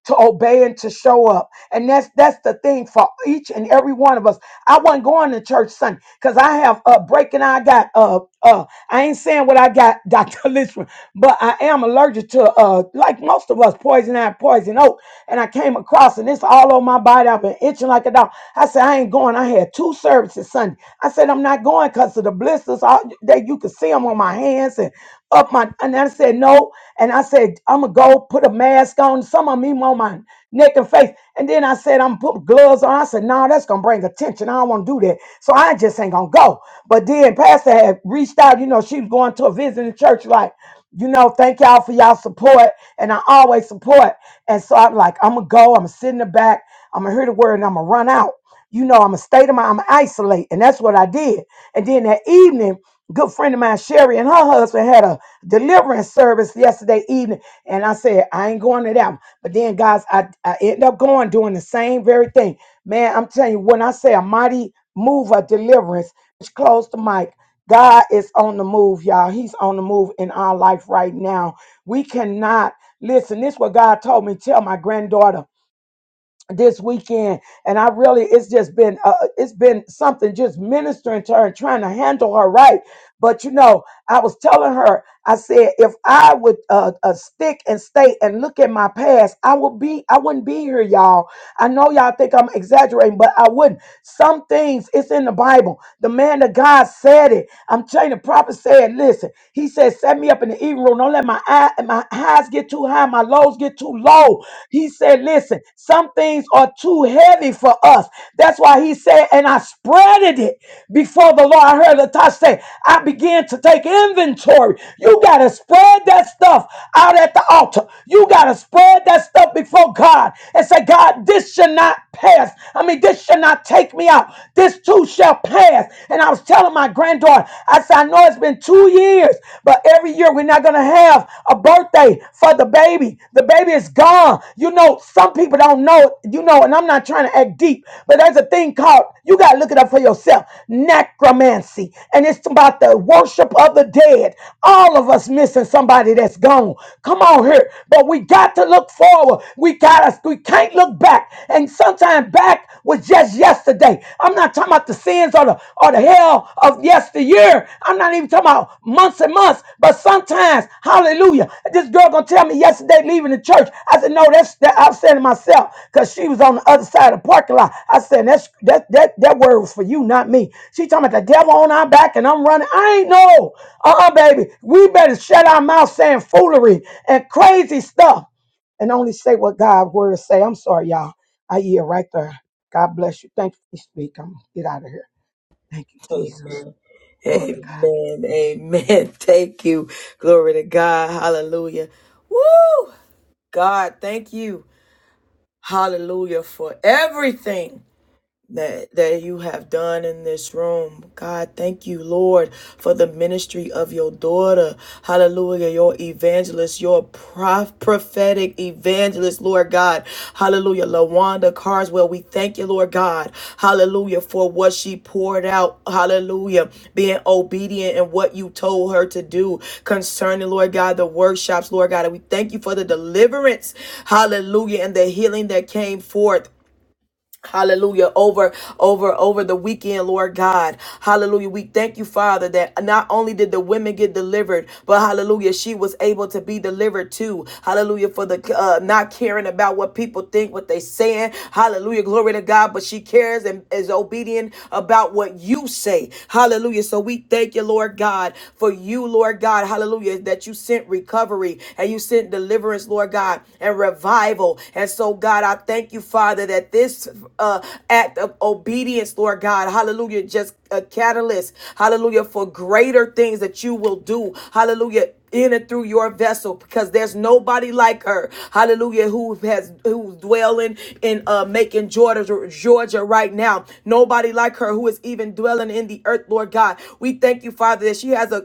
[SPEAKER 4] To obey and to show up. And that's that's the thing for each and every one of us. I wasn't going to church Sunday because I have a break and I got uh uh I ain't saying what I got, [laughs] Dr. Lishman, but I am allergic to uh like most of us, poison ivy, poison oak. And I came across and it's all over my body. I've been itching like a dog. I said, I ain't going. I had two services Sunday. I said, I'm not going because of the blisters. All that you could see them on my hands and up my. And I said, no. And I said, I'm gonna go put a mask on. Some of them on my neck and face. And then I said, I'm put gloves on. I said, no, that's gonna bring attention. I don't want to do that. So I just ain't gonna go. But then Pastor had reached out. You know, she was going to a visit in church. Like, you know, thank y'all for y'all support. And I always support. And so I'm like, I'm gonna go. I'm gonna sit in the back. I'm gonna hear the word and I'm gonna run out. You know, I'm a state of mind, I'm isolate. And that's what I did. And then that evening, good friend of mine, Sherry, and her husband had a deliverance service yesterday evening. And I said, I ain't going to that one. But then, guys, I, I end up going doing the same very thing. Man, I'm telling you, when I say a mighty move of deliverance, just close the mic. God is on the move, y'all. He's on the move in our life right now. We cannot listen. This is what God told me. Tell my granddaughter this weekend and i really it's just been uh, it's been something just ministering to her and trying to handle her right but you know i was telling her i said if i would uh, uh stick and stay and look at my past i would be i wouldn't be here y'all i know y'all think i'm exaggerating but i wouldn't some things it's in the bible the man of god said it i'm telling you, the prophet said listen he said set me up in the evening room don't let my eye my highs get too high my lows get too low he said, Listen, some things are too heavy for us. That's why he said, and I spreaded it before the Lord. I heard Latasha say, I began to take inventory. You got to spread that stuff out at the altar. You got to spread that stuff before God and say, God, this should not pass. I mean, this should not take me out. This too shall pass. And I was telling my granddaughter, I said, I know it's been two years, but every year we're not going to have a birthday for the baby. The baby is gone. You know, some people don't know, you know, and I'm not not trying to act deep, but there's a thing called, you got to look it up for yourself, necromancy. And it's about the worship of the dead. All of us missing somebody that's gone. Come on here. But we got to look forward. We got us. We can't look back. And sometimes back was just yesterday. I'm not talking about the sins or the or the hell of yesteryear. I'm not even talking about months and months. But sometimes, hallelujah, this girl gonna tell me yesterday leaving the church. I said, no, that's that. I'm saying to myself. Cause she was on the other side of the parking lot. I said, that's that that that word was for you, not me. She talking about the devil on our back and I'm running. I ain't know. Uh-uh, baby. We better shut our mouth saying foolery and crazy stuff and only say what God's word say. I'm sorry, y'all. I hear right there. God bless you. Thank you. Speak. I'm gonna get out of here. Thank you, Jesus.
[SPEAKER 1] Amen.
[SPEAKER 4] Glory.
[SPEAKER 1] Amen. Amen. [laughs] Thank you. Glory to God. Hallelujah. Woo! God, thank you. Hallelujah for everything. that that you have done in this room. God, thank you, Lord, for the ministry of your daughter. Hallelujah, your evangelist, your prof- prophetic evangelist, Lord God. Hallelujah, Lawanda Carswell, we thank you, Lord God. Hallelujah, for what she poured out. Hallelujah, being obedient in what you told her to do concerning, Lord God, the workshops, Lord God. And we thank you for the deliverance. Hallelujah, and the healing that came forth. Hallelujah. Over, over, over the weekend, Lord God. Hallelujah. We thank you, Father, that not only did the women get delivered, but hallelujah, she was able to be delivered too. Hallelujah. For the uh, not caring about what people think, what they saying. Hallelujah. Glory to God. But she cares and is obedient about what you say. Hallelujah. So we thank you, Lord God, for you, Lord God. Hallelujah. That you sent recovery and you sent deliverance, Lord. Lord God, and revival. And so, God, I thank you, Father, that this uh, act of obedience, Lord God, hallelujah, just a catalyst, hallelujah, for greater things that you will do, hallelujah in and through your vessel because there's nobody like her hallelujah who has who's dwelling in uh making georgia georgia right now nobody like her who is even dwelling in the earth lord god we thank you father that she has a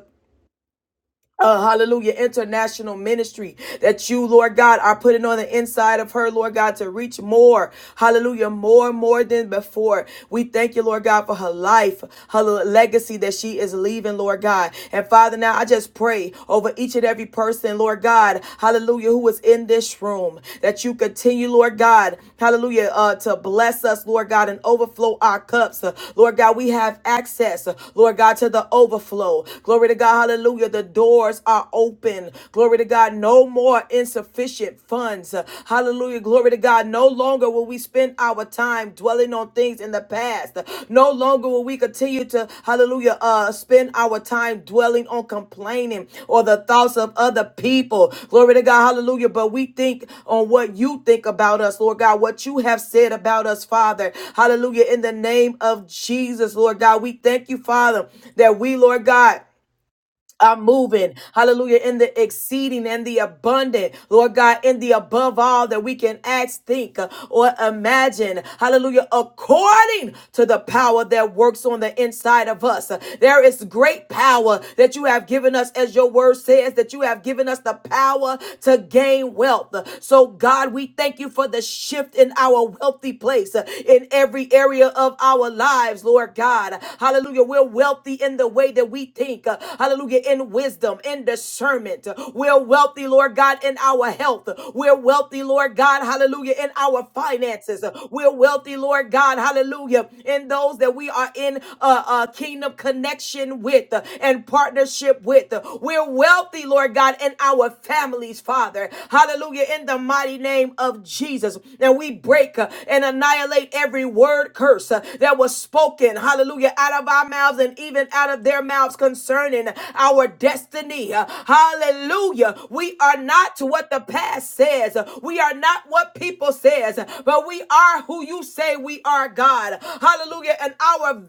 [SPEAKER 1] uh, hallelujah, international ministry that you, Lord God, are putting on the inside of her, Lord God, to reach more, hallelujah, more, more than before. We thank you, Lord God, for her life, her legacy that she is leaving, Lord God. And Father, now I just pray over each and every person, Lord God, hallelujah, who is in this room, that you continue, Lord God, hallelujah, uh, to bless us, Lord God, and overflow our cups. Uh, Lord God, we have access, uh, Lord God, to the overflow. Glory to God, hallelujah Hallelujah. The doors are open. Glory to God. No more insufficient funds. Hallelujah. Glory to God. No longer will we spend our time dwelling on things in the past. No longer will we continue to, hallelujah, uh, spend our time dwelling on complaining or the thoughts of other people. Glory to God. Hallelujah. But we think on what you think about us, Lord God, what you have said about us, Father. Hallelujah. In the name of Jesus, Lord God, we thank you, Father, that we, Lord God, are moving. Hallelujah. In the exceeding and the abundant, Lord God, in the above all that we can ask, think, uh, or imagine. Hallelujah. According to the power that works on the inside of us. Uh, There is great power that you have given us, as your word says, that you have given us the power to gain wealth. Uh, So, God, we thank you for the shift in our wealthy place, uh, in in every area of our lives, Lord God. Hallelujah. We're wealthy in the way that we think. Uh, Hallelujah. In wisdom, in discernment. We're wealthy, Lord God, in our health. We're wealthy, Lord God. Hallelujah. In our finances. We're wealthy, Lord God. Hallelujah. In those that we are in a uh, kingdom connection with uh, and partnership with. We're wealthy, Lord God, in our our families, Father. Hallelujah. In the mighty name of Jesus. And we break uh, and annihilate every word curse uh, that was spoken, hallelujah, out of our mouths and even out of their mouths concerning our destiny. Uh, Hallelujah. We are not what the past says. We are not what people says, but we are who you say we are, God. Hallelujah. And our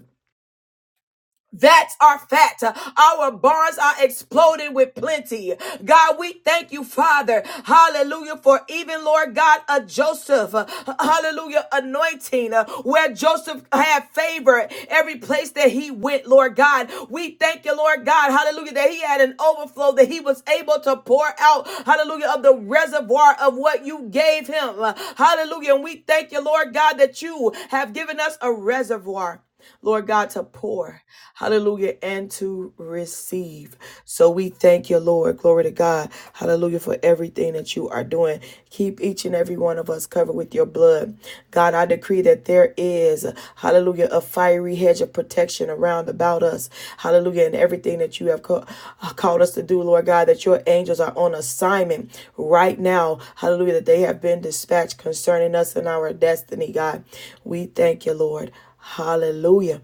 [SPEAKER 1] that's our fact. Our barns are exploding with plenty. God, we thank you, Father. Hallelujah. For even, Lord God, a Joseph, uh, hallelujah, anointing uh, where Joseph had favor every place that he went, Lord God. We thank you, Lord God, hallelujah, that he had an overflow that he was able to pour out, hallelujah, of the reservoir of what you gave him. Hallelujah. And we thank you, Lord God, that you have given us a reservoir. Lord God, to pour, hallelujah, and to receive. So we thank you, Lord. Glory to God, hallelujah, for everything that you are doing. Keep each and every one of us covered with your blood. God, I decree that there is, hallelujah, a fiery hedge of protection around about us, hallelujah, and everything that you have ca- uh, called us to do, Lord God, that your angels are on assignment right now, hallelujah, that they have been dispatched concerning us and our destiny, God. We thank you, Lord. Hallelujah.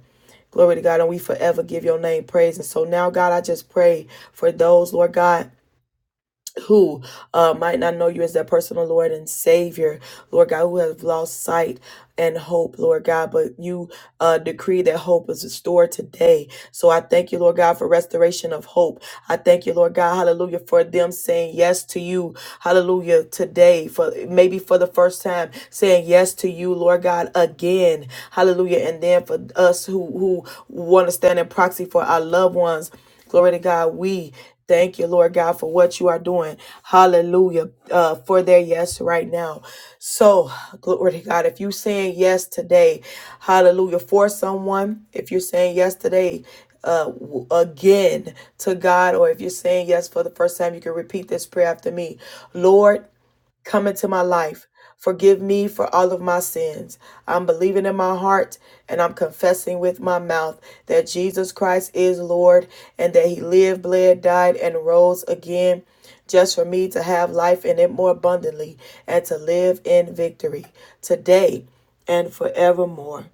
[SPEAKER 1] Glory to God. And we forever give your name praise. And so now, God, I just pray for those, Lord God who uh, might not know you as their personal Lord and Savior, Lord God, who have lost sight and hope, Lord God, but you uh, decree that hope is restored today. So I thank you, Lord God, for restoration of hope. I thank you, Lord God, hallelujah, for them saying yes to you, hallelujah, today, for maybe for the first time, saying yes to you, Lord God, again, hallelujah. And then for us who, who want to stand in proxy for our loved ones, Glory to God. We Thank you, Lord God, for what you are doing. Hallelujah. Uh, for their yes right now. So, glory to God. If you're saying yes today, hallelujah, for someone, if you're saying yes today, uh, w- again to God, or if you're saying yes for the first time, you can repeat this prayer after me. Lord, Come into my life. Forgive me for all of my sins. I'm believing in my heart and I'm confessing with my mouth that Jesus Christ is Lord and that He lived, bled, died, and rose again just for me to have life in it more abundantly and to live in victory today and forevermore.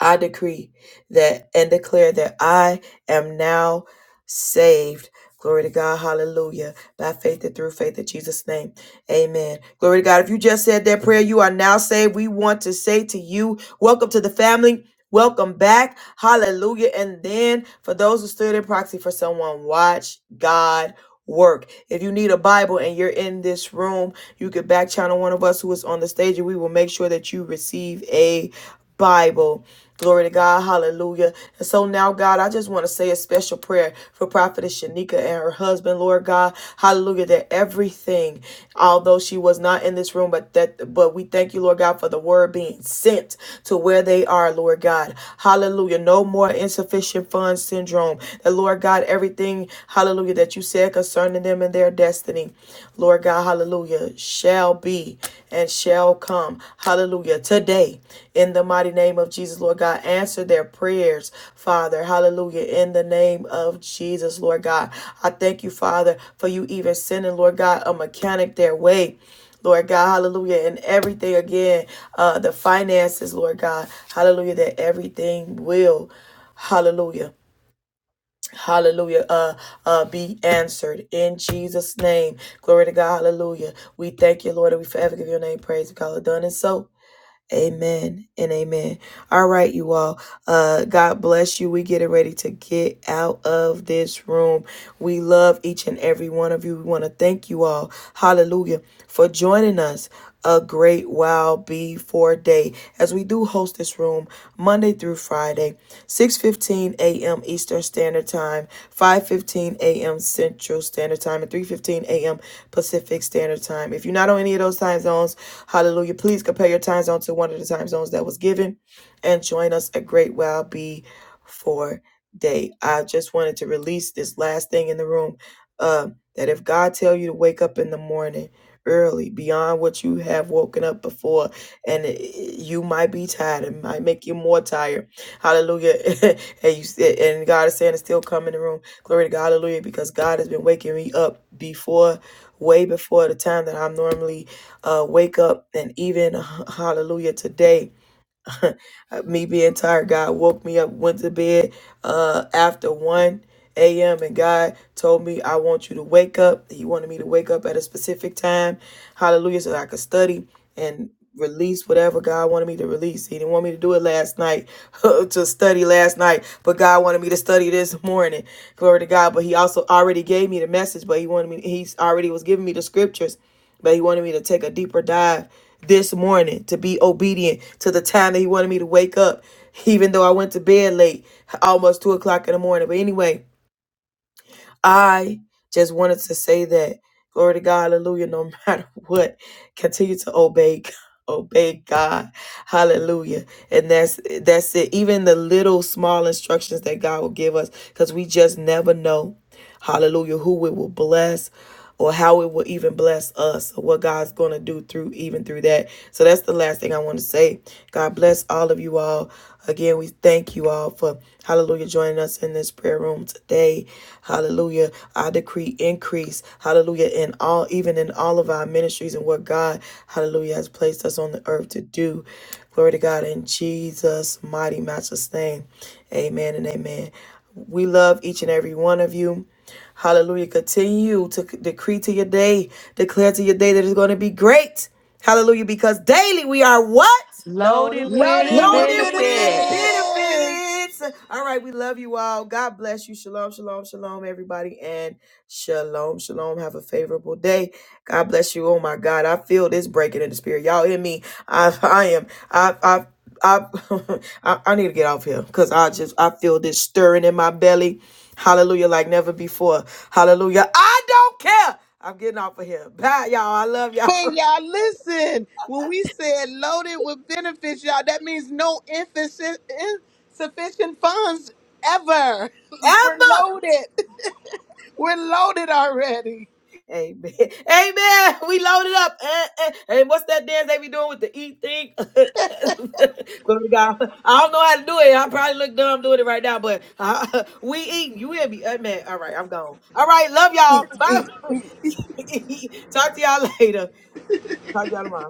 [SPEAKER 1] I decree that and declare that I am now saved. Glory to God. Hallelujah. By faith and through faith in Jesus' name. Amen. Glory to God. If you just said that prayer, you are now saved. We want to say to you, welcome to the family. Welcome back. Hallelujah. And then for those who stood in proxy for someone, watch God work. If you need a Bible and you're in this room, you could back channel one of us who is on the stage and we will make sure that you receive a Bible. Glory to God. Hallelujah. And so now, God, I just want to say a special prayer for Prophetess Shanika and her husband, Lord God. Hallelujah. That everything, although she was not in this room, but that but we thank you, Lord God, for the word being sent to where they are, Lord God. Hallelujah. No more insufficient funds syndrome. That Lord God, everything, hallelujah, that you said said concerning them and their destiny, Lord God, hallelujah, shall be and shall come. Hallelujah. Today, in the mighty name of Jesus, Lord God, answer their prayers, Father. Hallelujah. In the name of Jesus, Lord God. I thank you, Father, for you even sending, Lord God, a mechanic their way. Lord God, hallelujah, and everything again, uh, the finances, Lord God, hallelujah, that everything will, hallelujah. Hallelujah. Uh, uh, be answered in Jesus' name. Glory to God. Hallelujah. We thank you, Lord, and we forever give your name praise because it done and so. Amen and amen. All right, you all. Uh, God bless you. We getting ready to get out of this room. We love each and every one of you. We want to thank you all. Hallelujah for joining us. A great wow before day as we do host this room Monday through Friday, 6:15 a.m. Eastern Standard Time, 5:15 a.m. Central Standard Time, and 3:15 a.m. Pacific Standard Time. If you're not on any of those time zones, hallelujah, please compare your time zone to one of the time zones that was given and join us at Great Wow Be for Day. I just wanted to release this last thing in the room uh, that if God tell you to wake up in the morning early beyond what you have woken up before and it, you might be tired it might make you more tired Hallelujah. [laughs] and you and God is saying it's still come in the room. Glory to God. Hallelujah. Because God has been waking me up before, way before the time that I'm normally uh, wake up. And even, [laughs] hallelujah, today. Uh, me being tired, God woke me up, went to bed uh, after 1 a.m. And God told me, I want you to wake up. He wanted me to wake up at a specific time. Hallelujah. So that I could study and release whatever God wanted me to release. He didn't want me to do it last night, [laughs] to study last night, but God wanted me to study this morning. Glory to God. But He also already gave me the message, but He wanted me, He already was giving me the scriptures but he wanted me to take a deeper dive this morning to be obedient to the time that he wanted me to wake up, even though I went to bed late, almost two o'clock in the morning. But anyway, I just wanted to say that glory to God, hallelujah, no [laughs] matter what, continue to obey God- obey God. Hallelujah. And that's that's it. Even the little small instructions that God will give us, because we just never know. Hallelujah. Who it will bless or how it will even bless us or what God's going to do through even through that. So that's the last thing I want to say. God bless all of you all. Again, we thank you all for hallelujah joining us in this prayer room today. Hallelujah. I decree increase. Hallelujah in all even in all of our ministries and what God hallelujah has placed us on the earth to do. Glory to God in Jesus mighty matchless name. Amen and amen. We love each and every one of you. Hallelujah. Continue to decree to your day, declare to your day that it's going to be great. Hallelujah. Because daily we are what?
[SPEAKER 2] Loaded
[SPEAKER 6] Loaded
[SPEAKER 2] with
[SPEAKER 6] with
[SPEAKER 3] Loaded with
[SPEAKER 1] Loaded with
[SPEAKER 6] benefit.
[SPEAKER 2] benefits.
[SPEAKER 3] benefits.
[SPEAKER 1] benefits. All right, we love you all. God bless you. Shalom, shalom, shalom, everybody. And shalom, shalom. Have a favorable day. God bless you. Oh my God. I feel this breaking in the spirit. Y'all hear me? I I am. I I I [laughs] I, I need to get off here because I just I feel this stirring in my belly. Hallelujah, like never before. Hallelujah. I don't care. I'm getting off of here. Bye, y'all. I love y'all.
[SPEAKER 3] Hey y'all, listen. When we said loaded with benefits, y'all, that means no insufficient, insufficient funds ever.
[SPEAKER 1] [laughs]
[SPEAKER 3] [laughs] We're
[SPEAKER 1] Ever.
[SPEAKER 3] loaded. [laughs] We're loaded already.
[SPEAKER 1] Amen. [laughs] Amen. We loaded up. Eh, eh. And what's that dance they be doing with the eat thing? [laughs] Glory to God. I don't know how to do it. I probably look dumb doing it right now, but uh, [laughs] we eating. You hear me? Amen. All right, I'm gone. All right, love y'all. Bye. [laughs] Talk to y'all [laughs] later. Talk to y'all tomorrow.